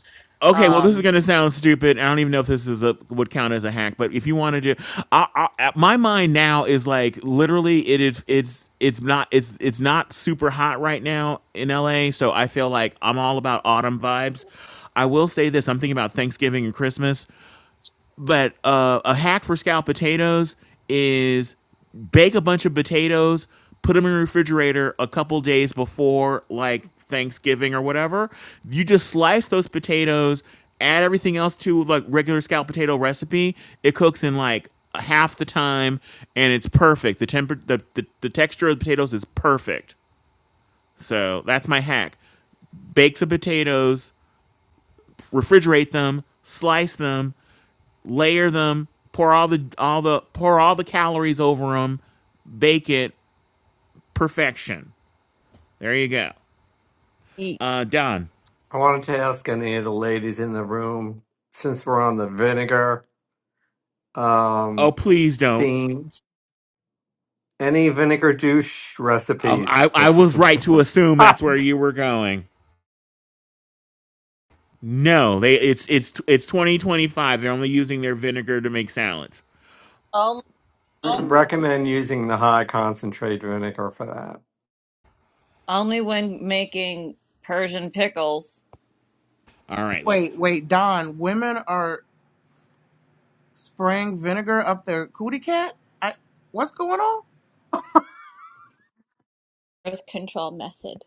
A: Okay, well, this is
B: Um,
A: going to sound stupid. I don't even know if this is a would count as a hack, but if you want to do, I, I, my mind now is like literally it is it's it's not it's it's not super hot right now in LA, so I feel like I'm all about autumn vibes. I will say this: I'm thinking about Thanksgiving and Christmas but uh, a hack for scalloped potatoes is bake a bunch of potatoes, put them in the refrigerator a couple days before like Thanksgiving or whatever. You just slice those potatoes, add everything else to like regular scalloped potato recipe. It cooks in like half the time, and it's perfect. The temper, the, the, the texture of the potatoes is perfect. So that's my hack. Bake the potatoes, refrigerate them, slice them, layer them, pour all the all the pour all the calories over them, bake it perfection. There you go.
B: y-
A: Uh, done.
J: I wanted to ask any of the ladies in the room, since we're on the vinegar
A: Oh,
J: um,
A: please don't.
J: theme, any vinegar douche
A: Oh, I
J: recipes
A: I
J: that you
A: was
J: can
A: right
J: share?
A: to assume
J: I
A: that's where you were going. No, they it's it's it's 2025. They're only using their vinegar to make salads.
G: Only, on-
J: recommend using the high concentrate vinegar for that.
G: only when making Persian pickles.
A: All right, love.
N: Wait, wait, Don. Women are spraying vinegar up their cootie cat. I, what's going on?
G: Birth control method.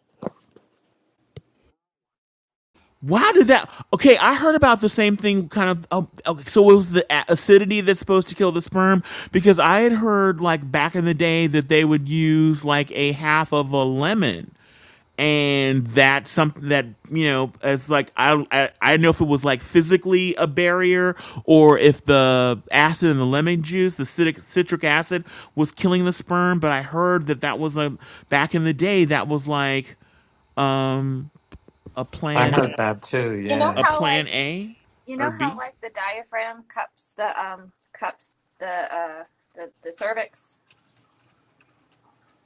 A: Why did that? Okay, I heard about the same thing. Kind of. Oh, okay, so it was the acidity that's supposed to kill the sperm because I had heard like back in the day that they would use like a half of a lemon, and that something that you know as like I I I don't know if it was like physically a barrier or if the acid in the lemon juice, the citric citric acid, was killing the sperm. But I heard that that was a back in the day that was like um a
J: I
G: You,
A: plan
J: heard that too,
G: you know
J: yeah.
A: a
G: how
A: plan
G: like
A: A
G: you
A: or
G: know how
A: B?
G: like the diaphragm cups the um cups the uh the the cervix.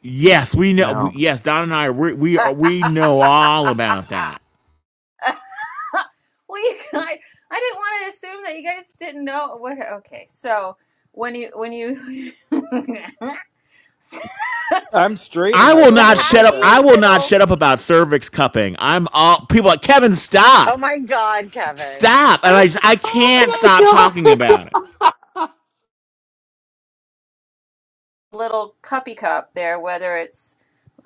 A: Yes, we know.
J: No.
A: Yes, Don and I we we are we know all about that.
G: well, you guys, I didn't want to assume that you guys didn't know what. Okay, so when you when you the
E: I'm straight
A: I
E: and I
A: will
E: don't know
A: not shut
E: about
A: up.
G: happy
E: that.
A: I will not
G: little
A: shut up about cervix cupping. I'm all people are like Kevin. Stop,
B: oh my God, Kevin.
A: stop, and I just, I can't
J: Oh
A: stop talking
J: my
A: about it.
J: God!
G: little cuppy cup there, whether it's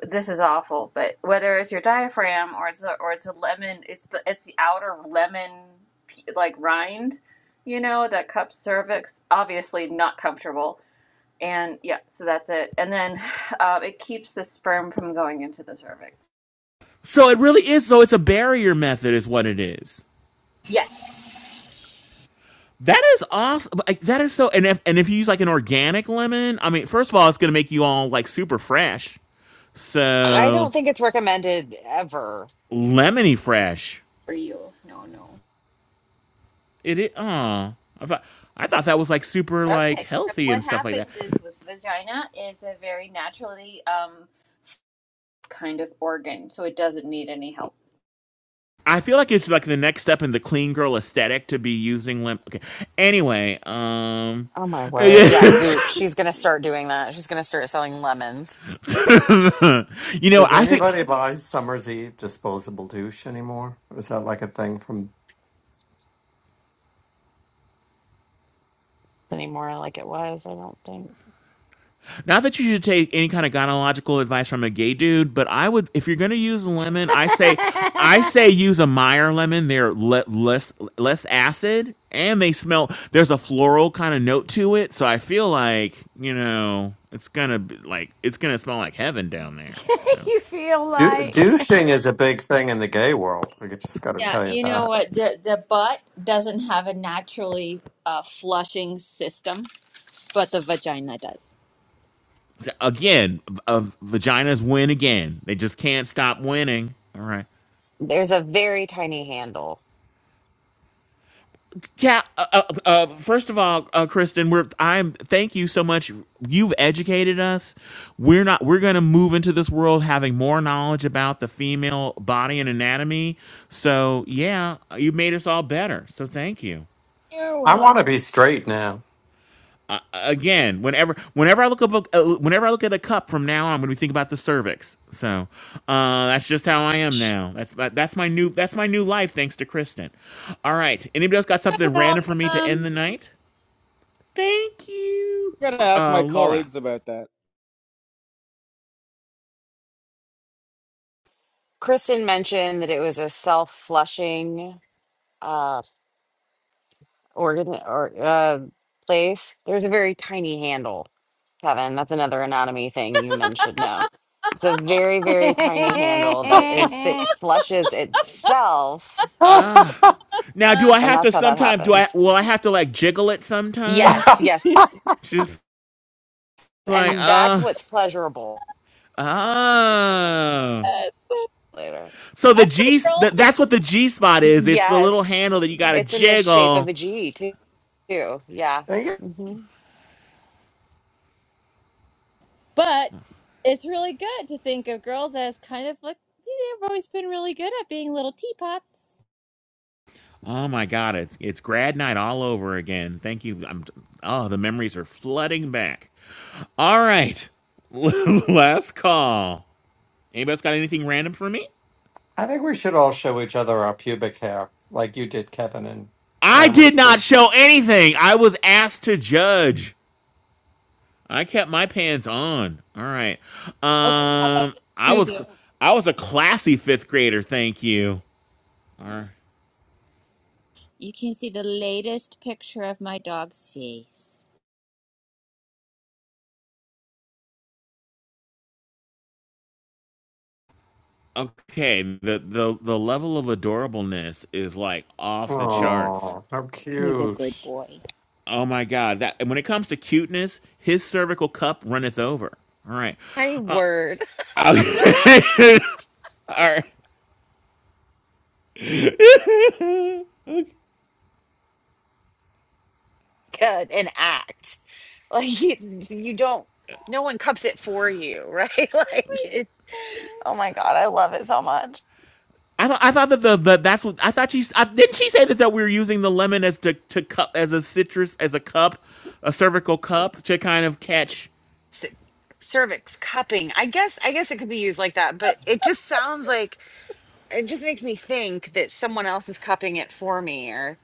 G: this is awful, but whether it's your diaphragm or it's a, or it's a lemon, it's the it's the outer lemon p- like rind, you know, that cup cervix obviously not comfortable. And yeah, so that's it. And then um, it keeps the sperm from going into the cervix.
A: So it really is. So it's a barrier method, is what it is.
G: Yeah,
A: That is awesome. Like, that is so. And if and if you use like an organic lemon, I mean, first of all, it's gonna make you all like super fresh.
B: I
A: So
B: don't think it's recommended ever.
A: lemony fresh.
G: for you. No, no.
A: It is. Oh, I thought I thought that was like super like
G: Okay. So
A: healthy
G: what
A: and stuff like that.
G: happens is with vagina is a very naturally um kind of organ, so it doesn't need any help.
A: I feel like it's like the next step in the clean girl aesthetic to be using limp. Okay. Anyway, um,
B: Oh my word. Yeah,
A: yeah.
B: Goop. She's gonna start doing that. She's gonna start selling lemons
A: you know,
J: Does
A: I think
J: anybody buy Summer's Eve disposable douche anymore? Or is that like a thing from
B: anymore like it was, I don't think.
A: Not that you should take any kind of gynecological advice from a gay dude, but I would, if you're going to use a lemon, I say, I say use a Meyer lemon. They're le- less less acid, and they smell. There's a floral kind of note to it, so I feel like you know it's gonna be like it's gonna smell like heaven down there. So
C: you feel
J: Du-
C: like
J: douching is a big thing in the gay world. I just got to
G: Yeah,
J: tell you
G: you know
J: that.
G: what? The the butt doesn't have a naturally uh, flushing system, but the vagina does.
A: again, v- uh, vaginas win again. They just can't stop winning. All right.
B: There's a very tiny handle.
A: Yeah. Uh, uh, uh, first of all, uh, Kristen, we're I'm thank you so much. You've educated us. We're not. We're going to move into this world having more knowledge about the female body and anatomy. So yeah, you made us all better. So thank you.
G: You're
J: I
G: welcome.
J: want to be straight now.
A: Again, whenever whenever I look up a, uh, whenever I look at a cup from now on, I'm going to be thinking about the cervix. So uh, that's just how I am
B: Sh-
A: now. That's my, that's my new that's my new life thanks to Kristen. All right. Anybody else got something random for me to end
G: Welcome.
A: the night? Thank you,
E: I gotta ask
A: uh,
E: my
A: Laura.
E: colleagues about that.
B: Kristen mentioned that it was a self-flushing uh organ or uh place. There's a very tiny handle, Kevin. That's another anatomy thing you men should know. It's a
A: Oh,
B: very, very tiny handle that
A: eh,
B: is that flushes itself,
A: Ah,
J: I
A: now
G: Uh,
A: do I
B: and
A: have
B: that's
A: to
B: how that
A: sometimes? Do I
B: happens.
A: will I have to like jiggle it sometimes?
B: Yes, yes.
A: Just like
B: And that's
A: uh
B: what's pleasurable
A: ah.
G: uh,
B: later.
A: So the
G: that's why
A: G
G: girls
A: that
G: are
A: that's what
G: such.
A: the G spot is. It's the little
B: Yes.
A: handle that you got to
B: It's in the shape of
A: jiggle.
B: a G too. Yeah.
J: think
B: hmm
G: But it's really good to think of girls as kind of like yeah, they've always been really good at being little teapots.
A: Oh my God, it's it's grad night all over again. Thank you. I'm oh the memories are flooding back. All right, last call. Anybody's got anything random for me?
J: I think we should all show each other our pubic hair, like you did, Kevin, in
A: I
J: grammar
A: did not
J: school.
A: show anything. I was asked to judge. I kept my pants on. All right.
G: Okay, how about
A: Um, I was
G: Tuesday?
A: I was a classy fifth grader. Thank you. All right.
G: You can see the latest picture of my dog's face.
A: Okay. The the the level of adorableness is like off the
G: Yeah,
A: charts.
J: Oh, how
G: he's a
J: cute!
G: good boy.
A: Oh my god. That when it comes to cuteness, his cervical cup runneth over. All right.
B: My word.
A: All right.
B: good and act like you, you don't no one cups it for you right like it, oh my god i love it so much
A: I thought I thought that the, the that's what I thought she I, didn't she say that, that we were using the lemon as to to cup as a citrus as a cup, a cervical cup to kind of catch.
B: S- cervix cupping i guess i guess it could be used like that but it just sounds like it just makes me think that someone else is cupping it for me or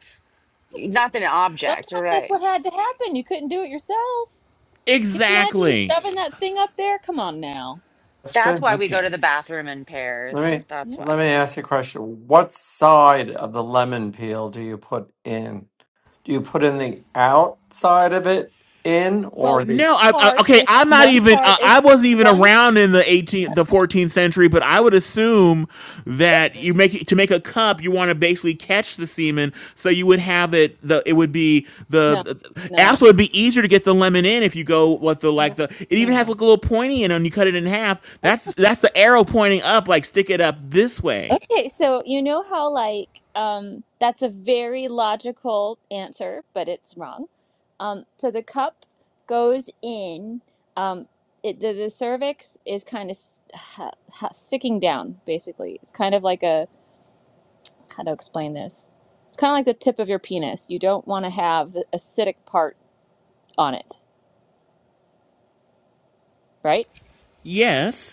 B: not that an object
G: Sometimes that's
B: right
G: what had to happen. You couldn't do it yourself. Can you imagine
A: Exactly.
G: shoving that thing up there? Come on now.
B: that's
J: Question.
B: why we go
A: Okay.
B: to the bathroom in
J: Let
B: pairs
J: me
B: that's why
J: let me ask you a question. What side of the lemon peel do you put in? Do you put in the outside of it in, or
G: Well,
J: the?
A: No, I, I,
G: part
A: okay,
G: is
A: I'm not
G: one
A: even. Uh,
G: part is
A: I wasn't even
G: one.
A: around in the 18th, the 14th century, but I would assume that you make it, to make a cup, you want to basically catch the semen, so you would have it. The it would be
G: No,
A: the
G: no.
A: also it'd be easier to get the lemon in if you go with the like
D: No,
A: the. It even has like
D: no.
A: a little pointy in it, and you cut it in half. That's that's the arrow pointing up, like stick it up this way.
G: Okay, so you know how like um that's a very logical answer, but it's wrong. Um so the cup goes in um it, the, the cervix is kind of s- ha, ha, sticking down basically. It's kind of like a how to explain this. It's kind of like the tip of your penis. You don't want to have the acidic part on it, right?
A: Yes.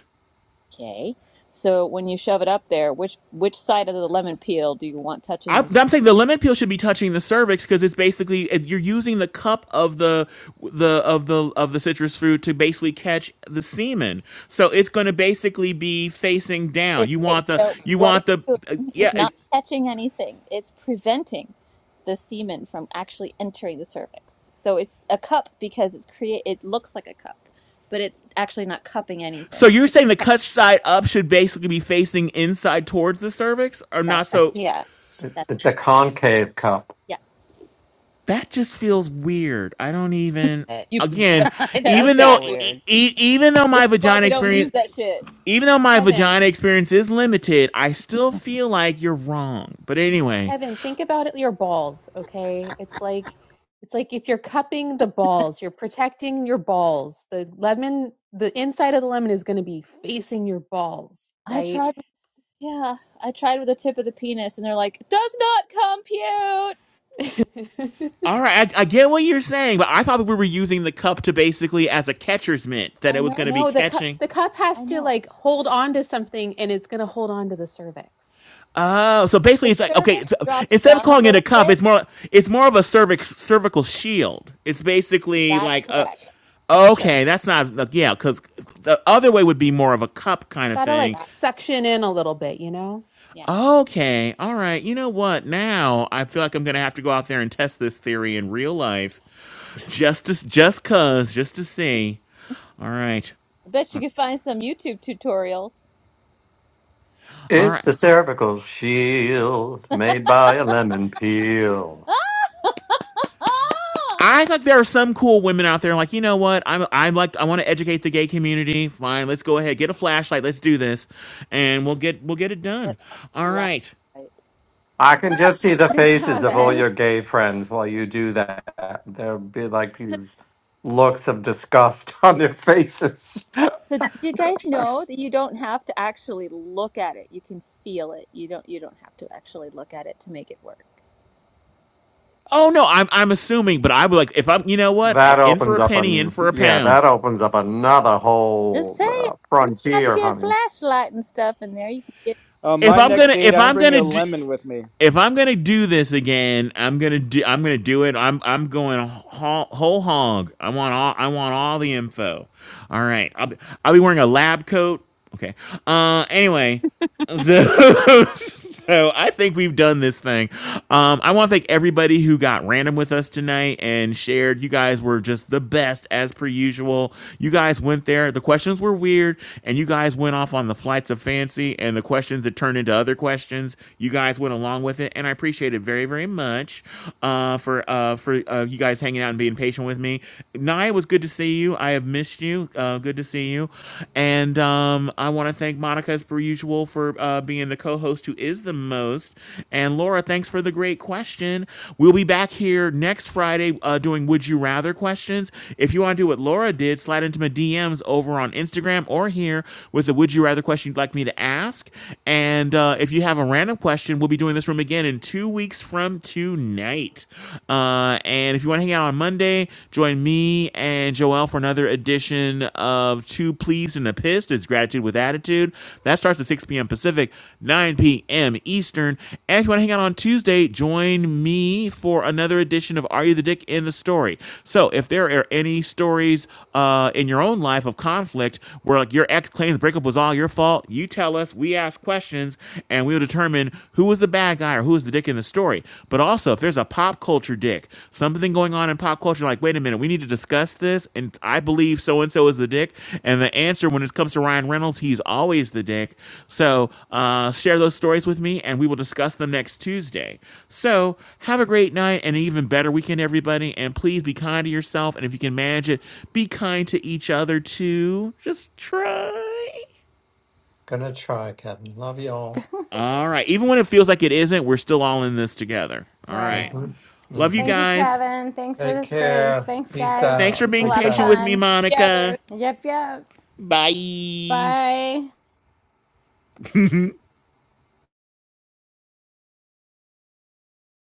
G: Okay. So when you shove it up there, which which side of the lemon peel do you want touching
A: I,
G: your
A: I'm saying the lemon peel should be touching the cervix because it's basically you're using the cup of the the of the of the citrus fruit to basically catch the semen. So it's going to basically be facing down. You
G: Okay,
A: want the
G: so
A: you
G: what
A: want
G: it's
A: the uh,
G: doing
A: yeah.
G: is
A: It,
G: not catching anything. It's preventing the semen from actually entering the cervix. So it's a cup because it's create. It looks like a cup, but it's actually not cupping
A: so
G: anything.
A: you're saying the cut side up should basically be facing inside towards the cervix, or
G: That's
A: not?
G: right.
J: it,
A: So
B: yes
J: It's,
G: That's
J: it's
G: right.
J: a concave cup.
G: Yeah,
A: that just feels weird. I don't even.
B: it,
G: you
A: Again,
B: it
G: tell you
B: does
A: even though
B: feel
G: exactly.
A: e-
B: weird
A: e- even though
G: This
A: my
G: is why
A: vagina
G: we don't
A: experience
G: use that shit.
A: even though my vagina
D: Kevin.
A: experience is limited, I still feel like you're wrong. But anyway,
D: Kevin, think about it, your balls, okay? It's like it's like if you're cupping the balls, you're protecting your balls. The lemon, the inside of the lemon is going to be facing your balls,
G: I
D: right?
G: tried. Yeah, I tried with the tip of the penis, and they're like, "Does not compute."
A: all right, I, I get what you're saying, but I thought that we were using the cup to basically as a catcher's mitt that
G: I
A: it was
G: know.
A: going to
G: you-
A: be
D: no, the cup
A: catching.
D: the cup has
G: I
D: to
G: know.
D: like hold on to something and it's going to hold on to the cervix.
A: Oh, so basically
G: The
A: it's like okay, so,
G: cervix drops
A: instead of
G: down a
A: calling it a
G: little
A: cup, it's
G: bit.
A: more it's more of a cervix cervical shield. It's basically
G: That's
A: like a
G: correct.
D: Sure.
A: okay, that's not like, yeah, because the other way would be more of a cup
D: It's
A: kind of
D: got to like
A: thing,
G: That-
D: suction in a little bit, you know?
G: yeah.
A: Okay. All right. You know what? Now I feel like I'm gonna have to go out there and test this theory in real life,
D: Just
A: just to, just cause, just to see. All right.
G: I bet you could find some YouTube tutorials.
A: All right.
J: It's a cervical shield made by a lemon peel.
A: I think there are some cool women out there like, you know what? I'm I'm like I want to educate the gay community. Fine, let's go ahead. Get a flashlight. Let's do this. And we'll get we'll get it done.
G: That's
A: All
G: laugh.
A: right.
J: I can just see the faces of all
C: Kevin,
J: your gay friends while you do that. There'll be like
G: So,
J: these looks of disgust on their faces.
G: so did you guys know that you don't have to actually look at it? You can feel it. You don't you don't have to actually look at it to make it work.
A: Oh no, I'm I'm assuming, but I would like if I'm you know what? I'm
J: That
A: in for
J: opens
A: a
J: up
A: penny,
J: a
A: in for a
J: yeah.
A: pound.
J: That opens up another
G: Just
J: whole
G: say
J: uh,
G: You have to
J: frontier,
G: get a
J: honey.
G: flashlight and stuff in there. You can get.
E: On
A: If
E: my
A: I'm
E: next
A: gonna
E: date,
A: if
E: I'm
A: I'm
E: bringing
A: gonna
E: a
A: do
E: lemon with me.
A: if I'm gonna do this again, I'm gonna do I'm gonna do it. I'm I'm going whole, whole hog. I want all I want all the info. All right, I'll be, I'll be wearing a lab coat. Okay. Uh. Anyway, so so I think we've done this thing. Um. I want to thank everybody who got random with us tonight and shared. You guys were just the best as per usual. You guys went there. The questions were weird, and you guys went off on the flights of fancy and the questions that turned into other questions suggestions. You guys went along with it, and I appreciate it very, very much uh, for uh, for uh, you guys hanging out and being patient with me. Nia, it was good to see you. I have missed you. Uh, good to see you, and um, I want to thank Monica as per usual for uh, being the co-host who is the most. And Laura, thanks for the great question. We'll be back here next Friday uh, doing Would You Rather questions. If you want to do what Laura did, slide into my DMs over on Instagram or here with the Would You Rather question you'd like me to ask. And and uh, if you have a random question, we'll be doing this room again in two weeks from tonight. Uh, and if you want to hang out on Monday, join me and Joel for another edition of Two Pleased and a Pissed. It's Gratitude with Attitude. That starts at 6 p.m. Pacific, 9 p.m. Eastern. And if you want to hang out on Tuesday, join me for another edition of Are You the Dick in the Story? So if there are any stories uh, in your own life of conflict where like your ex claims the breakup was all your fault, you tell us, we ask questions, and we'll determine who was the bad guy or who was the dick in the story. But also, if there's a pop culture dick, something going on in pop culture, like, wait a minute, we need to discuss this, and I believe so and so is the dick. And the answer when it comes to Ryan Reynolds, he's always the dick. So uh, share those stories with me, and we will discuss them next Tuesday. So have a great night and an even better weekend, everybody. And please be kind to yourself. And if you can manage it, be kind to each other too. Just try.
J: Gonna try, Kevin. Love y'all.
A: All right. Even when it feels like it isn't, we're still all in this together. All right.
C: right?
J: Mm-hmm.
A: Love you
J: Mm-hmm.
C: Thank you,
A: guys.
C: Kevin. Thanks for
J: Take
C: the space.
J: care.
C: Thanks,
J: Peace
A: Thanks
C: guys.
A: for
C: It
J: out.
C: was a
A: being
C: lot
J: Peace
C: of
J: out.
A: patient with me,
C: fun.
A: Monica.
C: Yep, yep.
A: Bye.
C: Bye.